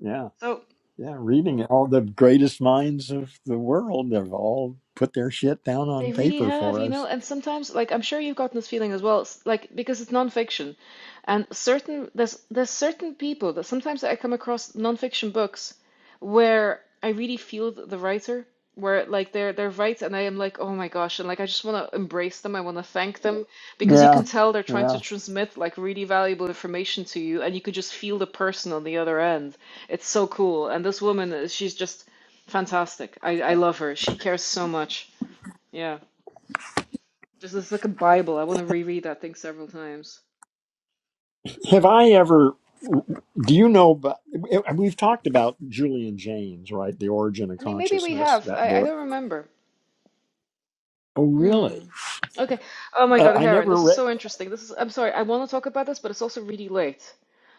[SPEAKER 1] Yeah.
[SPEAKER 6] So.
[SPEAKER 1] Yeah, reading it. all the greatest minds of the world have all put their shit down
[SPEAKER 6] They
[SPEAKER 1] on
[SPEAKER 6] really
[SPEAKER 1] paper
[SPEAKER 6] have,
[SPEAKER 1] for
[SPEAKER 6] you know,
[SPEAKER 1] us.
[SPEAKER 6] and sometimes, like, I'm sure you've gotten this feeling as well, s- like, because it's nonfiction, and certain there's there's certain people that sometimes I come across nonfiction books where I really feel th- the writer, where like they're they're right, and I am like, oh my gosh, and like I just want to embrace them, I want to thank them because you
[SPEAKER 1] Yeah,
[SPEAKER 6] can tell they're trying to
[SPEAKER 1] yeah.
[SPEAKER 6] transmit like really valuable information to you, and you could just feel the person on the other end. It's so cool, and this woman, uh, she's just fantastic. I I love her. She cares so much. Yeah. This is like a Bible. I want to reread that thing several times.
[SPEAKER 1] Have I ever? Do you know? But we've talked about Julian James, right? The Origin of
[SPEAKER 6] I mean, maybe we
[SPEAKER 1] Consciousness,
[SPEAKER 6] have.
[SPEAKER 1] that
[SPEAKER 6] I, I
[SPEAKER 1] book.
[SPEAKER 6] don't remember.
[SPEAKER 1] Oh,
[SPEAKER 6] Hmm.
[SPEAKER 1] really?
[SPEAKER 6] Okay. Oh my
[SPEAKER 1] Uh,
[SPEAKER 6] God,
[SPEAKER 1] I
[SPEAKER 6] Heron,
[SPEAKER 1] never
[SPEAKER 6] this is
[SPEAKER 1] read.
[SPEAKER 6] so interesting. This is. I'm sorry. I want to talk about this, but it's also really late.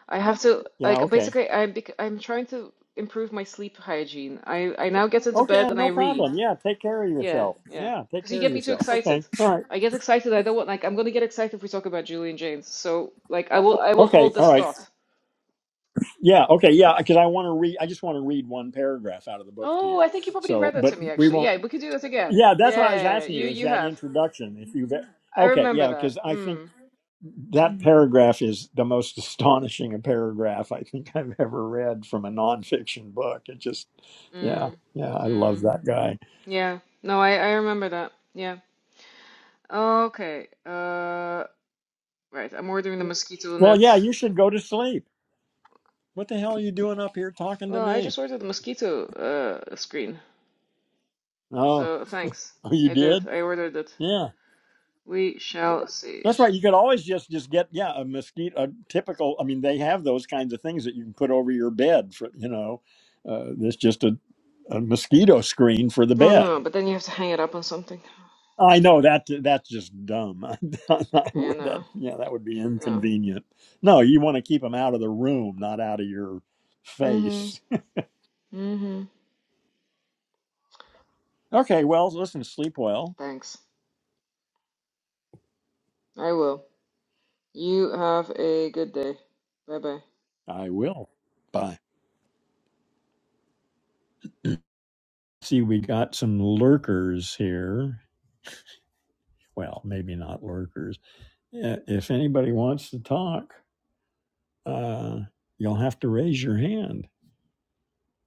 [SPEAKER 6] I have to
[SPEAKER 1] Yeah.
[SPEAKER 6] like
[SPEAKER 1] Okay.
[SPEAKER 6] basically. I'm bec I'm trying to improve my sleep hygiene. I I now get into
[SPEAKER 1] Okay.
[SPEAKER 6] bed
[SPEAKER 1] uh,
[SPEAKER 6] and I
[SPEAKER 1] No
[SPEAKER 6] read.
[SPEAKER 1] problem. Yeah. Take care of
[SPEAKER 6] Yeah,
[SPEAKER 1] yourself.
[SPEAKER 6] yeah.
[SPEAKER 1] Yeah. Take
[SPEAKER 6] Because you
[SPEAKER 1] care of
[SPEAKER 6] get me too
[SPEAKER 1] yourself.
[SPEAKER 6] excited.
[SPEAKER 1] Okay. All right.
[SPEAKER 6] I get excited. I don't want like I'm gonna get excited if we talk about Julian James. So like I will I will
[SPEAKER 1] Okay.
[SPEAKER 6] hold
[SPEAKER 1] All
[SPEAKER 6] this
[SPEAKER 1] right.
[SPEAKER 6] thought.
[SPEAKER 1] Yeah. Okay. Yeah. Because I want to read. I just want to read one paragraph out of the book to
[SPEAKER 6] Oh,
[SPEAKER 1] you.
[SPEAKER 6] I think you probably
[SPEAKER 1] So,
[SPEAKER 6] read that to
[SPEAKER 1] but
[SPEAKER 6] me
[SPEAKER 1] we
[SPEAKER 6] actually.
[SPEAKER 1] won't.
[SPEAKER 6] Yeah, we could do that again.
[SPEAKER 1] Yeah, that's what I was
[SPEAKER 6] Yeah,
[SPEAKER 1] asking
[SPEAKER 6] you
[SPEAKER 1] you is
[SPEAKER 6] you
[SPEAKER 1] that
[SPEAKER 6] have.
[SPEAKER 1] introduction. If you've e-,
[SPEAKER 6] I
[SPEAKER 1] okay,
[SPEAKER 6] remember
[SPEAKER 1] yeah,
[SPEAKER 6] that.
[SPEAKER 1] because I think
[SPEAKER 6] Mm.
[SPEAKER 1] that paragraph is the most astonishing a paragraph I think I've ever read from a nonfiction book. It just, yeah,
[SPEAKER 6] Mm.
[SPEAKER 1] yeah, I love
[SPEAKER 6] Mm.
[SPEAKER 1] that guy.
[SPEAKER 6] Yeah. No, I I remember that. Yeah. Okay. Uh right, I'm ordering the mosquito
[SPEAKER 1] Well,
[SPEAKER 6] net.
[SPEAKER 1] yeah, you should go to sleep. What the hell are you doing up here talking to
[SPEAKER 6] Well, I just
[SPEAKER 1] me?
[SPEAKER 6] ordered the mosquito uh screen.
[SPEAKER 1] Oh,
[SPEAKER 6] So, thanks.
[SPEAKER 1] oh, you
[SPEAKER 6] I did.
[SPEAKER 1] did?
[SPEAKER 6] I ordered it.
[SPEAKER 1] Yeah.
[SPEAKER 6] We shall see.
[SPEAKER 1] That's right. You could always just just get yeah a mosquito a typical. I mean, they have those kinds of things that you can put over your bed for you know. Uh, there's just a, a mosquito screen for the
[SPEAKER 6] Oh
[SPEAKER 1] bed.
[SPEAKER 6] no, but then you have to hang it up on something.
[SPEAKER 1] I know that that's just dumb. I
[SPEAKER 6] Yeah,
[SPEAKER 1] would that
[SPEAKER 6] no.
[SPEAKER 1] yeah that would be
[SPEAKER 6] No.
[SPEAKER 1] inconvenient. No, you want to keep them out of the room, not out of your
[SPEAKER 6] Mm-hmm.
[SPEAKER 1] face.
[SPEAKER 6] Mm-hmm.
[SPEAKER 1] Okay, well, listen, sleep well.
[SPEAKER 6] Thanks. I will. You have a good day. Bye bye.
[SPEAKER 1] I will. Bye. See, we got some lurkers here. Well, maybe not lurkers. Yeah, if anybody wants to talk, uh, you'll have to raise your hand.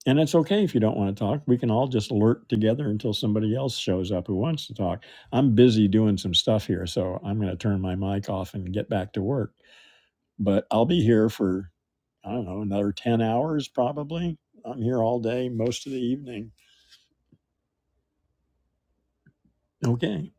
[SPEAKER 1] And it's okay if you don't want to talk. We can all just lurk together until somebody else shows up who wants to talk. I'm busy doing some stuff here, so I'm going to turn my mic off and get back to work. But I'll be here for, I don't know, another 10 hours probably. I'm here all day, most of the evening. Okay.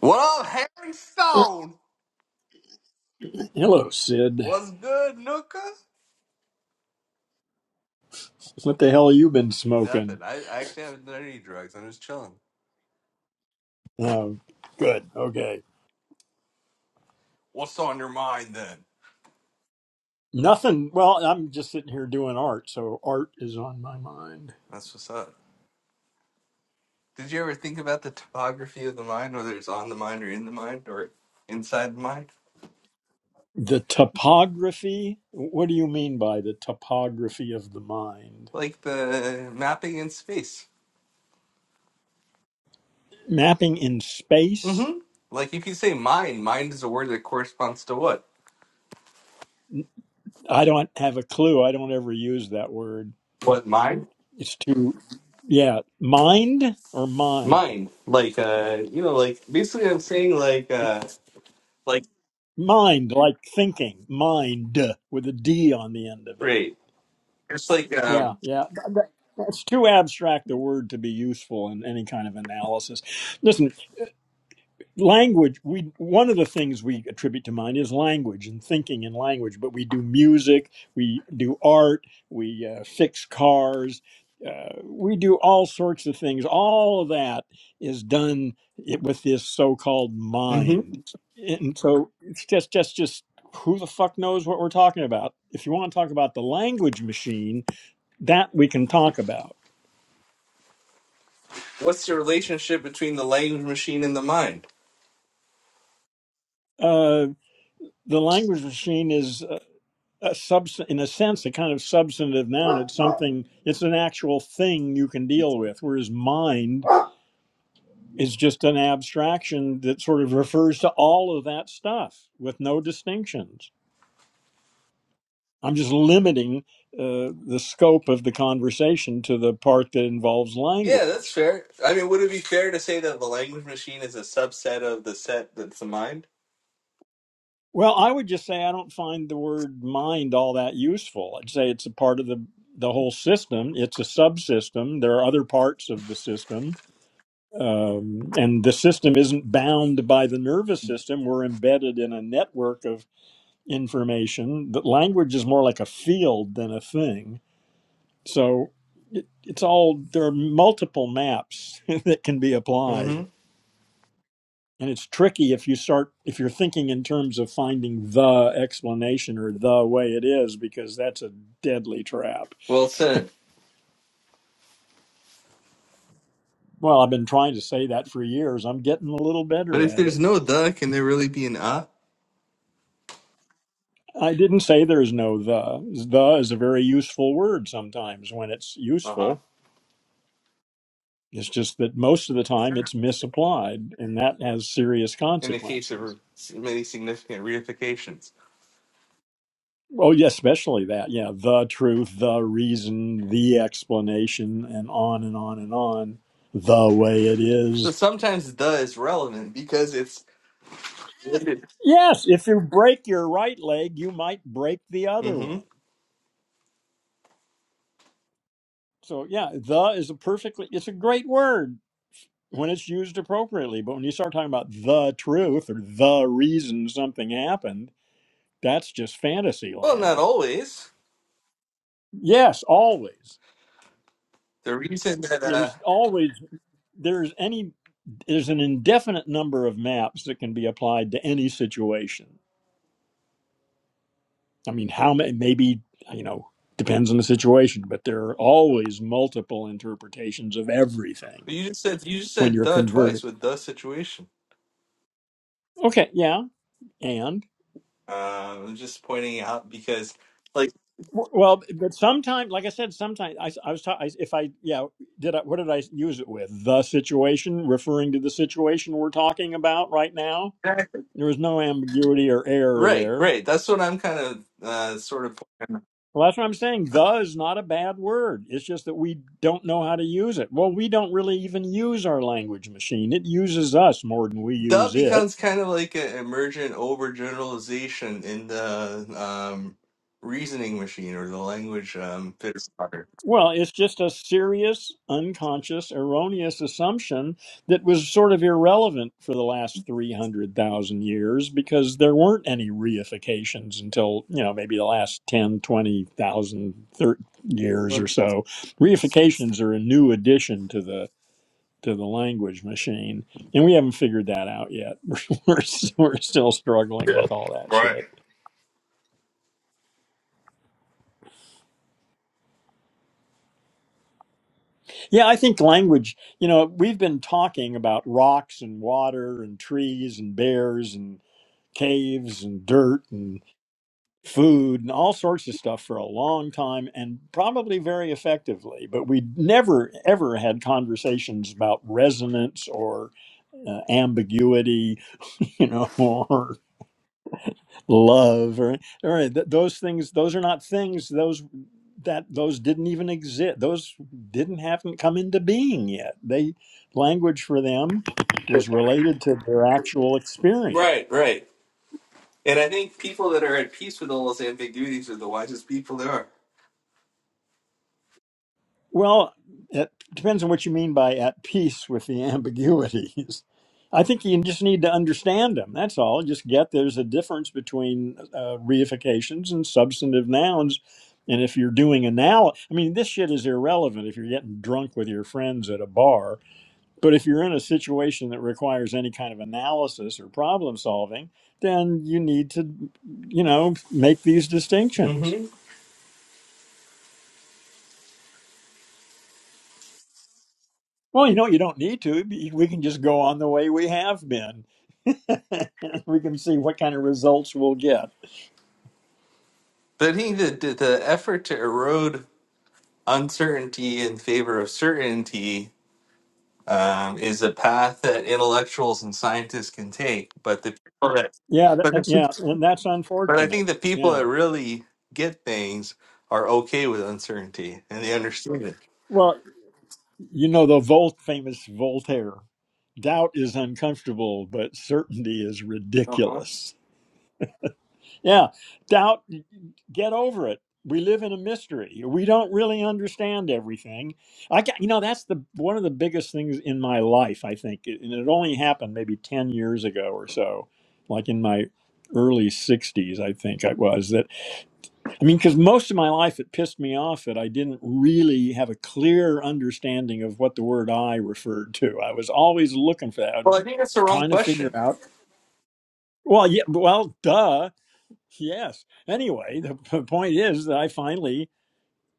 [SPEAKER 7] What up, Harry Stone?
[SPEAKER 1] Hello, Sid.
[SPEAKER 7] What's good, Nuka?
[SPEAKER 1] What the hell you been smoking?
[SPEAKER 7] Nothing. I, I actually haven't done any drugs. I'm just chilling.
[SPEAKER 1] Oh, good. Okay.
[SPEAKER 7] What's on your mind then?
[SPEAKER 1] Nothing. Well, I'm just sitting here doing art, so art is on my mind.
[SPEAKER 7] That's what's up. Did you ever think about the topography of the mind, whether it's on the mind or in the mind or inside the mind?
[SPEAKER 1] The topography. What do you mean by the topography of the mind?
[SPEAKER 7] Like the mapping in space.
[SPEAKER 1] Mapping in space?
[SPEAKER 7] Mm-hmm. Like if you say mind, mind is a word that corresponds to what?
[SPEAKER 1] I don't have a clue. I don't ever use that word.
[SPEAKER 7] What mind?
[SPEAKER 1] It's too, yeah, mind or mine?
[SPEAKER 7] Mind. Like uh you know, like basically I'm saying like uh like
[SPEAKER 1] Mind, like thinking, mind with a D on the end of it.
[SPEAKER 7] right. It's like
[SPEAKER 1] Yeah,
[SPEAKER 7] um
[SPEAKER 1] yeah. Th- th- That's too abstract a word to be useful in any kind of analysis. Listen, language we one of the things we attribute to mind is language and thinking in language but we do music we do art we uh, fix cars uh, we do all sorts of things all of that is done i- with this so-called
[SPEAKER 7] Mhm.
[SPEAKER 1] mind and so it's just just just who the fuck knows what we're talking about if you want to talk about the language machine that we can talk about
[SPEAKER 7] what's the relationship between the language machine and the mind?
[SPEAKER 1] uh, the language machine is uh, a subs- in a sense a kind of substantive noun it's something it's an actual thing you can deal with whereas mind is just an abstraction that sort of refers to all of that stuff with no distinctions i'm just limiting uh, the scope of the conversation to the part that involves
[SPEAKER 7] Yeah, that's
[SPEAKER 1] language
[SPEAKER 7] fair. I mean, would it be fair to say that the language machine is a subset of the set that's the mind?
[SPEAKER 1] well i would just say i don't find the word mind all that useful i'd say it's a part of the the whole system it's a subsystem there are other parts of the system um, and the system isn't bound by the nervous system. We're embedded in a network of information. The language is more like a field than a thing. So it, it's all there are multiple maps that can be
[SPEAKER 7] Mm-hmm.
[SPEAKER 1] applied, and it's tricky if you start if you're thinking in terms of finding the explanation or the way it is because that's a deadly trap.
[SPEAKER 7] Well said.
[SPEAKER 1] Well, I've been trying to say that for years. I'm getting a little
[SPEAKER 7] But
[SPEAKER 1] better
[SPEAKER 7] if
[SPEAKER 1] at it.
[SPEAKER 7] there's no the, can there really be an uh?
[SPEAKER 1] I didn't say there's no the. The is a very useful word sometimes when it's
[SPEAKER 7] Uh-huh.
[SPEAKER 1] useful. It's just that most of the time
[SPEAKER 7] Sure.
[SPEAKER 1] it's misapplied, and that has serious
[SPEAKER 7] In the case of
[SPEAKER 1] consequences.
[SPEAKER 7] many significant reifications.
[SPEAKER 1] Oh, yeah, especially that. Yeah, the truth, the reason, the explanation, and on and on and on. The way it
[SPEAKER 7] So
[SPEAKER 1] is.
[SPEAKER 7] sometimes the is relevant because it's related.
[SPEAKER 1] Yes, if you break your right leg, you might break the other
[SPEAKER 7] Mm-hmm.
[SPEAKER 1] one. So, yeah, the is a perfectly, it's a great word when it's used appropriately. But when you start talking about the truth or the reason something happened, that's just fantasy
[SPEAKER 7] Well, not
[SPEAKER 1] land.
[SPEAKER 7] always.
[SPEAKER 1] Yes, always.
[SPEAKER 7] The reason that uh
[SPEAKER 1] There's always there's any there's an indefinite number of maps that can be applied to any situation. I mean, how many maybe, you know, depends on the situation, but there are always multiple interpretations of everything
[SPEAKER 7] you just said you just
[SPEAKER 1] when
[SPEAKER 7] said
[SPEAKER 1] you're
[SPEAKER 7] the twice
[SPEAKER 1] converted.
[SPEAKER 7] with the situation.
[SPEAKER 1] Okay, yeah. and.
[SPEAKER 7] Uh, I'm just pointing out because like.
[SPEAKER 1] Well, well, but sometimes, like I said, sometimes I, I was talking. If I, yeah, did I? What did I use it with? The situation, referring to the situation we're talking about right now.
[SPEAKER 7] Exactly.
[SPEAKER 1] There was no ambiguity or error
[SPEAKER 7] Right,
[SPEAKER 1] there.
[SPEAKER 7] right. That's what I'm kind of uh, sort of. pointing out.
[SPEAKER 1] Well, that's what I'm saying. The is not a bad word. It's just that we don't know how to use it. Well, we don't really even use our language machine. It uses us more than we
[SPEAKER 7] That
[SPEAKER 1] use it.
[SPEAKER 7] becomes kind of like an emergent overgeneralization in the um, reasoning machine or the language um, fitter.
[SPEAKER 1] Well, it's just a serious, unconscious, erroneous assumption that was sort of irrelevant for the last 300,000 years because there weren't any reifications until, you know, maybe the last 10, 20,000 thir- years or so. Reifications are a new addition to the to the language machine, and we haven't figured that out yet. We're, we're, we're still struggling with all that
[SPEAKER 7] Right.
[SPEAKER 1] shit. Yeah, I think language, you know, we've been talking about rocks and water and trees and bears and caves and dirt and food and all sorts of stuff for a long time and probably very effectively, but we never ever had conversations about resonance or uh, ambiguity, you know, or love or, or th- those things those are not things those that those didn't even exist those didn't haven't come into being yet they language for them was related to their actual experience
[SPEAKER 7] Right, right. And I think people that are at peace with all those ambiguities are the wisest people there are.
[SPEAKER 1] Well, it depends on what you mean by at peace with the ambiguities. I think you just need to understand them. That's all. Just get there's a difference between uh, reifications and substantive nouns. And if you're doing anal, I mean, this shit is irrelevant if you're getting drunk with your friends at a bar. But if you're in a situation that requires any kind of analysis or problem solving, then you need to, you know, make these distinctions.
[SPEAKER 7] hmm
[SPEAKER 1] Well, you know, you don't need to. We can just go on the way we have been. we can see what kind of results we'll get.
[SPEAKER 7] But I think the, the the effort to erode uncertainty in favor of certainty um, is a path that intellectuals and scientists can take. But the people that,
[SPEAKER 1] Yeah, th-
[SPEAKER 7] but
[SPEAKER 1] uh,
[SPEAKER 7] the,
[SPEAKER 1] yeah, and that's
[SPEAKER 7] but I
[SPEAKER 1] unfortunate.
[SPEAKER 7] think the people
[SPEAKER 1] Yeah.
[SPEAKER 7] that really get things are okay with uncertainty and they understand it.
[SPEAKER 1] Well, you know the Volt famous Voltaire. Doubt is uncomfortable, but certainty is
[SPEAKER 7] Uh-huh.
[SPEAKER 1] ridiculous. Yeah, doubt, get over it. We live in a mystery. We don't really understand everything. I got, you know, that's the one of the biggest things in my life, I think. And it only happened maybe 10 years ago or so, like in my early 60s, I think I was. That, I mean, because most of my life it pissed me off that I didn't really have a clear understanding of what the word I referred to. I was always looking for that,
[SPEAKER 7] Well, I think that's the wrong
[SPEAKER 1] trying to figure
[SPEAKER 7] question.
[SPEAKER 1] out. Well, yeah, well, duh Yes. Anyway, the point is that I finally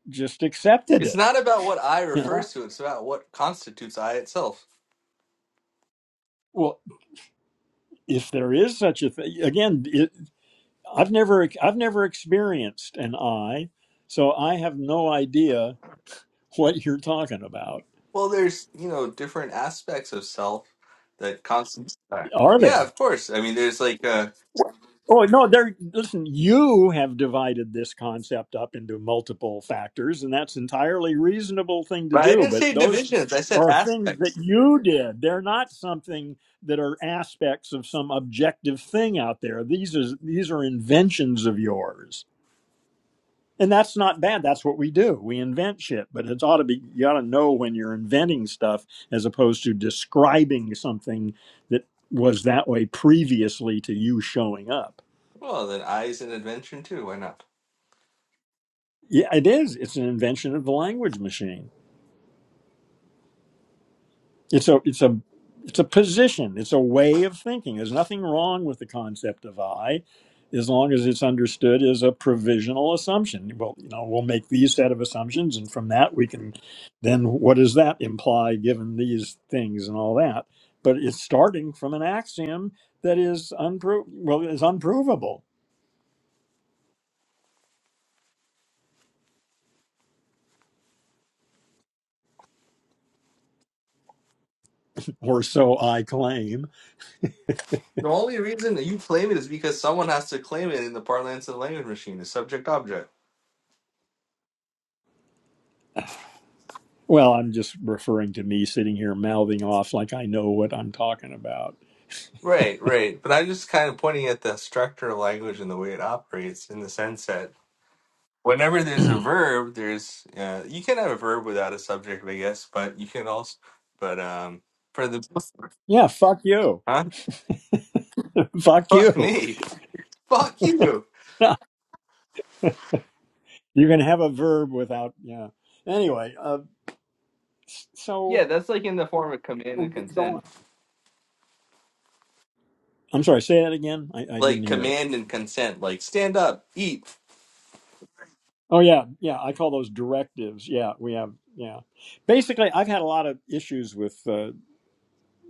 [SPEAKER 1] just accepted
[SPEAKER 7] It's
[SPEAKER 1] it.
[SPEAKER 7] not about what I
[SPEAKER 1] You know?
[SPEAKER 7] refers to; it's about what constitutes I itself.
[SPEAKER 1] Well, if there is such a thing, again, it, I've never, I've never experienced an eye, so I have no idea what you're talking about.
[SPEAKER 7] Well, there's you know different aspects of self that constitute. I.
[SPEAKER 1] Are there?
[SPEAKER 7] Yeah, of course. I mean, there's like, uh,
[SPEAKER 1] Oh no, there. Listen, you have divided this concept up into multiple factors, and that's entirely reasonable thing to
[SPEAKER 7] but I
[SPEAKER 1] do.
[SPEAKER 7] didn't
[SPEAKER 1] But
[SPEAKER 7] say
[SPEAKER 1] those
[SPEAKER 7] divisions. I said
[SPEAKER 1] are things that
[SPEAKER 7] aspects.
[SPEAKER 1] you did. They're not something that are aspects of some objective thing out there. These is these are inventions of yours, and that's not bad. That's what we do. We invent shit, but it's ought to be. You ought to know when you're inventing stuff as opposed to describing something that was that way previously to you showing up.
[SPEAKER 7] Well, then I is an invention too. Why not?
[SPEAKER 1] Yeah, it is. It's an invention of the language machine. It's a it's a it's a position. It's a way of thinking. There's nothing wrong with the concept of I, as long as it's understood as a provisional assumption. Well, you know, we'll make these set of assumptions, and from that we can then what does that imply given these things and all that. But it's starting from an axiom that is unpro well is unprovable, or so I claim
[SPEAKER 7] The only reason that you claim it is because someone has to claim it in the parlance of the language machine, the subject object.
[SPEAKER 1] Well, I'm just referring to me sitting here mouthing off like I know what I'm talking about.
[SPEAKER 7] Right, right. But I'm just kind of pointing at the structure of language and the way it operates in the sense that whenever there's a verb, there's uh, you can have a verb without a subject, I guess, but you can also, but um, for the
[SPEAKER 1] Yeah, fuck you.
[SPEAKER 7] huh?
[SPEAKER 1] fuck
[SPEAKER 7] Fuck
[SPEAKER 1] you.
[SPEAKER 7] me. Fuck you.
[SPEAKER 1] you can have a verb without, yeah. Anyway, uh, s-
[SPEAKER 7] Yeah,
[SPEAKER 1] so
[SPEAKER 7] that's like in the form of command
[SPEAKER 1] we'll
[SPEAKER 7] and
[SPEAKER 1] get
[SPEAKER 7] consent.
[SPEAKER 1] going. I'm sorry, say that again. I, I didn't
[SPEAKER 7] Like
[SPEAKER 1] hear it.
[SPEAKER 7] command and consent, like stand up, eat.
[SPEAKER 1] Oh, yeah. Yeah. I call those directives. Yeah. We have, yeah. Basically, I've had a lot of issues with uh,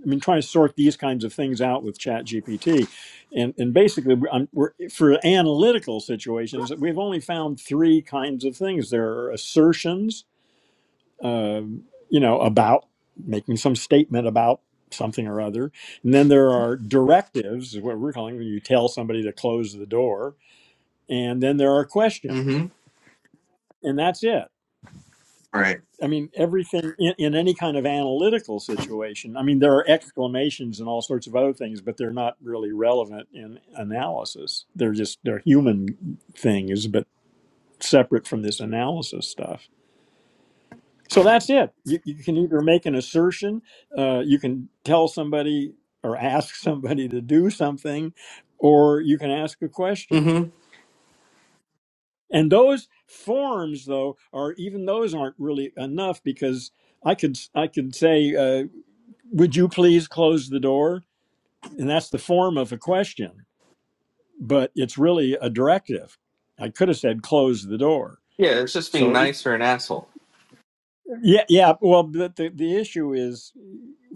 [SPEAKER 1] I mean, trying to sort these kinds of things out with ChatGPT, and and basically, we're, um, we're for analytical situations, we've only found three kinds of things. There are assertions, um, you know, about making some statement about something or other, and then there are directives, is what we're calling when you tell somebody to close the door, and then there are questions,
[SPEAKER 7] Mm-hmm.
[SPEAKER 1] and that's it.
[SPEAKER 7] Right.
[SPEAKER 1] I mean, everything in, in any kind of analytical situation. I mean, there are exclamations and all sorts of other things, but they're not really relevant in analysis. They're just they're human things, but separate from this analysis stuff. So that's it. You, you can either make an assertion, uh, you can tell somebody or ask somebody to do something, or you can ask a question.
[SPEAKER 7] Mm-hmm.
[SPEAKER 1] And those forms, though, are even those aren't really enough because I could I could say. uh, Would you please close the door? And that's the form of a question, but it's really a directive. I could have said, close the door.
[SPEAKER 7] Yeah, it's just being
[SPEAKER 1] So e-
[SPEAKER 7] nice or an asshole.
[SPEAKER 1] yeah, yeah. Well, but the the issue is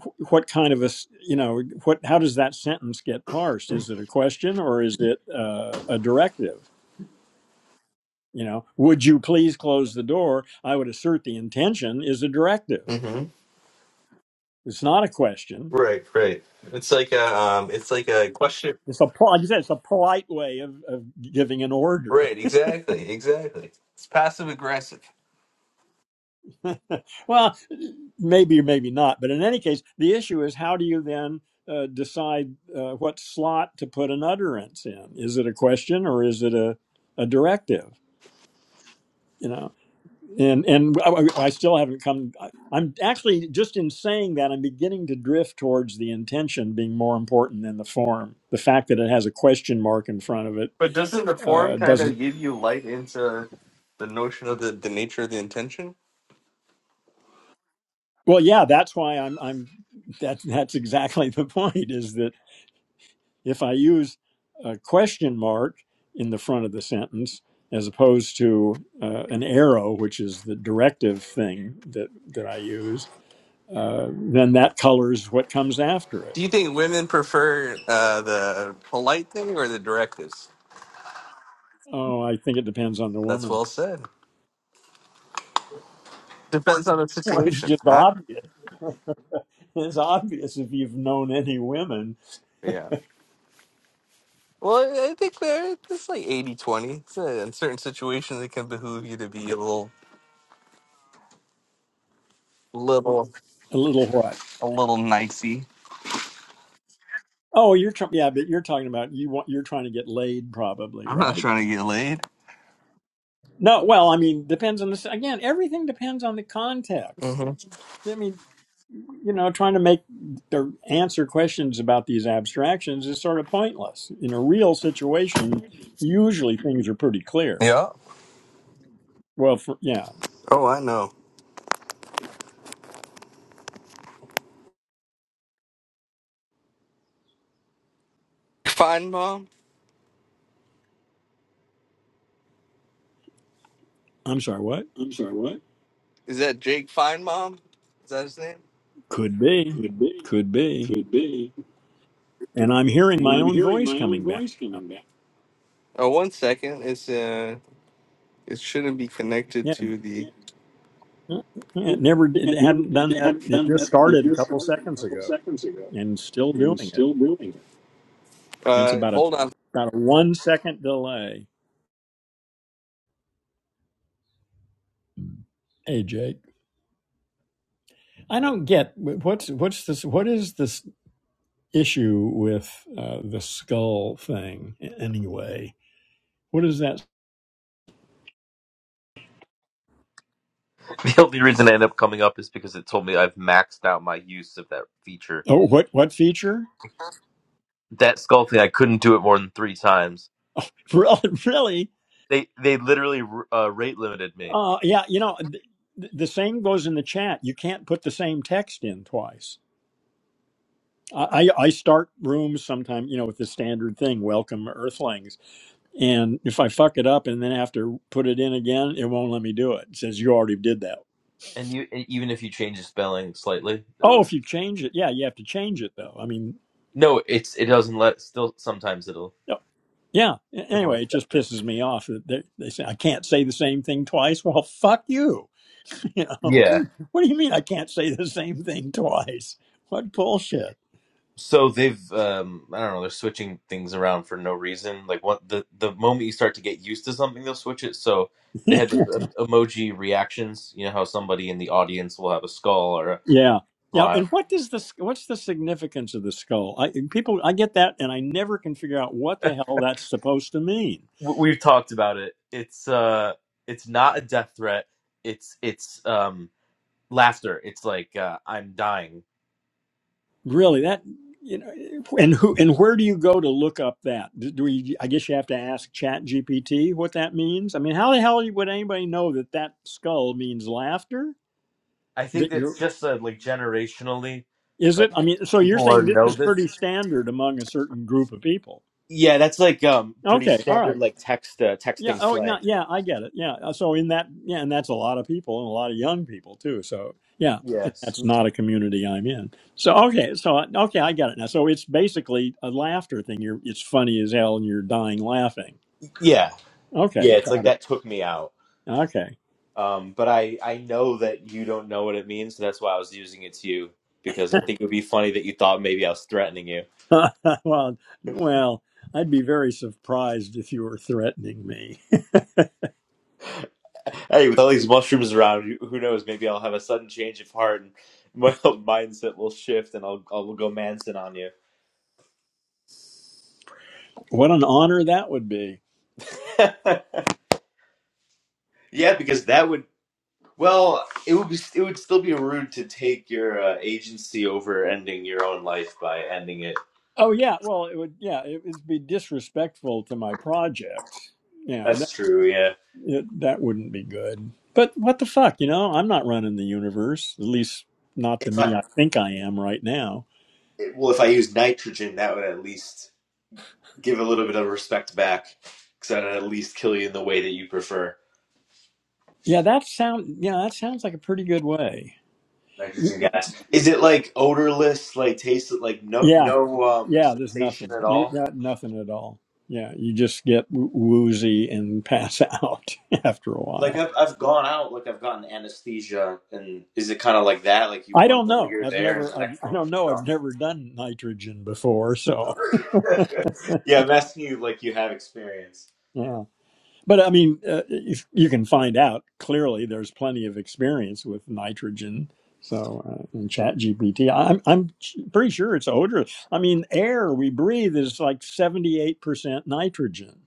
[SPEAKER 1] wh- what kind of a s- you know what how does that sentence get parsed? Is it a question or is it uh, a directive? You know, would you please close the door? I would assert the intention is a directive.
[SPEAKER 7] Mm-hmm.
[SPEAKER 1] It's not a question.
[SPEAKER 7] Right, right. It's like a, um, it's like a question.
[SPEAKER 1] It's a pol- like I said, it's a polite way of, of giving an order.
[SPEAKER 7] Right, exactly, exactly. It's passive aggressive.
[SPEAKER 1] well, maybe or maybe not. But in any case, the issue is how do you then uh, decide uh, what slot to put an utterance in? Is it a question or is it a, a directive? You know, and and I, I still haven't come. I, I'm actually just in saying that I'm beginning to drift towards the intention being more important than the form. The fact that it has a question mark in front of it
[SPEAKER 7] But doesn't the form
[SPEAKER 1] uh,
[SPEAKER 7] kind of
[SPEAKER 1] doesn't.
[SPEAKER 7] give you light into the notion of the, the nature of the intention?
[SPEAKER 1] Well, yeah, that's why I'm. I'm. That that's exactly the point. Is that if I use a question mark in the front of the sentence as opposed to uh, an arrow, which is the directive thing that, that I use, uh, then that colors what comes after it.
[SPEAKER 7] Do you think women prefer uh, the polite thing or the directives?
[SPEAKER 1] Oh, I think it depends on the
[SPEAKER 7] That's
[SPEAKER 1] woman.
[SPEAKER 7] well said. Depends on the
[SPEAKER 1] Well, it's
[SPEAKER 7] situation,
[SPEAKER 1] just
[SPEAKER 7] huh?
[SPEAKER 1] obvious. It's obvious if you've known any women
[SPEAKER 7] Yeah. Well, I I think there it's like 80 20. It's, uh, In certain situations, it can behoove you to be a little, little,
[SPEAKER 1] a little what.
[SPEAKER 7] a little nicey.
[SPEAKER 1] Oh, you're tr- yeah, but you're talking about you want you're trying to get laid probably,
[SPEAKER 7] I'm not
[SPEAKER 1] right?
[SPEAKER 7] trying to get laid.
[SPEAKER 1] No, well, I mean, depends on this. Again, everything depends on the context.
[SPEAKER 7] hmm
[SPEAKER 1] I mean, you know, trying to make or answer questions about these abstractions is sort of pointless. In a real situation, usually things are pretty clear.
[SPEAKER 7] Yeah.
[SPEAKER 1] Well, for, yeah,
[SPEAKER 7] Oh, I know. Fine Mom?
[SPEAKER 1] I'm sorry, what?
[SPEAKER 7] I'm sorry, what? Is that Jake Fine Mom? Is that his name?
[SPEAKER 1] Could be,
[SPEAKER 7] Could be.
[SPEAKER 1] could be.
[SPEAKER 7] Could be.
[SPEAKER 1] And I'm hearing
[SPEAKER 7] And
[SPEAKER 1] my
[SPEAKER 7] I'm
[SPEAKER 1] own
[SPEAKER 7] hearing
[SPEAKER 1] voice
[SPEAKER 7] my own
[SPEAKER 1] coming back.
[SPEAKER 7] voice coming back. Oh, one second. It's uh, it shouldn't be connected
[SPEAKER 1] Yeah,
[SPEAKER 7] to the.
[SPEAKER 1] yeah, it
[SPEAKER 7] It,
[SPEAKER 1] never
[SPEAKER 7] it,
[SPEAKER 1] did, it
[SPEAKER 7] never
[SPEAKER 1] hadn't done
[SPEAKER 7] They
[SPEAKER 1] that.
[SPEAKER 7] have not
[SPEAKER 1] It
[SPEAKER 7] done
[SPEAKER 1] just
[SPEAKER 7] that. It
[SPEAKER 1] started a
[SPEAKER 7] just
[SPEAKER 1] couple
[SPEAKER 7] started a
[SPEAKER 1] seconds
[SPEAKER 7] couple
[SPEAKER 1] ago
[SPEAKER 7] seconds ago
[SPEAKER 1] and still
[SPEAKER 7] and
[SPEAKER 1] doing it.
[SPEAKER 7] still doing it.
[SPEAKER 1] And it's
[SPEAKER 7] Uh,
[SPEAKER 1] about a
[SPEAKER 7] hold on.
[SPEAKER 1] about a one second delay. Hey Jake, I don't get what's what's this. What is this? issue with uh, the skull thing anyway. What is that?
[SPEAKER 8] The only reason I end up coming up is because it told me I've maxed out my use of that feature.
[SPEAKER 1] Oh, what what feature?
[SPEAKER 8] That skull thing, I couldn't do it more than three times.
[SPEAKER 1] Really? really?
[SPEAKER 8] They they literally uh, rate limited me,
[SPEAKER 1] Uh, yeah, you know, th- the same goes in the chat. You can't put the same text in twice. I, I I start rooms sometimes, you know, with the standard thing, welcome earthlings. And if I fuck it up and then have to put it in again, it won't let me do it. It says you already did that.
[SPEAKER 8] and you and even if you change the spelling slightly,
[SPEAKER 1] Oh,
[SPEAKER 8] it'll,
[SPEAKER 1] if you change it, yeah, you have to change it though. I mean,
[SPEAKER 8] no, it's it doesn't let. Still, sometimes it'll
[SPEAKER 1] Yeah.
[SPEAKER 8] it won't
[SPEAKER 1] Anyway, it
[SPEAKER 8] accept
[SPEAKER 1] just
[SPEAKER 8] it.
[SPEAKER 1] pisses me off that they, they say I can't say the same thing twice. Well, fuck you. You know,
[SPEAKER 8] Yeah.
[SPEAKER 1] what do you mean I can't say the same thing twice? What bullshit.
[SPEAKER 8] So they've um I don't know they're switching things around for no reason. Like what the the moment you start to get used to something, they'll switch it. So they had the emoji reactions. You know how somebody in the audience will have a skull or a
[SPEAKER 1] Yeah. Yeah,
[SPEAKER 8] smile
[SPEAKER 1] and what does this? What's the significance of the skull? I, people, I get that, and I never can figure out what the hell that's supposed to mean.
[SPEAKER 8] w- we've talked about it. It's uh, it's not a death threat. It's it's um laughter. It's like uh, I'm dying.
[SPEAKER 1] Really, that you know, and who and where do you go to look up that? Do do we? I guess you have to ask Chat GPT what that means. I mean, how the hell would anybody know that that skull means laughter?
[SPEAKER 8] I think
[SPEAKER 1] That you're,
[SPEAKER 8] that's just uh, like generationally,
[SPEAKER 1] is it?
[SPEAKER 8] like
[SPEAKER 1] I mean, so you're
[SPEAKER 8] people are
[SPEAKER 1] saying this
[SPEAKER 8] know
[SPEAKER 1] is pretty
[SPEAKER 8] this.
[SPEAKER 1] standard among a certain group of people.
[SPEAKER 8] Yeah, that's like um pretty
[SPEAKER 1] Okay, all
[SPEAKER 8] standard
[SPEAKER 1] right,
[SPEAKER 8] like text uh,
[SPEAKER 1] yeah.
[SPEAKER 8] texting
[SPEAKER 1] Oh, no,
[SPEAKER 8] slang.
[SPEAKER 1] yeah, I get it. Yeah, uh, so in that, yeah, and that's a lot of people and a lot of young people too. So yeah, and
[SPEAKER 8] Yes.
[SPEAKER 1] that's not a community I'm in. So okay, so I- okay, I get it now. So it's basically a laughter thing. You're, it's funny as hell, and you're dying laughing.
[SPEAKER 8] Yeah.
[SPEAKER 1] Okay,
[SPEAKER 8] Yeah. It's like that took me out.
[SPEAKER 1] okay.
[SPEAKER 8] Um, but I I know that you don't know what it means, so that's why I was using it to you because I think it would be funny that you thought maybe I was threatening you.
[SPEAKER 1] well, well, I'd be very surprised if you were threatening me.
[SPEAKER 8] Hey, with all these mushrooms around, who knows? Maybe I'll have a sudden change of heart and my whole mindset will shift and I'll, I'll go Manson on you.
[SPEAKER 1] What an honor that would be.
[SPEAKER 8] yeah, because that would, well, it would be, it would still be rude to take your uh, agency over ending your own life by ending it.
[SPEAKER 1] Oh yeah, well it would yeah it would be disrespectful to my projects. Yeah,
[SPEAKER 8] That's
[SPEAKER 1] that
[SPEAKER 8] true, yeah.
[SPEAKER 1] it, that wouldn't be good. But what the fuck, you know? I'm not running the universe, at least not the
[SPEAKER 8] If
[SPEAKER 1] me
[SPEAKER 8] I,
[SPEAKER 1] I think I am right now.
[SPEAKER 8] well, if I use nitrogen, that would at least give a little bit of respect back because I'd at least kill you in the way that you prefer.
[SPEAKER 1] Yeah, that sound yeah that sounds like a pretty good way. Y-
[SPEAKER 8] nitrogen gas. Is it like odorless, like tasted like no
[SPEAKER 1] Yeah,
[SPEAKER 8] no um
[SPEAKER 1] yeah. There's
[SPEAKER 8] sensation
[SPEAKER 1] nothing.
[SPEAKER 8] at
[SPEAKER 1] You
[SPEAKER 8] all?
[SPEAKER 1] got nothing at all. Yeah, you just get w- woozy and pass out after a
[SPEAKER 8] Like
[SPEAKER 1] while.
[SPEAKER 8] I've I've gone out, like I've gotten anesthesia, and is it kind of like that? Like you
[SPEAKER 1] I
[SPEAKER 8] one
[SPEAKER 1] don't
[SPEAKER 8] moment
[SPEAKER 1] know.
[SPEAKER 8] you're
[SPEAKER 1] I've
[SPEAKER 8] there, and
[SPEAKER 1] never.
[SPEAKER 8] the
[SPEAKER 1] I've,
[SPEAKER 8] next
[SPEAKER 1] I
[SPEAKER 8] moment
[SPEAKER 1] don't know.
[SPEAKER 8] you're
[SPEAKER 1] I've
[SPEAKER 8] gone.
[SPEAKER 1] never done nitrogen before, so. Yeah.
[SPEAKER 8] yeah, I'm asking you like you have experience.
[SPEAKER 1] But I mean, uh, if you can find out clearly, there's plenty of experience with nitrogen. So uh, in Chat GPT, I'm I'm pretty sure it's odorless. I mean, air we breathe is like 78 percent nitrogen.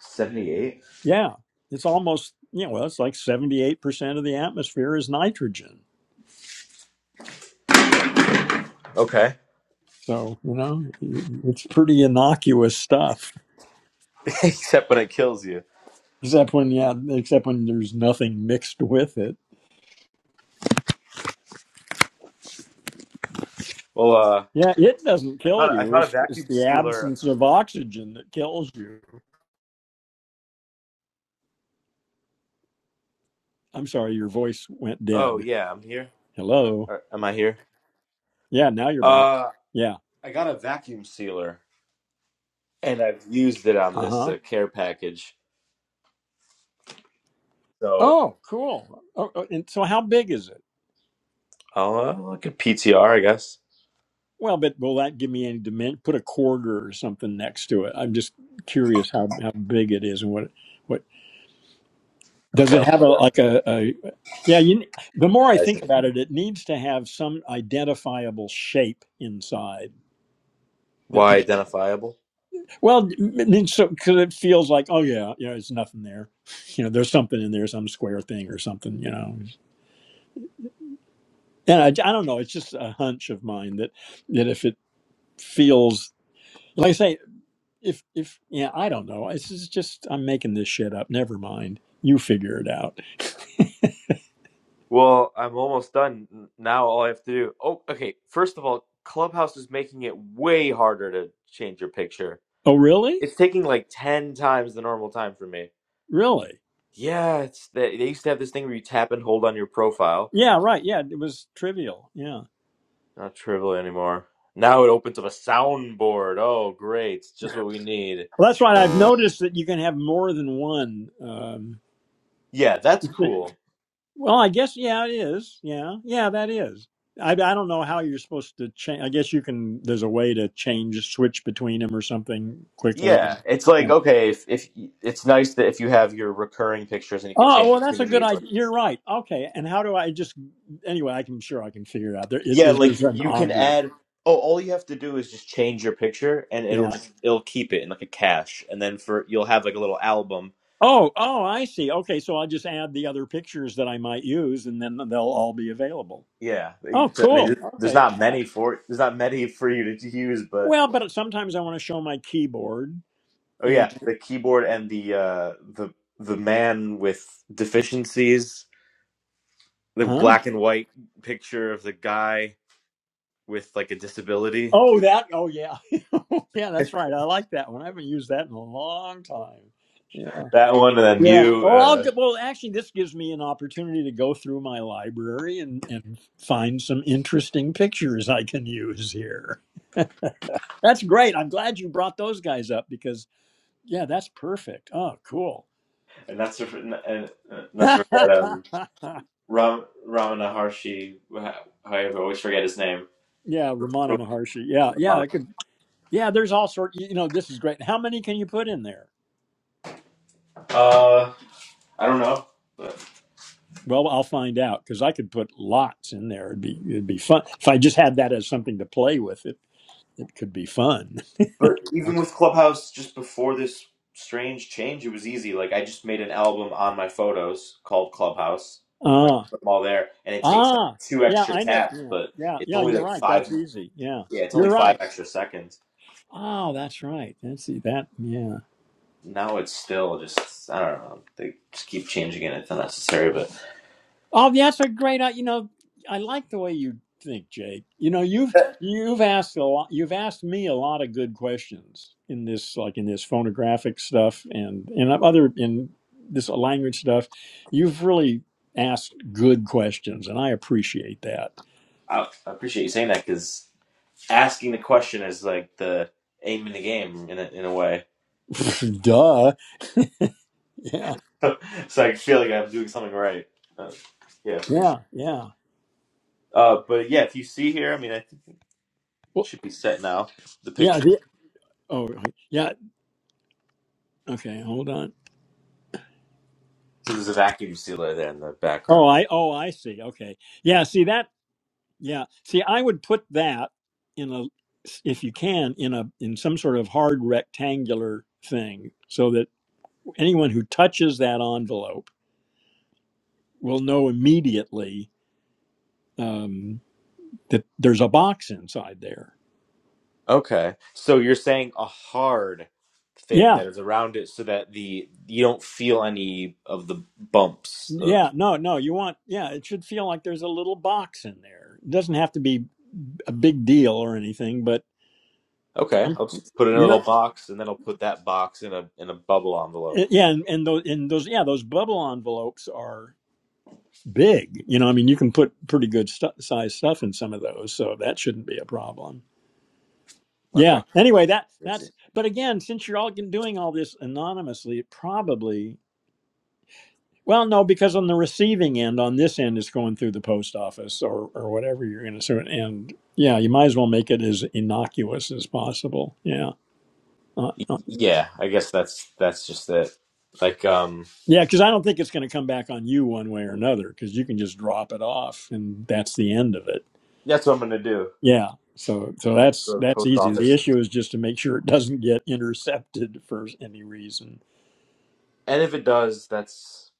[SPEAKER 8] Seventy eight.
[SPEAKER 1] Yeah, it's almost you know, well, it's like 78 percent of the atmosphere is nitrogen.
[SPEAKER 8] Okay.
[SPEAKER 1] So you know, it's pretty innocuous stuff.
[SPEAKER 8] Except when it kills you.
[SPEAKER 1] Except when yeah, except when there's nothing mixed with it.
[SPEAKER 8] Well, uh,
[SPEAKER 1] Yeah, it doesn't
[SPEAKER 8] I thought
[SPEAKER 1] kill
[SPEAKER 8] I
[SPEAKER 1] you.
[SPEAKER 8] thought a
[SPEAKER 1] It's it's
[SPEAKER 8] vacuum
[SPEAKER 1] the
[SPEAKER 8] sealer.
[SPEAKER 1] absence of oxygen that kills you. I'm sorry, your voice went
[SPEAKER 8] Oh
[SPEAKER 1] dead.
[SPEAKER 8] yeah, I'm here.
[SPEAKER 1] Hello.
[SPEAKER 8] Or, am I here?
[SPEAKER 1] Yeah, now you're back.
[SPEAKER 8] Uh,
[SPEAKER 1] Yeah.
[SPEAKER 8] I got a vacuum sealer, and I've used it on
[SPEAKER 1] Uh
[SPEAKER 8] this
[SPEAKER 1] huh.
[SPEAKER 8] uh, care package. So
[SPEAKER 1] Oh, cool. Oh, oh, and so, how big is it?
[SPEAKER 8] I'll uh, look at PTR, I guess.
[SPEAKER 1] Well, but will that give me any dimension? Put a quarter or something next to it. I'm just curious how how big it is and what what does
[SPEAKER 8] Okay,
[SPEAKER 1] it
[SPEAKER 8] I'll
[SPEAKER 1] have a
[SPEAKER 8] put a
[SPEAKER 1] like a, a yeah. You, the more I think
[SPEAKER 8] measure.
[SPEAKER 1] about it, it needs to have some identifiable shape inside that
[SPEAKER 8] Why
[SPEAKER 1] people
[SPEAKER 8] identifiable?
[SPEAKER 1] Well, I mean, so because it feels like, oh yeah, you know, it's nothing there. You know, there's something in there, some square thing or something. You know, and I, I don't know. It's just a hunch of mine that that if it feels like I say, if if yeah, I don't know. This is just I'm making this shit up. Never mind. You figure it out.
[SPEAKER 8] Well, I'm almost done. N- Now all I have to do. Oh, okay. First of all, Clubhouse is making it way harder to change your picture.
[SPEAKER 1] Oh really?
[SPEAKER 8] It's taking like 10 times the normal time for me.
[SPEAKER 1] Really?
[SPEAKER 8] Yeah, it's they, they used to have this thing where you tap and hold on your profile.
[SPEAKER 1] Yeah, right. Yeah, it was trivial. Yeah.
[SPEAKER 8] Not trivial anymore. Now it opens up a soundboard. Oh, great. It's just what we need.
[SPEAKER 1] Well, that's right. I've noticed that you can have more than one. Um,
[SPEAKER 8] Yeah, that's cool.
[SPEAKER 1] Well, I guess yeah, it is. Yeah, yeah, that is. I I don't know how you're supposed to change. I guess you can. There's a way to change, switch between them or something quickly.
[SPEAKER 8] Yeah, it's like
[SPEAKER 1] Yeah.
[SPEAKER 8] okay, if if it's nice that if you have your recurring pictures and you can
[SPEAKER 1] Oh
[SPEAKER 8] change
[SPEAKER 1] well,
[SPEAKER 8] between
[SPEAKER 1] that's
[SPEAKER 8] the
[SPEAKER 1] a good
[SPEAKER 8] needs. Like,
[SPEAKER 1] idea. You're right. Okay, and how do I just anyway? I can sure I can figure it out. There it
[SPEAKER 8] yeah,
[SPEAKER 1] is. There's
[SPEAKER 8] like
[SPEAKER 1] an
[SPEAKER 8] you can
[SPEAKER 1] obvious.
[SPEAKER 8] add. Oh, all you have to do is just change your picture, and it'll
[SPEAKER 1] Yeah.
[SPEAKER 8] just it'll keep it in like a cache, and then for you'll have like a little album.
[SPEAKER 1] Oh oh, I see. Okay, so I'll just add the other pictures that I might use, and then they'll all be available.
[SPEAKER 8] Yeah,
[SPEAKER 1] Oh,
[SPEAKER 8] so, I
[SPEAKER 1] cool.
[SPEAKER 8] mean, there's
[SPEAKER 1] Okay.
[SPEAKER 8] not
[SPEAKER 1] All right.
[SPEAKER 8] many for there's not many for you to use, but
[SPEAKER 1] Well, but sometimes I want to show my keyboard.
[SPEAKER 8] oh
[SPEAKER 1] And
[SPEAKER 8] yeah, the keyboard and the uh the the man with deficiencies, the
[SPEAKER 1] huh?
[SPEAKER 8] black and white picture of the guy with like a disability
[SPEAKER 1] Oh, that. Oh, yeah. yeah, that's right. I like that one. I haven't used that in a long time. Yeah.
[SPEAKER 8] That one, and then
[SPEAKER 1] Yeah.
[SPEAKER 8] you,
[SPEAKER 1] Well, I'll
[SPEAKER 8] uh,
[SPEAKER 1] go, well, actually, this gives me an opportunity to go through my library and, and find some interesting pictures I can use here. That's great. I'm glad you brought those guys up because, yeah, that's perfect. Oh, cool.
[SPEAKER 8] and not to and, and not
[SPEAKER 1] yeah,
[SPEAKER 8] to forget um, Ram Ramana Harshi. how- I always forget his name.
[SPEAKER 1] Ramana
[SPEAKER 8] Ram-
[SPEAKER 1] Maharshi. Yeah, yeah,
[SPEAKER 8] Ramana.
[SPEAKER 1] I could. Yeah, there's all sorts. You know, this is great. How many can you put in there?
[SPEAKER 8] Uh, I don't know, but
[SPEAKER 1] Well, I'll find out because I could put lots in there. It'd be it'd be fun if I just had that as something to play with. It it could be fun.
[SPEAKER 8] but even with Clubhouse, just before this strange change, it was easy. Like I just made an album on my photos called Clubhouse, and I
[SPEAKER 1] Ah,
[SPEAKER 8] put them all there, and it takes like
[SPEAKER 1] ah,
[SPEAKER 8] two
[SPEAKER 1] yeah.
[SPEAKER 8] extra
[SPEAKER 1] I never.
[SPEAKER 8] taps,
[SPEAKER 1] Yeah,
[SPEAKER 8] but
[SPEAKER 1] yeah,
[SPEAKER 8] it's
[SPEAKER 1] yeah.
[SPEAKER 8] only
[SPEAKER 1] You're
[SPEAKER 8] like
[SPEAKER 1] right. That's
[SPEAKER 8] five.
[SPEAKER 1] easy. Yeah,
[SPEAKER 8] Yeah, it's only
[SPEAKER 1] you're
[SPEAKER 8] five
[SPEAKER 1] right.
[SPEAKER 8] extra seconds.
[SPEAKER 1] Oh, that's right. That's e, that. Yeah.
[SPEAKER 8] Now it's still just I don't know. They just keep changing it. It's unnecessary, but.
[SPEAKER 1] Oh, that's a great. uh, You know, I like the way you think, Jake. You know, you've
[SPEAKER 8] I
[SPEAKER 1] you've asked a lot. You've asked me a lot of good questions in this, like in this phonographic stuff and and other in this language stuff. You've really asked good questions, and I appreciate that.
[SPEAKER 8] appreciate you saying that because asking the question is like the aim in the game in a, in a way.
[SPEAKER 1] Duh. Yeah.
[SPEAKER 8] so I feel like I'm doing something right. Uh, yeah, appreciate.
[SPEAKER 1] Yeah. Yeah.
[SPEAKER 8] it. Uh, but yeah, if you see here, I mean, I think it
[SPEAKER 1] Well.
[SPEAKER 8] should be set now. The
[SPEAKER 1] Yeah.
[SPEAKER 8] picture.
[SPEAKER 1] The, oh. Yeah. Okay. Hold on.
[SPEAKER 8] So there's a vacuum sealer there in the
[SPEAKER 1] Oh.
[SPEAKER 8] background.
[SPEAKER 1] I. Oh. I see. Okay. Yeah. See that. Yeah. See, I would put that in a, if you can, in a in some sort of hard rectangular thing, so that anyone who touches that envelope will know immediately um, that there's a box inside there.
[SPEAKER 8] Okay, so you're saying a hard thing
[SPEAKER 1] Yeah.
[SPEAKER 8] that is around it, so that the you don't feel any of the bumps. Of,
[SPEAKER 1] Yeah. No. No. You want. Yeah. It should feel like there's a little box in there. It doesn't have to be a big deal or anything, but
[SPEAKER 8] okay,
[SPEAKER 1] some,
[SPEAKER 8] I'll just put it in a
[SPEAKER 1] you know.
[SPEAKER 8] little box, and then I'll put that box in a in a bubble
[SPEAKER 1] eh,
[SPEAKER 8] envelope.
[SPEAKER 1] Yeah, and, and those and those yeah those bubble envelopes are big. You know, I mean, you can put pretty good stu- size stuff in some of those, so that shouldn't be a problem.
[SPEAKER 8] Okay.
[SPEAKER 1] Yeah. Anyway, that
[SPEAKER 8] Crazy.
[SPEAKER 1] that's. But again, since you're all doing all this anonymously, it probably. Well, no, because on the receiving end, on this end, it's going through the post office or or whatever you're going to sort. And yeah, you might as well make it as innocuous as possible. Yeah. Uh,
[SPEAKER 8] Y-
[SPEAKER 1] uh,
[SPEAKER 8] Yeah, I guess that's that's just it. Like, um,
[SPEAKER 1] yeah, because I don't think it's going to come back on you one way or another. Because you can just drop it off, and that's the end of it.
[SPEAKER 8] that's what I'm gonna do.
[SPEAKER 1] Yeah. So so
[SPEAKER 8] I'll
[SPEAKER 1] that's
[SPEAKER 8] go to the
[SPEAKER 1] that's
[SPEAKER 8] post
[SPEAKER 1] easy. The
[SPEAKER 8] office,
[SPEAKER 1] issue is just to make sure it doesn't get intercepted for any reason.
[SPEAKER 8] and if it does, that's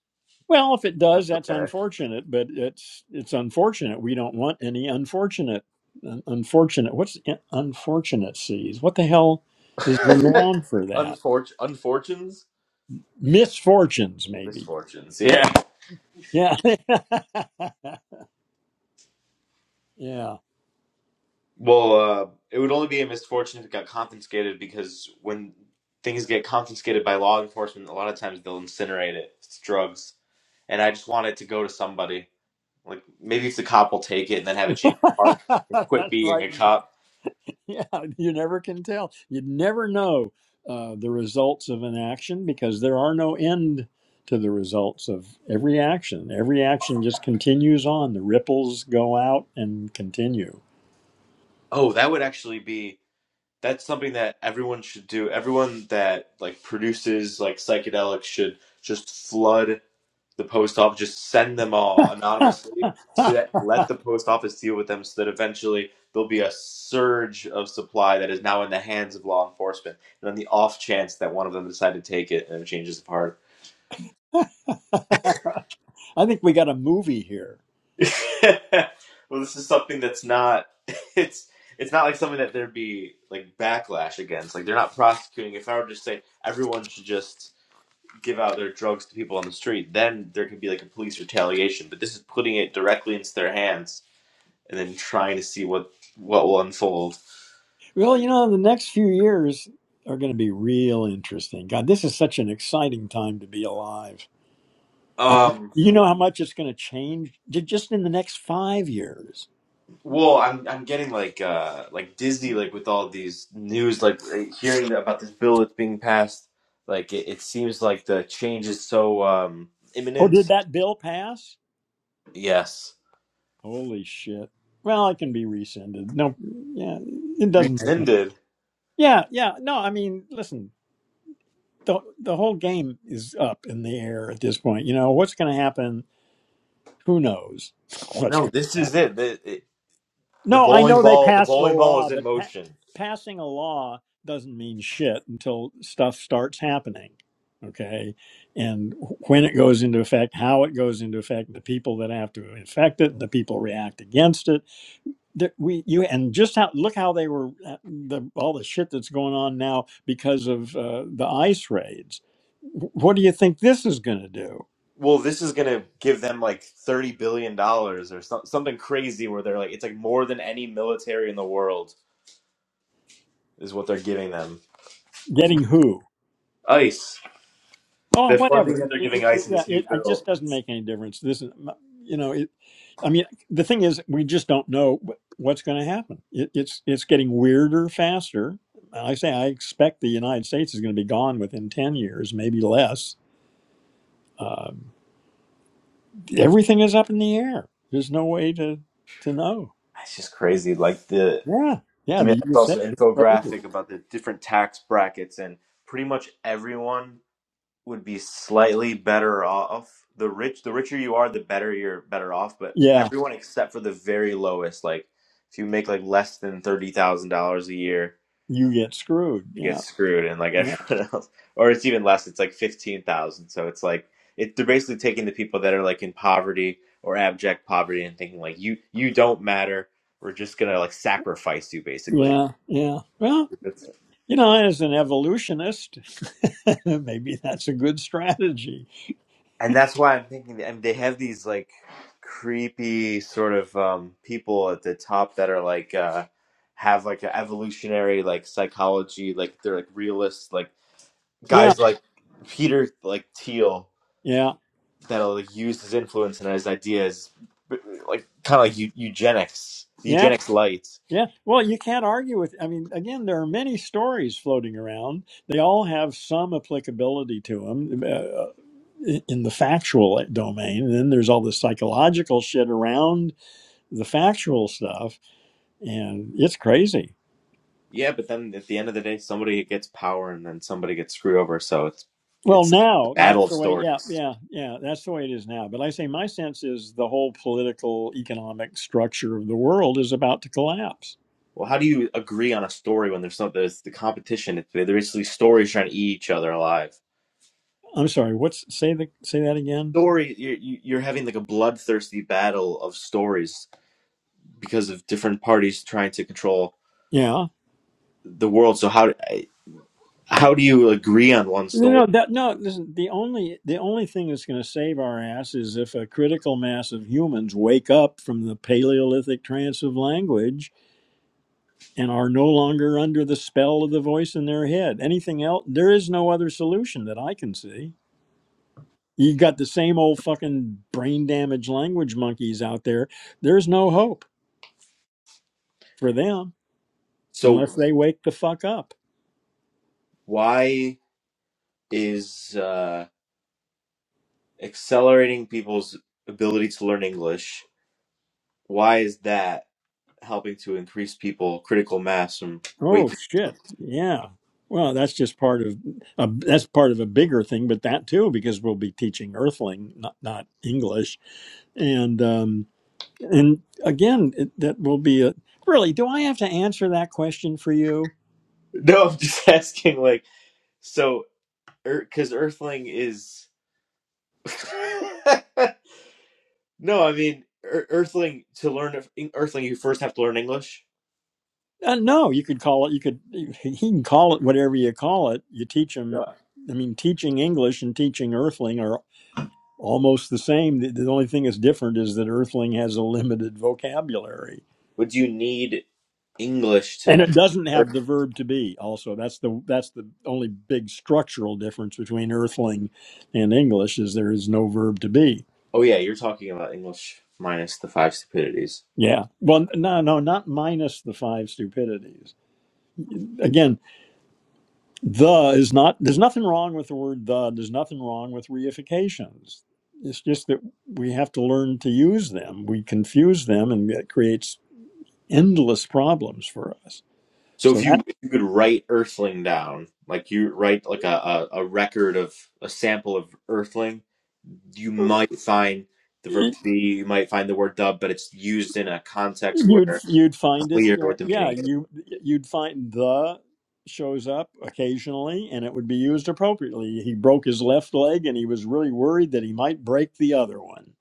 [SPEAKER 1] Well, if it does,
[SPEAKER 8] that's
[SPEAKER 1] that's unfortunate, but it's it's unfortunate. We don't want any unfortunate un- unfortunate. What's in- unfortunate seas? What the hell is the
[SPEAKER 8] okay.
[SPEAKER 1] noun for that?
[SPEAKER 8] Unfort unfortunes,
[SPEAKER 1] Misfortunes maybe.
[SPEAKER 8] misfortunes. Yeah.
[SPEAKER 1] Yeah. yeah.
[SPEAKER 8] Well, uh, it would only be a misfortune if it got confiscated because when things get confiscated by law enforcement, a lot of times they'll incinerate it. It's drugs, and I just want it to go to somebody. Like maybe if the cop will take it and then have it change part, quit
[SPEAKER 1] that's
[SPEAKER 8] being
[SPEAKER 1] right.
[SPEAKER 8] a cop.
[SPEAKER 1] Yeah, you never can tell. You never know uh, the results of an action because there are no end to the results of every action. Every action just continues on. The ripples go out and continue.
[SPEAKER 8] Oh, that would actually be that's something that everyone should do. Everyone that like produces like psychedelics should just flood the post office, just send them all anonymously so
[SPEAKER 1] I
[SPEAKER 8] that let the post office deal with them so that eventually there'll be a surge of supply that is now in the hands of law enforcement. And on the off chance that one of them decide to take it and it changes the heart.
[SPEAKER 1] think we got a movie here.
[SPEAKER 8] well, this is something that's not. It's it's not like something that there'd be like backlash against. Like they're not prosecuting. If I were to just say everyone should just give out their drugs to people on the street, then there could be like a police retaliation. But this is putting it directly into their hands and then trying to see what what will unfold.
[SPEAKER 1] Well, you know, the next few years are going to be real interesting. God, this is such an exciting time to be alive. I
[SPEAKER 8] Um,
[SPEAKER 1] you know how much it's going to change ju- just in the next five years.
[SPEAKER 8] Well, I'm I'm getting like uh like Disney like with all these news like eh, hearing about this bill that's being passed like it, it seems like the change is so um
[SPEAKER 1] Oh, did
[SPEAKER 8] imminent.
[SPEAKER 1] that bill pass?
[SPEAKER 8] Yes.
[SPEAKER 1] Holy shit. Well, it can be rescinded. No, yeah, it doesn't. Okay.
[SPEAKER 8] Rescinded.
[SPEAKER 1] Yeah, yeah. No, I mean, listen, the the whole game is up in the air at this point. You know what's going to happen? Who knows what's
[SPEAKER 8] No,
[SPEAKER 1] going
[SPEAKER 8] this
[SPEAKER 1] to
[SPEAKER 8] is
[SPEAKER 1] happen?
[SPEAKER 8] it. The it, the
[SPEAKER 1] No, I
[SPEAKER 8] bowling
[SPEAKER 1] know they
[SPEAKER 8] ball the
[SPEAKER 1] passed the
[SPEAKER 8] bowling ball is
[SPEAKER 1] law,
[SPEAKER 8] in
[SPEAKER 1] but pa-
[SPEAKER 8] motion.
[SPEAKER 1] passing a law doesn't mean shit until stuff starts happening. Okay, and when it goes into effect, how it goes into effect, the people that have to affect it, the people react against it that we you and just how look how they were uh, the all the shit that's going on now because of uh, the ice raids. What do you think this is going to do?
[SPEAKER 8] Well, this is going to give them like 30 billion dollars or some, something crazy where they're like it's like more than any military in the world is what they're giving them.
[SPEAKER 1] Getting who?
[SPEAKER 8] ICE.
[SPEAKER 1] Oh,
[SPEAKER 8] The funding
[SPEAKER 1] whatever.
[SPEAKER 8] that
[SPEAKER 1] It,
[SPEAKER 8] they're
[SPEAKER 1] it,
[SPEAKER 8] giving
[SPEAKER 1] it-
[SPEAKER 8] ICE in
[SPEAKER 1] yeah,
[SPEAKER 8] this new
[SPEAKER 1] it, it
[SPEAKER 8] bill.
[SPEAKER 1] just doesn't make any difference. This is, you know, it, I mean, the thing is, we just don't know wh- what's going to happen. It, it's it's getting weirder faster. I say I expect the United States is going to be gone within ten years, maybe less. Um, everything is up in the air. There's no way to to know.
[SPEAKER 8] it's just crazy. Like the
[SPEAKER 1] Yeah, yeah,
[SPEAKER 8] to me,
[SPEAKER 1] the
[SPEAKER 8] I saw
[SPEAKER 1] USA
[SPEAKER 8] some
[SPEAKER 1] is crazy.
[SPEAKER 8] infographic about the different tax brackets, and pretty much everyone would be slightly better off. The rich, the richer you are, the better you're better off. But
[SPEAKER 1] Yeah,
[SPEAKER 8] everyone except for the very lowest, like if you make like less than thirty thousand dollars a year,
[SPEAKER 1] you get screwed.
[SPEAKER 8] you get
[SPEAKER 1] Yeah,
[SPEAKER 8] screwed and like
[SPEAKER 1] yeah,
[SPEAKER 8] everyone else or it's even less it's like 15,000 so it's like it they're basically taking the people that are like in poverty or abject poverty and thinking like you you don't matter we're just going to like sacrifice you basically
[SPEAKER 1] yeah, yeah. Well,
[SPEAKER 8] It's-
[SPEAKER 1] you know, as an evolutionist, maybe that's a good strategy.
[SPEAKER 8] and that's why I'm thinking that, I mean, they have these like creepy sort of um people at the top that are like uh have like an evolutionary like psychology like they're like realists like
[SPEAKER 1] Yeah,
[SPEAKER 8] guys like Peter like Thiel
[SPEAKER 1] yeah,
[SPEAKER 8] that'll like, use his influence and his ideas, like kind of like eu- eugenics,
[SPEAKER 1] yeah,
[SPEAKER 8] eugenics light.
[SPEAKER 1] yeah. Well, you can't argue with, I mean, again, there are many stories floating around. They all have some applicability to them. Uh, in in the factual domain. And then there's all this psychological shit around the factual stuff, and it's crazy.
[SPEAKER 8] Yeah, but then at the end of the day, somebody gets power and then somebody gets screwed over. So it's
[SPEAKER 1] Well,
[SPEAKER 8] it's the
[SPEAKER 1] now
[SPEAKER 8] battle
[SPEAKER 1] that's
[SPEAKER 8] of
[SPEAKER 1] the way. Yeah,
[SPEAKER 8] stories.
[SPEAKER 1] yeah, yeah. That's the way it is now. But like I say my sense is the whole political economic structure of the world is about to collapse.
[SPEAKER 8] Well, how do you agree on a story when there's not there's the competition? They're basically stories trying to eat each other alive.
[SPEAKER 1] I'm sorry. What's say the say that again?
[SPEAKER 8] Story, you're, you're having like a bloodthirsty battle of stories because of different parties trying to control
[SPEAKER 1] Yeah.
[SPEAKER 8] the world. So how how do you agree on one
[SPEAKER 1] No,
[SPEAKER 8] story?
[SPEAKER 1] no, that, no. Listen, the only the only thing that's going to save our ass is if a critical mass of humans wake up from the Paleolithic trance of language and are no longer under the spell of the voice in their head. Anything else? There is no other solution that I can see. You got the same old fucking brain damaged language monkeys out there. There's no hope for them
[SPEAKER 8] So
[SPEAKER 1] unless they wake the fuck up.
[SPEAKER 8] why? is uh, accelerating people's ability to learn English. Why is that helping to increase people critical mass from
[SPEAKER 1] Oh
[SPEAKER 8] waking?
[SPEAKER 1] shit. Yeah. Well, that's just part of a, that's part of a bigger thing, but that too, because we'll be teaching Earthling, not not English, and um, and again, it, that will be a really. Do I have to answer that question for you?
[SPEAKER 8] No, I'm just asking. Like, so because Earthling is no, I mean Ear- Earthling to learn Earthling, you first have to learn English.
[SPEAKER 1] Uh, no, you could call it. You could. He can call it whatever you call it. You teach him.
[SPEAKER 8] Yeah.
[SPEAKER 1] I mean, teaching English and teaching Earthling are almost the same. The, the only thing that's different is that Earthling has a limited vocabulary,
[SPEAKER 8] Would you need English
[SPEAKER 1] and
[SPEAKER 8] to?
[SPEAKER 1] it doesn't have the
[SPEAKER 8] Earth?
[SPEAKER 1] verb to be. Also, that's the that's the only big structural difference between Earthling and English is there is no verb to be.
[SPEAKER 8] Oh yeah, you're talking about English minus the five stupidities.
[SPEAKER 1] Yeah. Well, no, no, not minus the five stupidities. Again, The is not, there's nothing wrong with the word the. There's nothing wrong with reifications. It's just that we have to learn to use them. We confuse them and it creates endless problems for us.
[SPEAKER 8] So
[SPEAKER 1] So
[SPEAKER 8] if you
[SPEAKER 1] that
[SPEAKER 8] if you could write Earthling down, like you write like a, a, a record of a sample of Earthling, you might find the verb to be, you might find the word dub, but it's used in a context
[SPEAKER 1] you'd
[SPEAKER 8] where
[SPEAKER 1] you'd
[SPEAKER 8] it's
[SPEAKER 1] find it
[SPEAKER 8] clear
[SPEAKER 1] yeah,
[SPEAKER 8] what the
[SPEAKER 1] yeah,
[SPEAKER 8] meaning is.
[SPEAKER 1] you you'd find the shows up occasionally and it would be used appropriately. He broke his left leg and he was really worried that he might break the other one.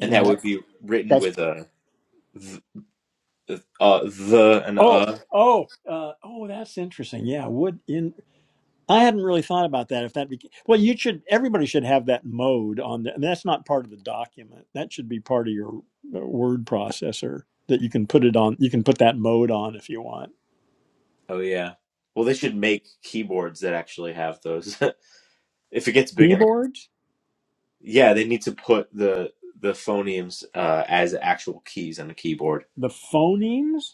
[SPEAKER 8] And that would
[SPEAKER 1] that's
[SPEAKER 8] be written
[SPEAKER 1] that's
[SPEAKER 8] with a uh the and
[SPEAKER 1] oh
[SPEAKER 8] uh.
[SPEAKER 1] oh uh, oh that's interesting. Yeah, would in I hadn't really thought about that. If that beca- well, you should everybody should have that mode on the, and that's not part of the document. That should be part of your uh, word processor that you can put it on. You can put that mode on if you want.
[SPEAKER 8] Oh yeah. Well they should make keyboards that actually have those. if it gets big enough.
[SPEAKER 1] Keyboards,
[SPEAKER 8] Yeah, they need to put the the phonemes uh as actual keys on the keyboard.
[SPEAKER 1] the phonemes.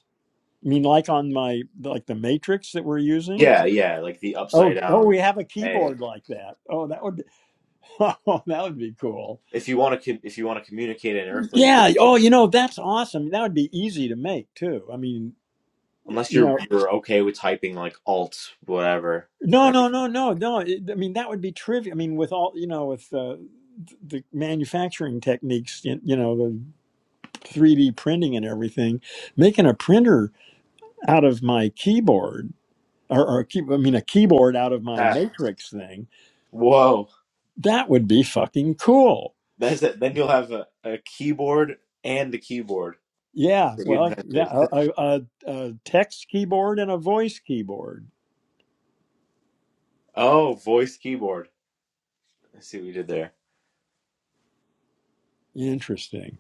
[SPEAKER 1] I mean, like on my like the matrix that we're using.
[SPEAKER 8] Yeah, yeah, like the
[SPEAKER 1] Oh,
[SPEAKER 8] upside
[SPEAKER 1] oh,
[SPEAKER 8] down
[SPEAKER 1] we have a
[SPEAKER 8] A.
[SPEAKER 1] keyboard like that. Oh, that would oh, that would be cool.
[SPEAKER 8] if you want to if you want to communicate in Earthling
[SPEAKER 1] Yeah.
[SPEAKER 8] quickly,
[SPEAKER 1] Oh, you know that's awesome. That would be easy to make too. I mean,
[SPEAKER 8] unless
[SPEAKER 1] you
[SPEAKER 8] you're
[SPEAKER 1] know.
[SPEAKER 8] you're okay with typing like Alt whatever.
[SPEAKER 1] No,
[SPEAKER 8] that'd be-
[SPEAKER 1] no, no, no, no. It, I mean, that would be trivial. I mean, with all you know, with uh, th- the manufacturing techniques, y- you know, the three D printing and everything, making a printer out of my keyboard or, or key, I mean, a keyboard out of my
[SPEAKER 8] Ah,
[SPEAKER 1] matrix thing,
[SPEAKER 8] whoa,
[SPEAKER 1] that would be fucking cool.
[SPEAKER 8] that's it. Then you'll have a, a keyboard and the keyboard
[SPEAKER 1] Yeah,
[SPEAKER 8] that you
[SPEAKER 1] well, yeah,
[SPEAKER 8] invented.
[SPEAKER 1] a, a, a a text keyboard and a voice keyboard.
[SPEAKER 8] oh, voice keyboard. I see what you did there.
[SPEAKER 1] Interesting.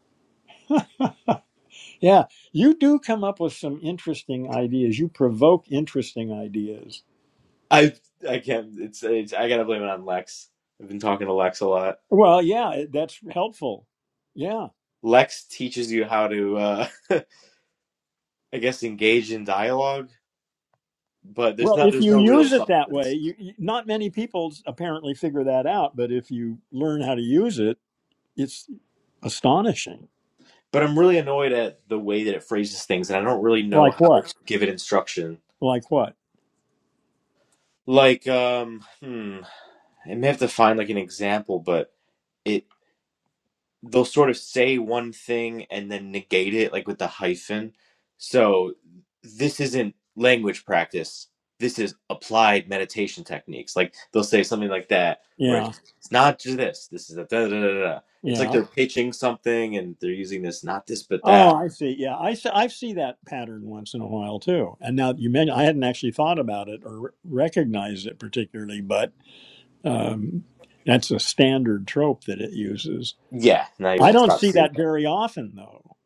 [SPEAKER 1] Yeah, you do come up with some interesting ideas. You provoke interesting ideas
[SPEAKER 8] I I can't. It's, it's I gotta blame it on Lex. I've been talking to Lex a lot.
[SPEAKER 1] Well, yeah, that's helpful. Yeah.
[SPEAKER 8] Lex teaches you how to uh I guess engage in dialogue, but there's
[SPEAKER 1] Well,
[SPEAKER 8] not
[SPEAKER 1] if
[SPEAKER 8] there's
[SPEAKER 1] you
[SPEAKER 8] no real
[SPEAKER 1] use it that
[SPEAKER 8] substance.
[SPEAKER 1] way, you, you, not many people apparently figure that out, but if you learn how to use it, it's astonishing.
[SPEAKER 8] but I'm really annoyed at the way that it phrases things, and I don't really know
[SPEAKER 1] Like
[SPEAKER 8] how
[SPEAKER 1] what?
[SPEAKER 8] to give it instruction.
[SPEAKER 1] Like what?
[SPEAKER 8] Like, um, hmm, I may have to find like an example, but it they'll sort of say one thing and then negate it, like with the hyphen. So this isn't language practice. This is applied meditation techniques. Like they'll say something like that, where
[SPEAKER 1] Yeah.
[SPEAKER 8] it's, it's not just this. This is a da da da da. da. It's like
[SPEAKER 1] Yeah.
[SPEAKER 8] they're pitching something and they're using this, not this, but
[SPEAKER 1] Oh,
[SPEAKER 8] that.
[SPEAKER 1] I see. Yeah, I see, I see that pattern once in a while too. And now you mentioned, I hadn't actually thought about it or re- recognized it particularly, but um, that's a standard trope that it uses.
[SPEAKER 8] Yeah, now you
[SPEAKER 1] I
[SPEAKER 8] won't
[SPEAKER 1] don't
[SPEAKER 8] stop
[SPEAKER 1] see
[SPEAKER 8] seeing.
[SPEAKER 1] that very often, though.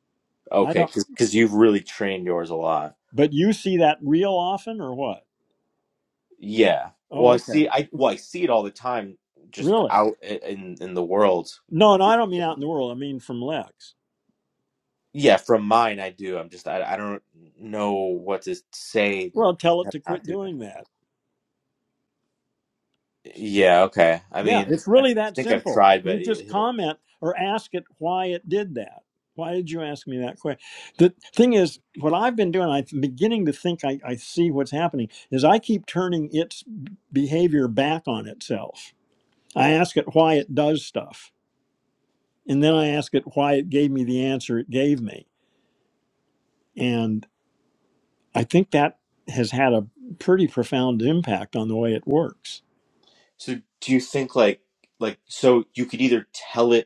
[SPEAKER 8] Okay, because you've really trained yours a lot.
[SPEAKER 1] But you see that real often or what?
[SPEAKER 8] Yeah. Well,
[SPEAKER 1] Oh,
[SPEAKER 8] I see.
[SPEAKER 1] okay.
[SPEAKER 8] I well, I see it all the time, just
[SPEAKER 1] Really?
[SPEAKER 8] out i- in in the world.
[SPEAKER 1] No, no, I don't mean out in the world. I mean from Lex.
[SPEAKER 8] Yeah, from mine, I do. I'm just I I don't know what to say.
[SPEAKER 1] Well, tell it
[SPEAKER 8] to
[SPEAKER 1] to
[SPEAKER 8] Not
[SPEAKER 1] quit
[SPEAKER 8] do that.
[SPEAKER 1] doing that.
[SPEAKER 8] Yeah. Okay. I
[SPEAKER 1] Yeah,
[SPEAKER 8] mean,
[SPEAKER 1] it's
[SPEAKER 8] I
[SPEAKER 1] really that
[SPEAKER 8] think I've
[SPEAKER 1] simple.
[SPEAKER 8] tried, but
[SPEAKER 1] You just
[SPEAKER 8] it- it'll-
[SPEAKER 1] comment or ask it why it did that. Why did you ask me that question? The thing is, what I've been doing, I'm beginning to think I, I see what's happening, is I keep turning its behavior back on itself. I ask it why it does stuff, and then I ask it why it gave me the answer it gave me and. I think that has had a pretty profound impact on the way it works.
[SPEAKER 8] so do you think like like so you could either tell it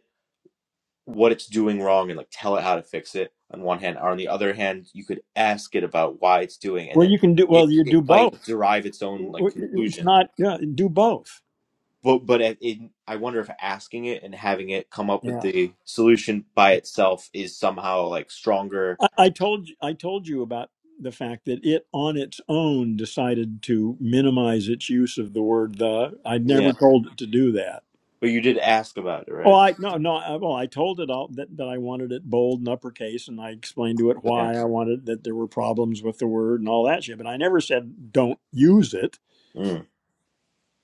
[SPEAKER 8] what it's doing wrong and like tell it how to fix it on one hand or on the other hand you could ask it about why it's doing and
[SPEAKER 1] Well,
[SPEAKER 8] then
[SPEAKER 1] you can do
[SPEAKER 8] it,
[SPEAKER 1] well. You
[SPEAKER 8] it
[SPEAKER 1] do
[SPEAKER 8] might
[SPEAKER 1] both.
[SPEAKER 8] derive its own like
[SPEAKER 1] It's
[SPEAKER 8] conclusion
[SPEAKER 1] not yeah, do both.
[SPEAKER 8] but but it, it- i wonder if asking it and having it come up with
[SPEAKER 1] Yeah,
[SPEAKER 8] the solution by itself is somehow like stronger
[SPEAKER 1] I, I told you. I told you about the fact that it on its own decided to minimize its use of the word the. I'd
[SPEAKER 8] yeah
[SPEAKER 1] never told it to do that.
[SPEAKER 8] but you did ask about it
[SPEAKER 1] Oh,
[SPEAKER 8] right
[SPEAKER 1] I no no. I, well, I told it all that, that I wanted it bold and uppercase, and I explained to it
[SPEAKER 8] yeah
[SPEAKER 1] why I wanted that there were problems with the word and all that shit. But I never said don't use it
[SPEAKER 8] Mm.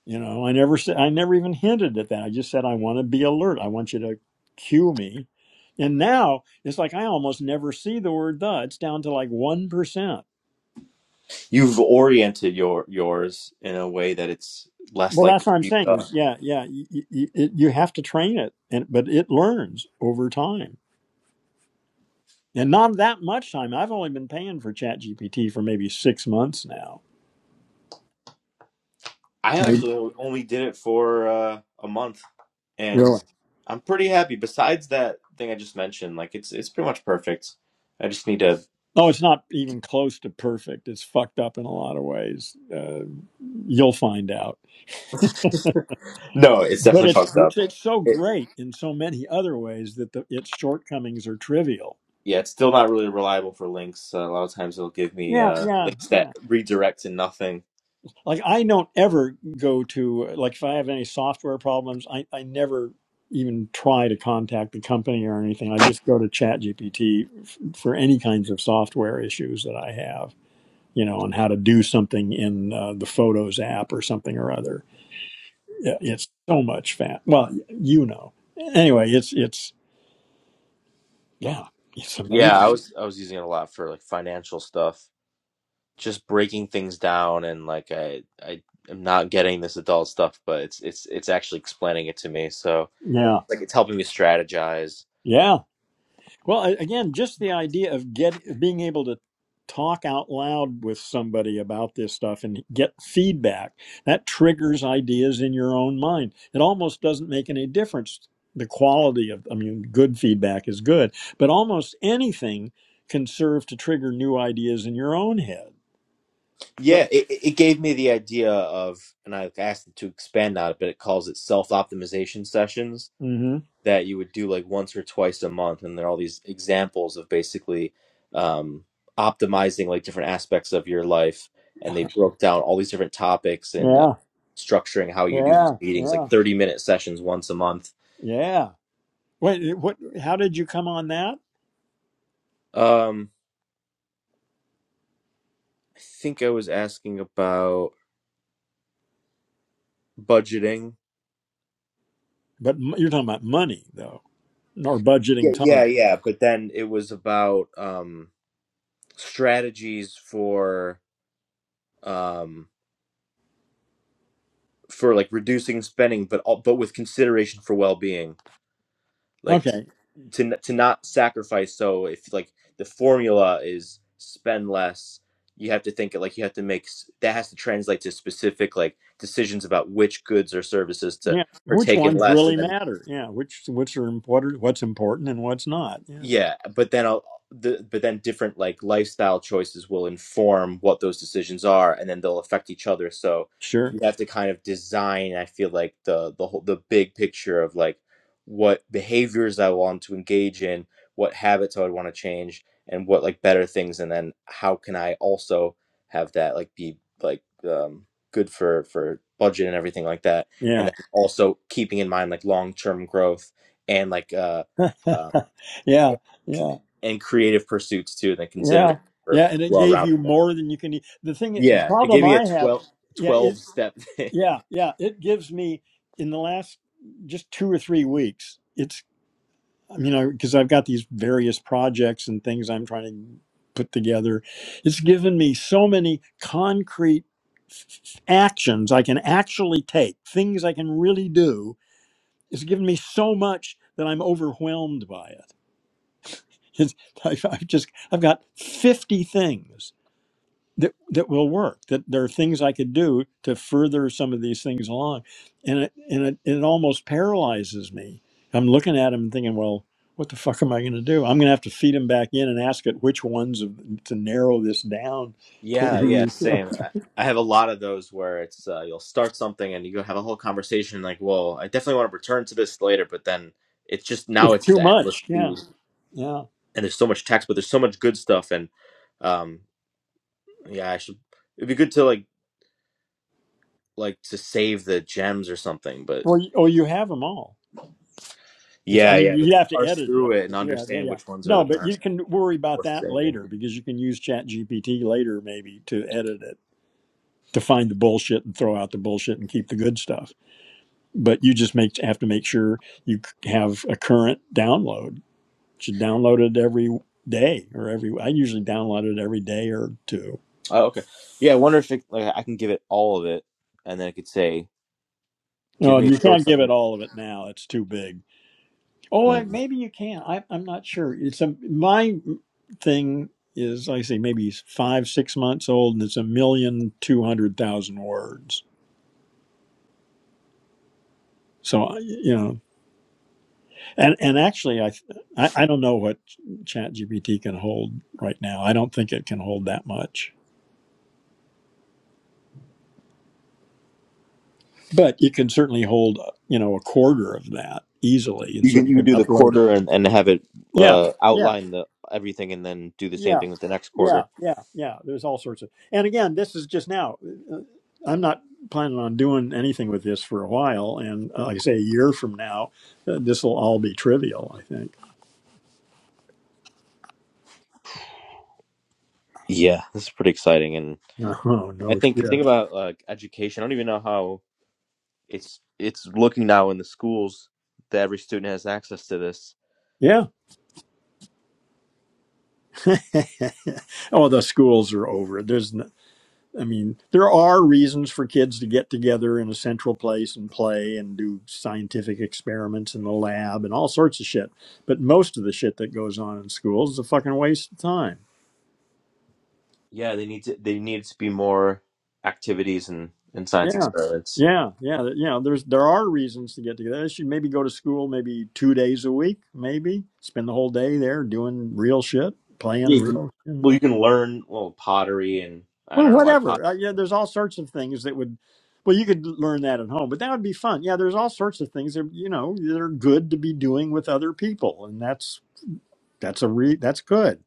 [SPEAKER 1] You know, I never said, I never even hinted at that. I just said, I want to be alert. I want you to cue me. And now it's like I almost never see the word the. It's down to like 1%.
[SPEAKER 8] you've oriented your yours in a way that it's less
[SPEAKER 1] Well,
[SPEAKER 8] likely
[SPEAKER 1] that's
[SPEAKER 8] to
[SPEAKER 1] what I'm
[SPEAKER 8] be,
[SPEAKER 1] saying
[SPEAKER 8] uh,
[SPEAKER 1] is, yeah, yeah, you, you, it, you have to train it, and but it learns over time. And not that much time. I've only been paying for ChatGPT for maybe six months now.
[SPEAKER 8] i
[SPEAKER 1] Maybe-
[SPEAKER 8] actually only did it for uh, a month and
[SPEAKER 1] Really?
[SPEAKER 8] I'm pretty happy. Besides that thing I just mentioned, like it's it's pretty much perfect. I just need to.
[SPEAKER 1] Oh, it's not even close to perfect. It's fucked up in a lot of ways. Uh, you'll find out.
[SPEAKER 8] No, it's
[SPEAKER 1] but
[SPEAKER 8] definitely
[SPEAKER 1] it's
[SPEAKER 8] fucked
[SPEAKER 1] gr-
[SPEAKER 8] up.
[SPEAKER 1] it's so
[SPEAKER 8] It,
[SPEAKER 1] great in so many other ways that the, its shortcomings are trivial.
[SPEAKER 8] yeah, it's still not really reliable for links. Uh, a lot of times it'll give me
[SPEAKER 1] Yeah,
[SPEAKER 8] uh,
[SPEAKER 1] yeah,
[SPEAKER 8] links that
[SPEAKER 1] yeah.
[SPEAKER 8] redirect to nothing.
[SPEAKER 1] Like I don't ever go to like if I have any software problems, I I never even try to contact the company or anything. I just go to ChatGPT f- for any kinds of software issues that I have, you know, on how to do something in uh, the Photos app or something or other. Yeah, It's so much fat. Well, you know. Anyway, it's it's yeah, it's
[SPEAKER 8] Yeah,
[SPEAKER 1] amazing.
[SPEAKER 8] I was I was using it a lot for like financial stuff, just breaking things down and like I I am not getting this adult stuff, but it's it's it's actually explaining it to me. So like it's helping me strategize
[SPEAKER 1] Yeah. Well, a- again, just the idea of get being able to talk out loud with somebody about this stuff and get feedback that triggers ideas in your own mind. It almost doesn't make any difference the quality of I mean good feedback is good, but almost anything can serve to trigger new ideas in your own head. So,
[SPEAKER 8] Yeah, it, it gave me the idea of, and I asked it to expand on it, but it calls it self optimization sessions
[SPEAKER 1] mhm.
[SPEAKER 8] that you would do like once or twice a month. And there are all these examples of basically um, optimizing like different aspects of your life. And they broke down all these different topics and, and
[SPEAKER 1] Yeah.
[SPEAKER 8] structuring how you do these
[SPEAKER 1] Yeah.
[SPEAKER 8] meetings,
[SPEAKER 1] Yeah.
[SPEAKER 8] like 30 minute sessions once a month.
[SPEAKER 1] Yeah. Wait, eh, what how did you come on that?
[SPEAKER 8] Um, I think I was asking about budgeting.
[SPEAKER 1] But m- you're talking about money though, or budgeting
[SPEAKER 8] Yeah, yeah,
[SPEAKER 1] time.
[SPEAKER 8] yeah. But then it was about, um strategies for um for like reducing spending but all, but with consideration for well-being like to
[SPEAKER 1] Okay.
[SPEAKER 8] to n- to not sacrifice so if like the formula is spend less you have to think it like you have to make s- that has to translate to specific like decisions about which goods or services to
[SPEAKER 1] Yeah. Which
[SPEAKER 8] partake in
[SPEAKER 1] ones
[SPEAKER 8] less and
[SPEAKER 1] really
[SPEAKER 8] then
[SPEAKER 1] matter? Yeah. Which which are important? What's important and what's not? Yeah.
[SPEAKER 8] yeah, but then I'll, the, but then different like lifestyle choices will inform what those decisions are, and then they'll affect each other. So
[SPEAKER 1] Sure.
[SPEAKER 8] you have to kind of design. I feel like the the whole the big picture of like what behaviors I want to engage in, what habits I would want to change, and what like better things, and then how can I also have that like be like um, good for for budget and everything like that, and
[SPEAKER 1] Yeah.
[SPEAKER 8] then also keeping in mind like long term growth and like uh uh,
[SPEAKER 1] yeah.
[SPEAKER 8] con-
[SPEAKER 1] Yeah.
[SPEAKER 8] and creative pursuits too and Then considering
[SPEAKER 1] Yeah.
[SPEAKER 8] for
[SPEAKER 1] Yeah. And it
[SPEAKER 8] well
[SPEAKER 1] gave you
[SPEAKER 8] rounded
[SPEAKER 1] more than you can eat. The thing, the
[SPEAKER 8] yeah it
[SPEAKER 1] problem
[SPEAKER 8] gave me a
[SPEAKER 1] I have,
[SPEAKER 8] twelve,
[SPEAKER 1] yeah, it,
[SPEAKER 8] twelve step
[SPEAKER 1] yeah, yeah, it gives me in the last just two or three weeks. It's. you know, because I've got these various projects and things I'm trying to put together. It's given me so many concrete f- actions I can actually take, things I can really do. It's given me so much that I'm overwhelmed by it. It's, I've, I've just I've got 50 things that that will work that there are things i could do to further some of these things along and it and it, it almost paralyzes me i'm looking at him and thinking well what the fuck am i going to do i'm going to have to feed him back in and ask it which ones of, to narrow this down
[SPEAKER 8] yeah yeah
[SPEAKER 1] please.
[SPEAKER 8] same I, I have a lot of those where it's uh, you'll start something and you go have a whole conversation like well i definitely want to return to this later but then it's just now
[SPEAKER 1] it's
[SPEAKER 8] it's just
[SPEAKER 1] too
[SPEAKER 8] an endless
[SPEAKER 1] much yeah
[SPEAKER 8] feed
[SPEAKER 1] yeah
[SPEAKER 8] and there's so much text but there's so much good stuff and um yeah i should it'd be good to like like to save the gems or something but
[SPEAKER 1] well you- or you have them all it's i
[SPEAKER 8] yeah
[SPEAKER 1] mean
[SPEAKER 8] yeah but
[SPEAKER 1] you
[SPEAKER 8] to
[SPEAKER 1] have to
[SPEAKER 8] parse
[SPEAKER 1] edit it
[SPEAKER 8] through it and
[SPEAKER 1] yeah yeah
[SPEAKER 8] understand
[SPEAKER 1] yeah.
[SPEAKER 8] which ones are
[SPEAKER 1] no
[SPEAKER 8] the
[SPEAKER 1] but you
[SPEAKER 8] best
[SPEAKER 1] can worry about
[SPEAKER 8] worth
[SPEAKER 1] that
[SPEAKER 8] saving
[SPEAKER 1] later because you can use chat gpt later maybe to edit it to find the bullshit and throw out the bullshit and keep the good stuff. But you just make have to make sure you c- have a current download. You should download it every day or every. I usually download it every day or two.
[SPEAKER 8] Oh, okay. Yeah, I wonder if it, like I can give it all of it, and then I could say, "Give
[SPEAKER 1] No,
[SPEAKER 8] me a
[SPEAKER 1] you
[SPEAKER 8] short
[SPEAKER 1] can't give it
[SPEAKER 8] summary."
[SPEAKER 1] all of it now. It's too big. Oh, I-
[SPEAKER 8] Mm.
[SPEAKER 1] maybe you can. I, I'm not sure. It's a my thing is like I say maybe it's five six months old and it's a million two hundred thousand words. So I- you know And and actually, I I, I don't know what ChatGPT can hold right now. I don't think it can hold that much, but you can certainly hold you know a quarter of that easily, and
[SPEAKER 8] You
[SPEAKER 1] so
[SPEAKER 8] can
[SPEAKER 1] you
[SPEAKER 8] you can
[SPEAKER 1] can
[SPEAKER 8] do the
[SPEAKER 1] upload it.
[SPEAKER 8] quarter and and have it
[SPEAKER 1] Yeah,
[SPEAKER 8] uh,
[SPEAKER 1] yeah,
[SPEAKER 8] outline the everything, and then do the same
[SPEAKER 1] yeah,
[SPEAKER 8] thing with the next
[SPEAKER 1] yeah,
[SPEAKER 8] quarter.
[SPEAKER 1] yeah, yeah. There's all sorts of. And again, this is just now. Uh, I'm not planning on doing anything with this for a while, and uh, like I say, a year from now, uh, this will all be trivial. I think.
[SPEAKER 8] Yeah, this is pretty exciting, and
[SPEAKER 1] Oh
[SPEAKER 8] I
[SPEAKER 1] no
[SPEAKER 8] think think
[SPEAKER 1] shit.
[SPEAKER 8] about like education. I don't even know how it's it's looking now in the schools that every student has access to this.
[SPEAKER 1] Yeah. oh, the schools are over. There's n- I mean, there are reasons for kids to get together in a central place and play and do scientific experiments in the lab and all sorts of shit. But most of the shit that goes on in schools is a fucking waste of time.
[SPEAKER 8] Yeah, they need to they need to be more activities and and science
[SPEAKER 1] Yeah.
[SPEAKER 8] experiments.
[SPEAKER 1] Yeah, yeah, you know, there's there are reasons to get together. They should maybe go to school maybe two days a week, maybe spend the whole day there doing real shit, playing
[SPEAKER 8] You can,
[SPEAKER 1] real.
[SPEAKER 8] well, you can learn well pottery and. I
[SPEAKER 1] Well,
[SPEAKER 8] don't know why pottery
[SPEAKER 1] whatever. Uh, yeah, there's all sorts of things that would. Well, you could learn that at home, but that would be fun. Yeah, there's all sorts of things that you know that are good to be doing with other people, and that's that's a re that's good.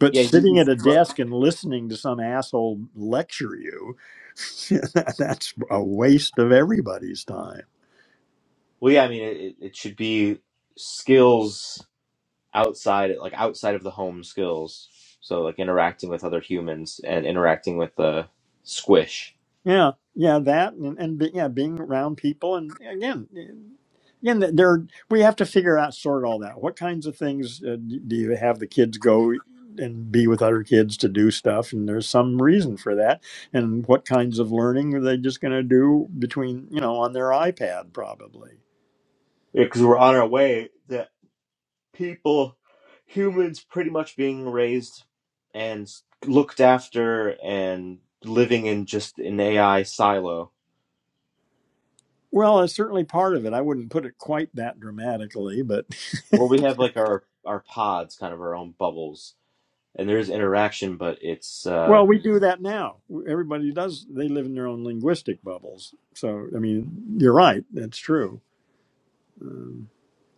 [SPEAKER 1] But
[SPEAKER 8] Yeah, you,
[SPEAKER 1] sitting
[SPEAKER 8] you
[SPEAKER 1] at a
[SPEAKER 8] should learn.
[SPEAKER 1] desk and listening to some asshole lecture you, that's a waste of everybody's time.
[SPEAKER 8] Well, yeah, I mean, it, it it should be skills outside, like outside of the home skills. So, like interacting with other humans and interacting with the squish.
[SPEAKER 1] Yeah, yeah, that and and be, yeah, being around people and again, again, th- there we have to figure out sort all that. What kinds of things uh, d- do you have the kids go and be with other kids to do stuff? And there's some reason for that. And what kinds of learning are they just going to do between you know on their iPad probably?
[SPEAKER 8] Because we're on our way that people, humans, pretty much being raised and looked after and living in just an AI silo,
[SPEAKER 1] Well, it's certainly part of it. I wouldn't put it quite that dramatically, but
[SPEAKER 8] where we have like our our pods, kind of our own bubbles, and there is interaction, but it's. uh,
[SPEAKER 1] Well, we do that now. Everybody does. They live in their own linguistic bubbles. So, I mean, you're right. That's true. Um,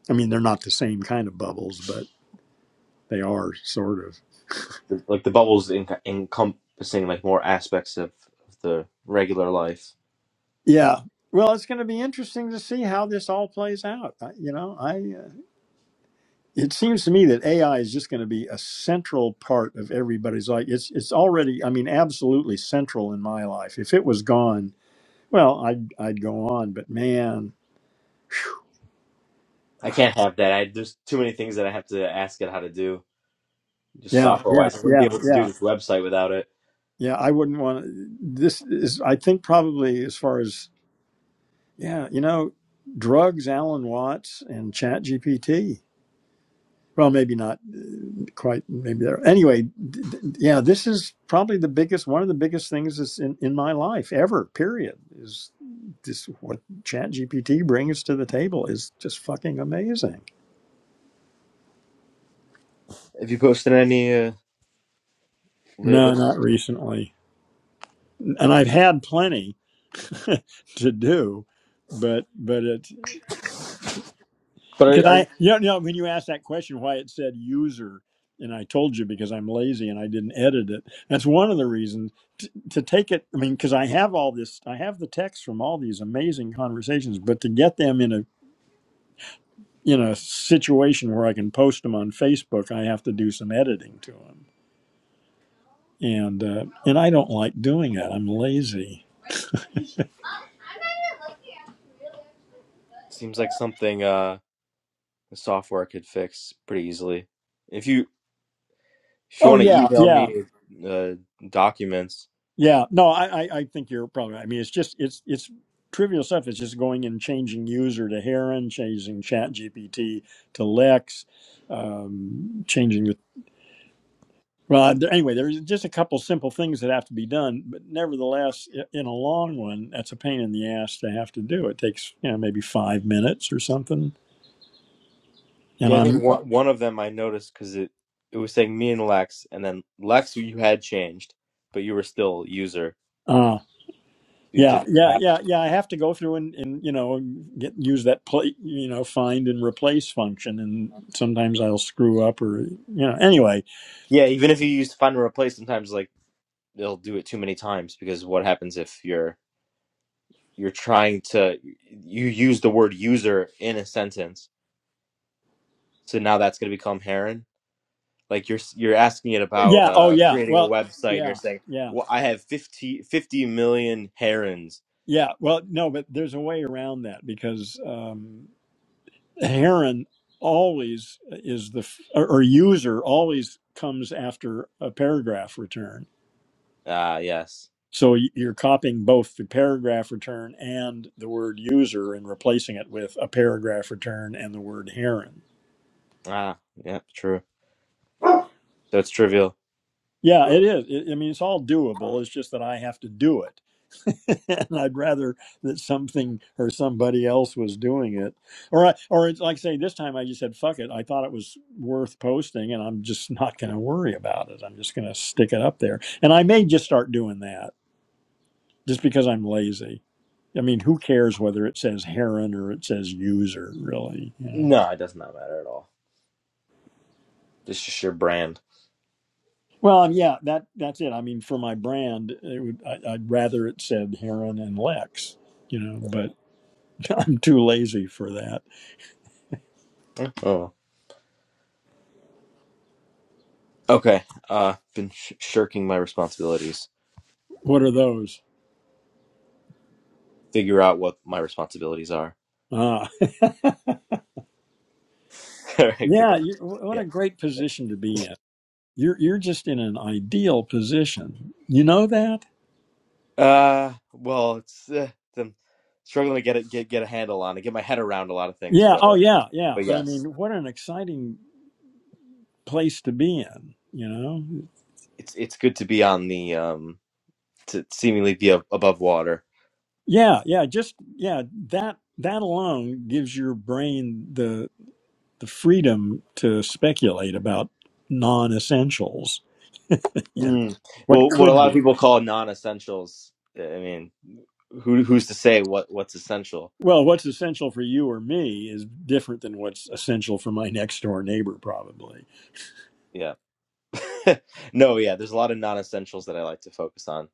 [SPEAKER 1] I mean, they're not the same kind of bubbles, but they are sort of.
[SPEAKER 8] like the bubbles enc- encompassing like more aspects of, of the regular life.
[SPEAKER 1] Yeah. Well, it's going to be interesting to see how this all plays out. I, you know, I. Uh, it seems to me that AI is just going to be a central part of everybody's life. It's it's already. I mean, absolutely central in my life. If it was gone, well, I'd I'd go on. But man,
[SPEAKER 8] I can't have that. I, there's too many things that I have to ask it how to do, just
[SPEAKER 1] yeah,
[SPEAKER 8] software
[SPEAKER 1] yeah,
[SPEAKER 8] wise. I wouldn't be
[SPEAKER 1] yeah,
[SPEAKER 8] able to do
[SPEAKER 1] yeah.
[SPEAKER 8] this website without it.
[SPEAKER 1] Yeah, I wouldn't want to. This is, I think, probably as far as, yeah, you know, drugs, Alan Watts, and Chat GPT. Well, maybe not uh, quite, maybe there. Anyway, d- d- yeah, this is probably the biggest, one of the biggest things that's in, in my life ever, period, is this what Chat GPT brings to the table is just fucking amazing.
[SPEAKER 8] Have you posted any uh, lately?
[SPEAKER 1] No, not recently. And I've had plenty to do, but, but it.
[SPEAKER 8] But
[SPEAKER 1] Did
[SPEAKER 8] are, are,
[SPEAKER 1] I? You know, when you asked that question, why it said user, and I told you because I'm lazy and I didn't edit it. That's one of the reasons to, to take it. I mean, because I have all this, I have the text from all these amazing conversations, but to get them in a in a situation where I can post them on Facebook, I have to do some editing to them, and uh, and I don't like doing that. I'm lazy.
[SPEAKER 8] seems like something uh, the software could fix pretty easily. If you if you
[SPEAKER 1] Oh
[SPEAKER 8] want to
[SPEAKER 1] yeah,
[SPEAKER 8] email
[SPEAKER 1] yeah.
[SPEAKER 8] me uh, documents,
[SPEAKER 1] Yeah, no, I, I, I think you're probably. right. I mean, it's just it's it's trivial stuff. It's just going and changing user to Heron, changing Chat GPT to Lex, um, changing the. Well, th- anyway, there's just a couple simple things that have to be done, but nevertheless, i- in a long run, that's a pain in the ass to have to do. It takes you know maybe five minutes or something, and
[SPEAKER 8] yeah, I think
[SPEAKER 1] I'm
[SPEAKER 8] one one of them I noticed because it it was saying me and Lex, and then Lex you had changed, but you were still user.
[SPEAKER 1] uh,
[SPEAKER 8] So you did
[SPEAKER 1] Yeah,
[SPEAKER 8] like
[SPEAKER 1] yeah,
[SPEAKER 8] half.
[SPEAKER 1] yeah, yeah. I have to go through and, and you know get use that play, you know find and replace function, and sometimes I'll screw up or you know. Anyway,
[SPEAKER 8] Yeah, even if you use find and replace, sometimes like they'll do it too many times because what happens if you're you're trying to you use the word user in a sentence, so now that's going to become Heron. Like you're you're asking it about
[SPEAKER 1] yeah. Oh,
[SPEAKER 8] uh,
[SPEAKER 1] yeah.
[SPEAKER 8] creating a
[SPEAKER 1] Well,
[SPEAKER 8] website, and you're
[SPEAKER 1] yeah,
[SPEAKER 8] saying,
[SPEAKER 1] yeah,
[SPEAKER 8] "Well, I have fifty fifty million herons."
[SPEAKER 1] yeah. Well, no, but there's a way around that because um, Heron always is the f- or, or user always comes after a paragraph return
[SPEAKER 8] Ah, yes.
[SPEAKER 1] So y- you're copying both the paragraph return and the word user and replacing it with a paragraph return and the word heron.
[SPEAKER 8] Ah, yeah, true. So it's trivial.
[SPEAKER 1] Yeah, it is. It, I mean, it's all doable. It's just that I have to do it. and I'd rather that something or somebody else was doing it. Or, I, or it's like, say, this time I just said, fuck it. I thought it was worth posting and I'm just not going to worry about it. I'm just going to stick it up there. And I may just start doing that just because I'm lazy I mean, who cares whether it says heron or it says user, really? You know?
[SPEAKER 8] No, it does not matter at all. It's just your brand.
[SPEAKER 1] Well, yeah, that that's it. I mean, for my brand, it would, I, I'd rather it said heron and Lex, you know, but I'm too lazy for that.
[SPEAKER 8] Oh, okay. Uh, been sh- shirking my responsibilities.
[SPEAKER 1] What are those?
[SPEAKER 8] figure out what my responsibilities are.
[SPEAKER 1] Ah,
[SPEAKER 8] All right, goodbye.
[SPEAKER 1] yeah, you, what
[SPEAKER 8] Yeah.
[SPEAKER 1] a great position to be in. You're you're just in an ideal position. You know that?
[SPEAKER 8] Uh, well, it's uh, I'm struggling to get it get get a handle on it, get my head around a lot of things,
[SPEAKER 1] Yeah.
[SPEAKER 8] but
[SPEAKER 1] Oh,
[SPEAKER 8] uh,
[SPEAKER 1] yeah, yeah.
[SPEAKER 8] but
[SPEAKER 1] But I
[SPEAKER 8] yes,
[SPEAKER 1] mean, what an exciting place to be in. You know?
[SPEAKER 8] it's it's good to be on the um to seemingly be ab- above water.
[SPEAKER 1] Yeah, yeah, just yeah, that that alone gives your brain the the freedom to speculate about non-essentials. You know,
[SPEAKER 8] Mm.
[SPEAKER 1] what
[SPEAKER 8] Well, what a
[SPEAKER 1] could
[SPEAKER 8] lot
[SPEAKER 1] be.
[SPEAKER 8] of people call non-essentials. eh, I mean, who who's to say what what's essential?
[SPEAKER 1] Well, what's essential for you or me is different than what's essential for my next door neighbor, probably.
[SPEAKER 8] Yeah. no, yeah. There's a lot of non-essentials that I like to focus on,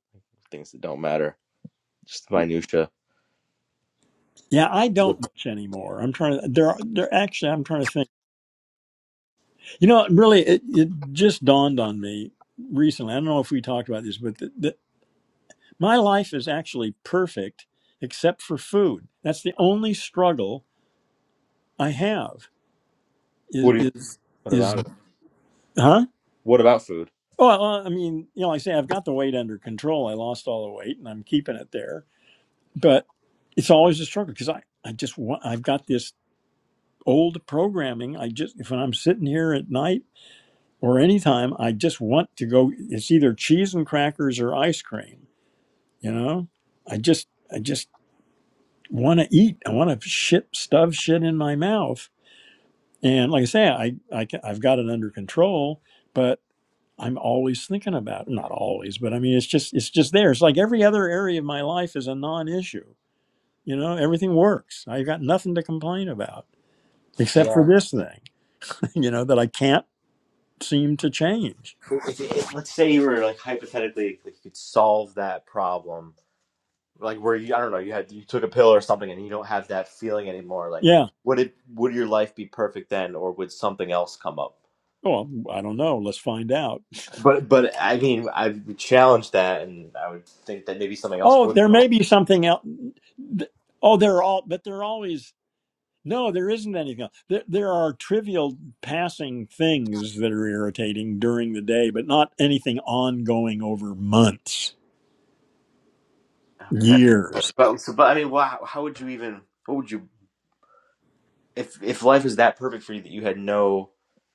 [SPEAKER 8] things that don't matter, just the minutia.
[SPEAKER 1] Yeah, I
[SPEAKER 8] That's good.
[SPEAKER 1] don't much anymore. I'm trying to. There, are, there. Actually, I'm trying to think. You know, really, it, it just dawned on me recently. I don't know if we talked about this, but th My life is actually perfect except for food. That's the only struggle I have.
[SPEAKER 8] What
[SPEAKER 1] Is
[SPEAKER 8] do you?
[SPEAKER 1] is
[SPEAKER 8] What about it?
[SPEAKER 1] is huh?
[SPEAKER 8] What about food?
[SPEAKER 1] Well, uh, I mean, you know, like I say I've got the weight under control. I lost all the weight and I'm keeping it there. But it's always a struggle because I I just want, I've got this old programming. I just if I'm sitting here at night or anytime, I just want to go. It's either cheese and crackers or ice cream. You know, I just I just want to eat. I want to shit stuff shit in my mouth. And like I say, I, I I've got it under control, but I'm always thinking about it. not always, but I mean it's just it's just there. It's like every other area of my life is a non-issue. You know, everything works. I've got nothing to complain about except for
[SPEAKER 8] Yeah.
[SPEAKER 1] this thing, you know, that I can't seem to change.
[SPEAKER 8] If, if, let's say you were like hypothetically like you could solve that problem, like where you I don't know you had you took a pill or something and you don't have that feeling anymore. Like
[SPEAKER 1] Yeah.
[SPEAKER 8] would it would your life be perfect then, or would something else come up?
[SPEAKER 1] Well, I don't know. Let's find out.
[SPEAKER 8] But but I mean I would challenge that, and I would think that maybe something else
[SPEAKER 1] Oh,
[SPEAKER 8] would
[SPEAKER 1] there
[SPEAKER 8] come
[SPEAKER 1] may be something else. Th- Oh, they're all, but they're always. No, there isn't anything else. There, there are trivial passing things that are irritating during the day, but not anything ongoing over months,
[SPEAKER 8] up. Okay.
[SPEAKER 1] years.
[SPEAKER 8] But so but I mean wow, how would you even what would you if if life was that perfect for you that you had no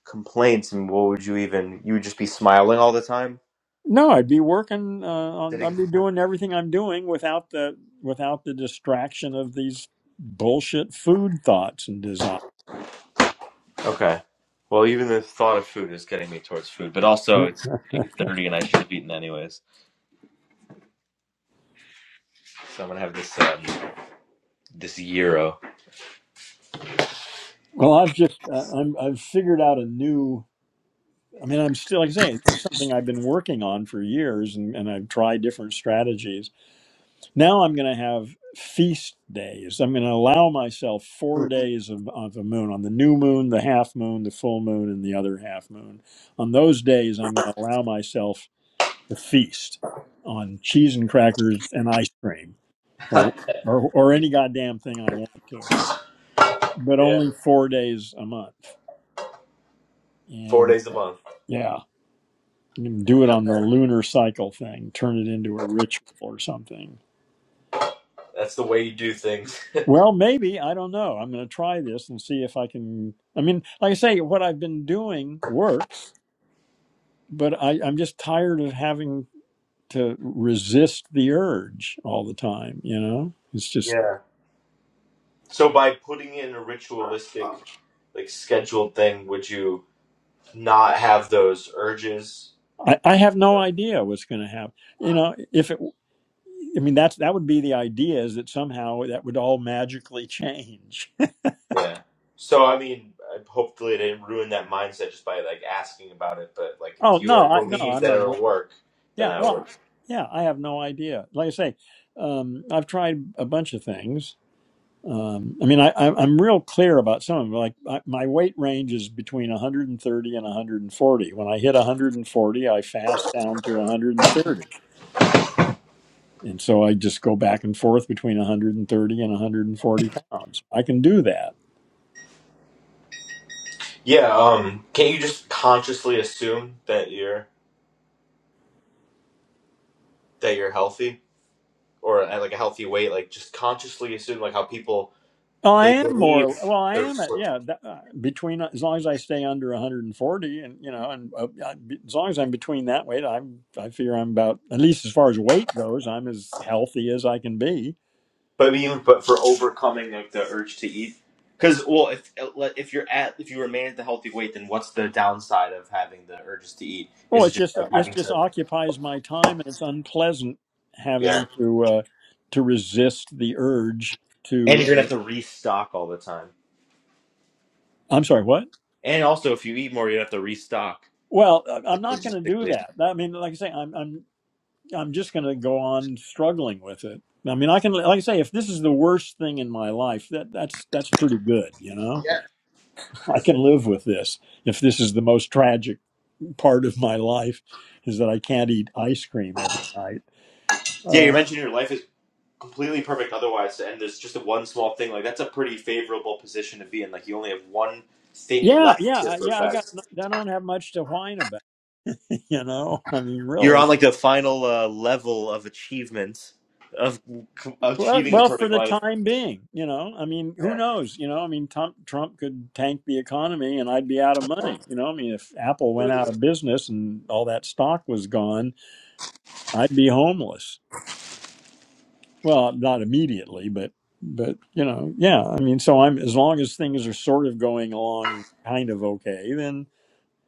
[SPEAKER 8] complaints and what would you even you would just be smiling all the time?
[SPEAKER 1] No, I'd be working uh, on.
[SPEAKER 8] Sitting.
[SPEAKER 1] I'd be doing everything I'm doing without the without the distraction of these bullshit food thoughts and desires.
[SPEAKER 8] Okay. Well, even the thought of food is getting me towards food, but also it's eight thirty, and I should have eaten anyways. So I'm gonna have this um, this gyro.
[SPEAKER 1] well, I've just uh, I'm I've figured out a new. I mean, I'm still like I say, this is something I've been working on for years, and, and I've tried different strategies Now I'm going to have feast days. I'm going to allow myself four days of, of the moon on the new moon, the half moon, the full moon, and the other half moon. On those days, I'm going to allow myself to feast on cheese and crackers and ice cream
[SPEAKER 8] yeah,
[SPEAKER 1] or, or, or any goddamn thing I want to, but only four days a month.
[SPEAKER 8] four
[SPEAKER 1] And
[SPEAKER 8] days a month.
[SPEAKER 1] yeah, you can do it on the lunar cycle thing, turn it into a ritual or something.
[SPEAKER 8] That's the way you do things.
[SPEAKER 1] Well, maybe. I don't know. I'm going to try this and see if I can. I mean, like I say, what I've been doing works, but I, I'm just tired of having to resist the urge all the time. You know, it's just,
[SPEAKER 8] Yeah. So by putting in a ritualistic, like scheduled thing, would you not have those urges?
[SPEAKER 1] I, I have no idea what's going to happen. You know, if it, I mean, that's, that would be the idea is that somehow that would all magically change.
[SPEAKER 8] Yeah. So I mean, I- hopefully, I didn't ruin that mindset just by like asking about it. But like,
[SPEAKER 1] oh,
[SPEAKER 8] if you are
[SPEAKER 1] no, I, no,
[SPEAKER 8] believe
[SPEAKER 1] I'm
[SPEAKER 8] that
[SPEAKER 1] aware.
[SPEAKER 8] it'll work, then
[SPEAKER 1] Yeah.
[SPEAKER 8] I would.
[SPEAKER 1] Well, yeah, I have no idea. Like I say, um, I've tried a bunch of things Um, I mean, I, I, I'm real clear about some of them. Like I, my weight range is between 130 and 140. When I hit 140, I fast down to 130. And so I just go back and forth between 130 and 140 pounds. I can do that.
[SPEAKER 8] Yeah, um, can't you just consciously assume that you're that you're healthy or at like a healthy weight? Like just consciously assume like how people
[SPEAKER 1] Oh, I
[SPEAKER 8] they
[SPEAKER 1] am more.
[SPEAKER 8] believe
[SPEAKER 1] Well, I
[SPEAKER 8] they're
[SPEAKER 1] am at yeah. That, uh, between as long as I stay under 140, and you know, and uh, I, as long as I'm between that weight, I'm I figure I'm about at least as far as weight goes, I'm as healthy as I can be
[SPEAKER 8] but even but for overcoming like the urge to eat. Because well, if if you're at if you remain at the healthy weight, then what's the downside of having the urges to eat?
[SPEAKER 1] Well,
[SPEAKER 8] Is it
[SPEAKER 1] it's
[SPEAKER 8] just
[SPEAKER 1] just uh,
[SPEAKER 8] like
[SPEAKER 1] it
[SPEAKER 8] having
[SPEAKER 1] just
[SPEAKER 8] to
[SPEAKER 1] occupies my time, and it's unpleasant
[SPEAKER 8] yeah?
[SPEAKER 1] having to uh, to resist the urge
[SPEAKER 8] And
[SPEAKER 1] to.
[SPEAKER 8] you're gonna have to
[SPEAKER 1] Uh,
[SPEAKER 8] restock all the time.
[SPEAKER 1] I'm sorry, what?
[SPEAKER 8] And also, if you eat more, you have to restock.
[SPEAKER 1] Well, I- I'm
[SPEAKER 8] That's
[SPEAKER 1] not going to do
[SPEAKER 8] logistically.
[SPEAKER 1] that. I mean, like I say, I'm I'm I'm just going to go on struggling with it. I mean, I can like I say, if this is the worst thing in my life, that that's that's pretty good, you know.
[SPEAKER 8] Yeah,
[SPEAKER 1] I can live with this. If this is the most tragic part of my life, is that I can't eat ice cream every night.
[SPEAKER 8] Yeah, you
[SPEAKER 1] Uh,
[SPEAKER 8] mentioned your life. is. completely perfect otherwise and there's just a one small thing like that's a pretty favorable position to be in like you only have one thing
[SPEAKER 1] Yeah,
[SPEAKER 8] left
[SPEAKER 1] yeah,
[SPEAKER 8] to
[SPEAKER 1] yeah. I got.
[SPEAKER 8] perfect
[SPEAKER 1] I don't have much to whine about. You know, I mean,
[SPEAKER 8] you're
[SPEAKER 1] really.
[SPEAKER 8] on like the final uh, level of achievement of c-
[SPEAKER 1] Well,
[SPEAKER 8] achieving a
[SPEAKER 1] well, for
[SPEAKER 8] perfect
[SPEAKER 1] the
[SPEAKER 8] life
[SPEAKER 1] time being, you know. I mean, who knows? You know, I mean, Trump, Trump could tank the economy, and I'd be out of money. You know, I mean, if Apple went
[SPEAKER 8] yeah,
[SPEAKER 1] out of business and all that stock was gone, I'd be homeless. Well, not immediately, but but you know, yeah. I mean, so I'm as long as things are sort of going along, kind of okay, then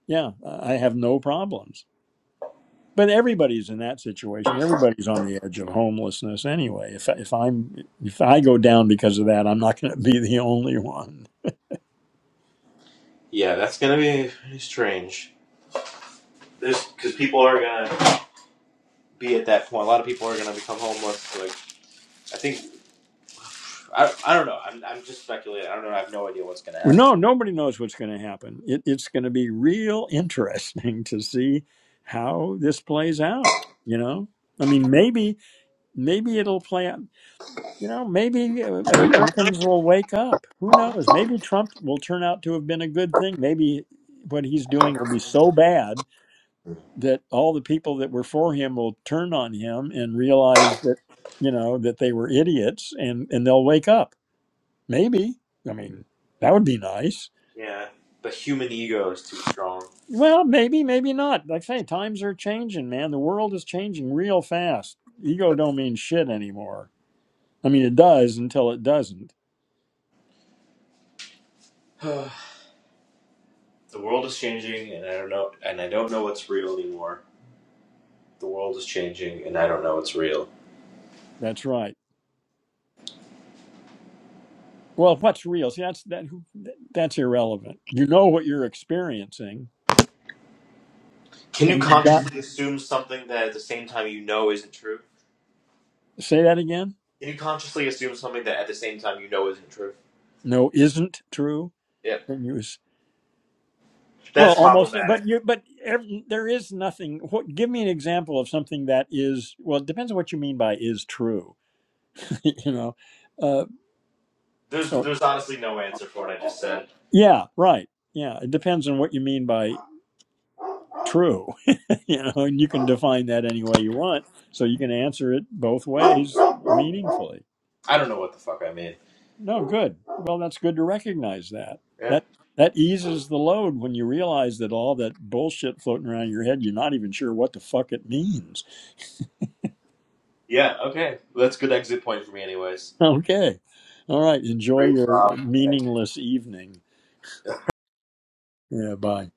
[SPEAKER 1] yeah, I have no problems. but everybody's in that situation. Everybody's on the edge of homelessness anyway. If if I'm if I go down because of that, I'm not going to be the only one.
[SPEAKER 8] yeah that's gonna be pretty strange there's because people are gonna be at that point a lot of people are gonna become homeless like i think i, I don't know I'm, I'm just speculating i don't know i have no idea what's gonna
[SPEAKER 1] Well,
[SPEAKER 8] happen
[SPEAKER 1] No, nobody knows what's going to happen. It, it's going to be real interesting to see how this plays out. You know, I mean, maybe maybe it'll play out. You know, maybe uh, Americans will wake up. Who knows? Maybe Trump will turn out to have been a good thing. Maybe what he's doing will be so bad that all the people that were for him will turn on him and realize that you know that they were idiots and and they'll wake up maybe i mean that would be nice
[SPEAKER 8] yeah the human ego is too strong
[SPEAKER 1] well maybe maybe not like i say times are changing man the world is changing real fast ego don't mean shit anymore i mean it does until it doesn't
[SPEAKER 8] The world is changing, and I don't know, and I don't know what's real anymore. The world is changing, and I don't know what's real.
[SPEAKER 1] that's right well what's real see that's that that's irrelevant you know what you're experiencing
[SPEAKER 8] Can you
[SPEAKER 1] and you got
[SPEAKER 8] consciously assume something that at the same time you know isn't true?
[SPEAKER 1] say that again
[SPEAKER 8] Can you consciously assume something that at the same time you know isn't true?
[SPEAKER 1] no isn't true
[SPEAKER 8] Yep,
[SPEAKER 1] Can you Well,
[SPEAKER 8] that's
[SPEAKER 1] almost,
[SPEAKER 8] problematic.
[SPEAKER 1] but you, but every, there is nothing. What, give me an example of something that is well. It depends on what you mean by is true. you know, uh,
[SPEAKER 8] There's,
[SPEAKER 1] so
[SPEAKER 8] there's honestly no answer for what I just said.
[SPEAKER 1] yeah, right, yeah. It depends on what you mean by true. you know, and you can define that any way you want. So you can answer it both ways meaningfully.
[SPEAKER 8] I don't know what the fuck I mean.
[SPEAKER 1] No, good. Well, that's good to recognize that.
[SPEAKER 8] Yeah.
[SPEAKER 1] That that eases the load when you realize that all that bullshit floating around your head, you're not even sure what the fuck it means
[SPEAKER 8] Yeah. Okay. Well, that's a good exit point for me, anyways.
[SPEAKER 1] Okay. All right. Enjoy
[SPEAKER 8] Great,
[SPEAKER 1] your
[SPEAKER 8] Bob.
[SPEAKER 1] meaningless evening. Yeah. Bye.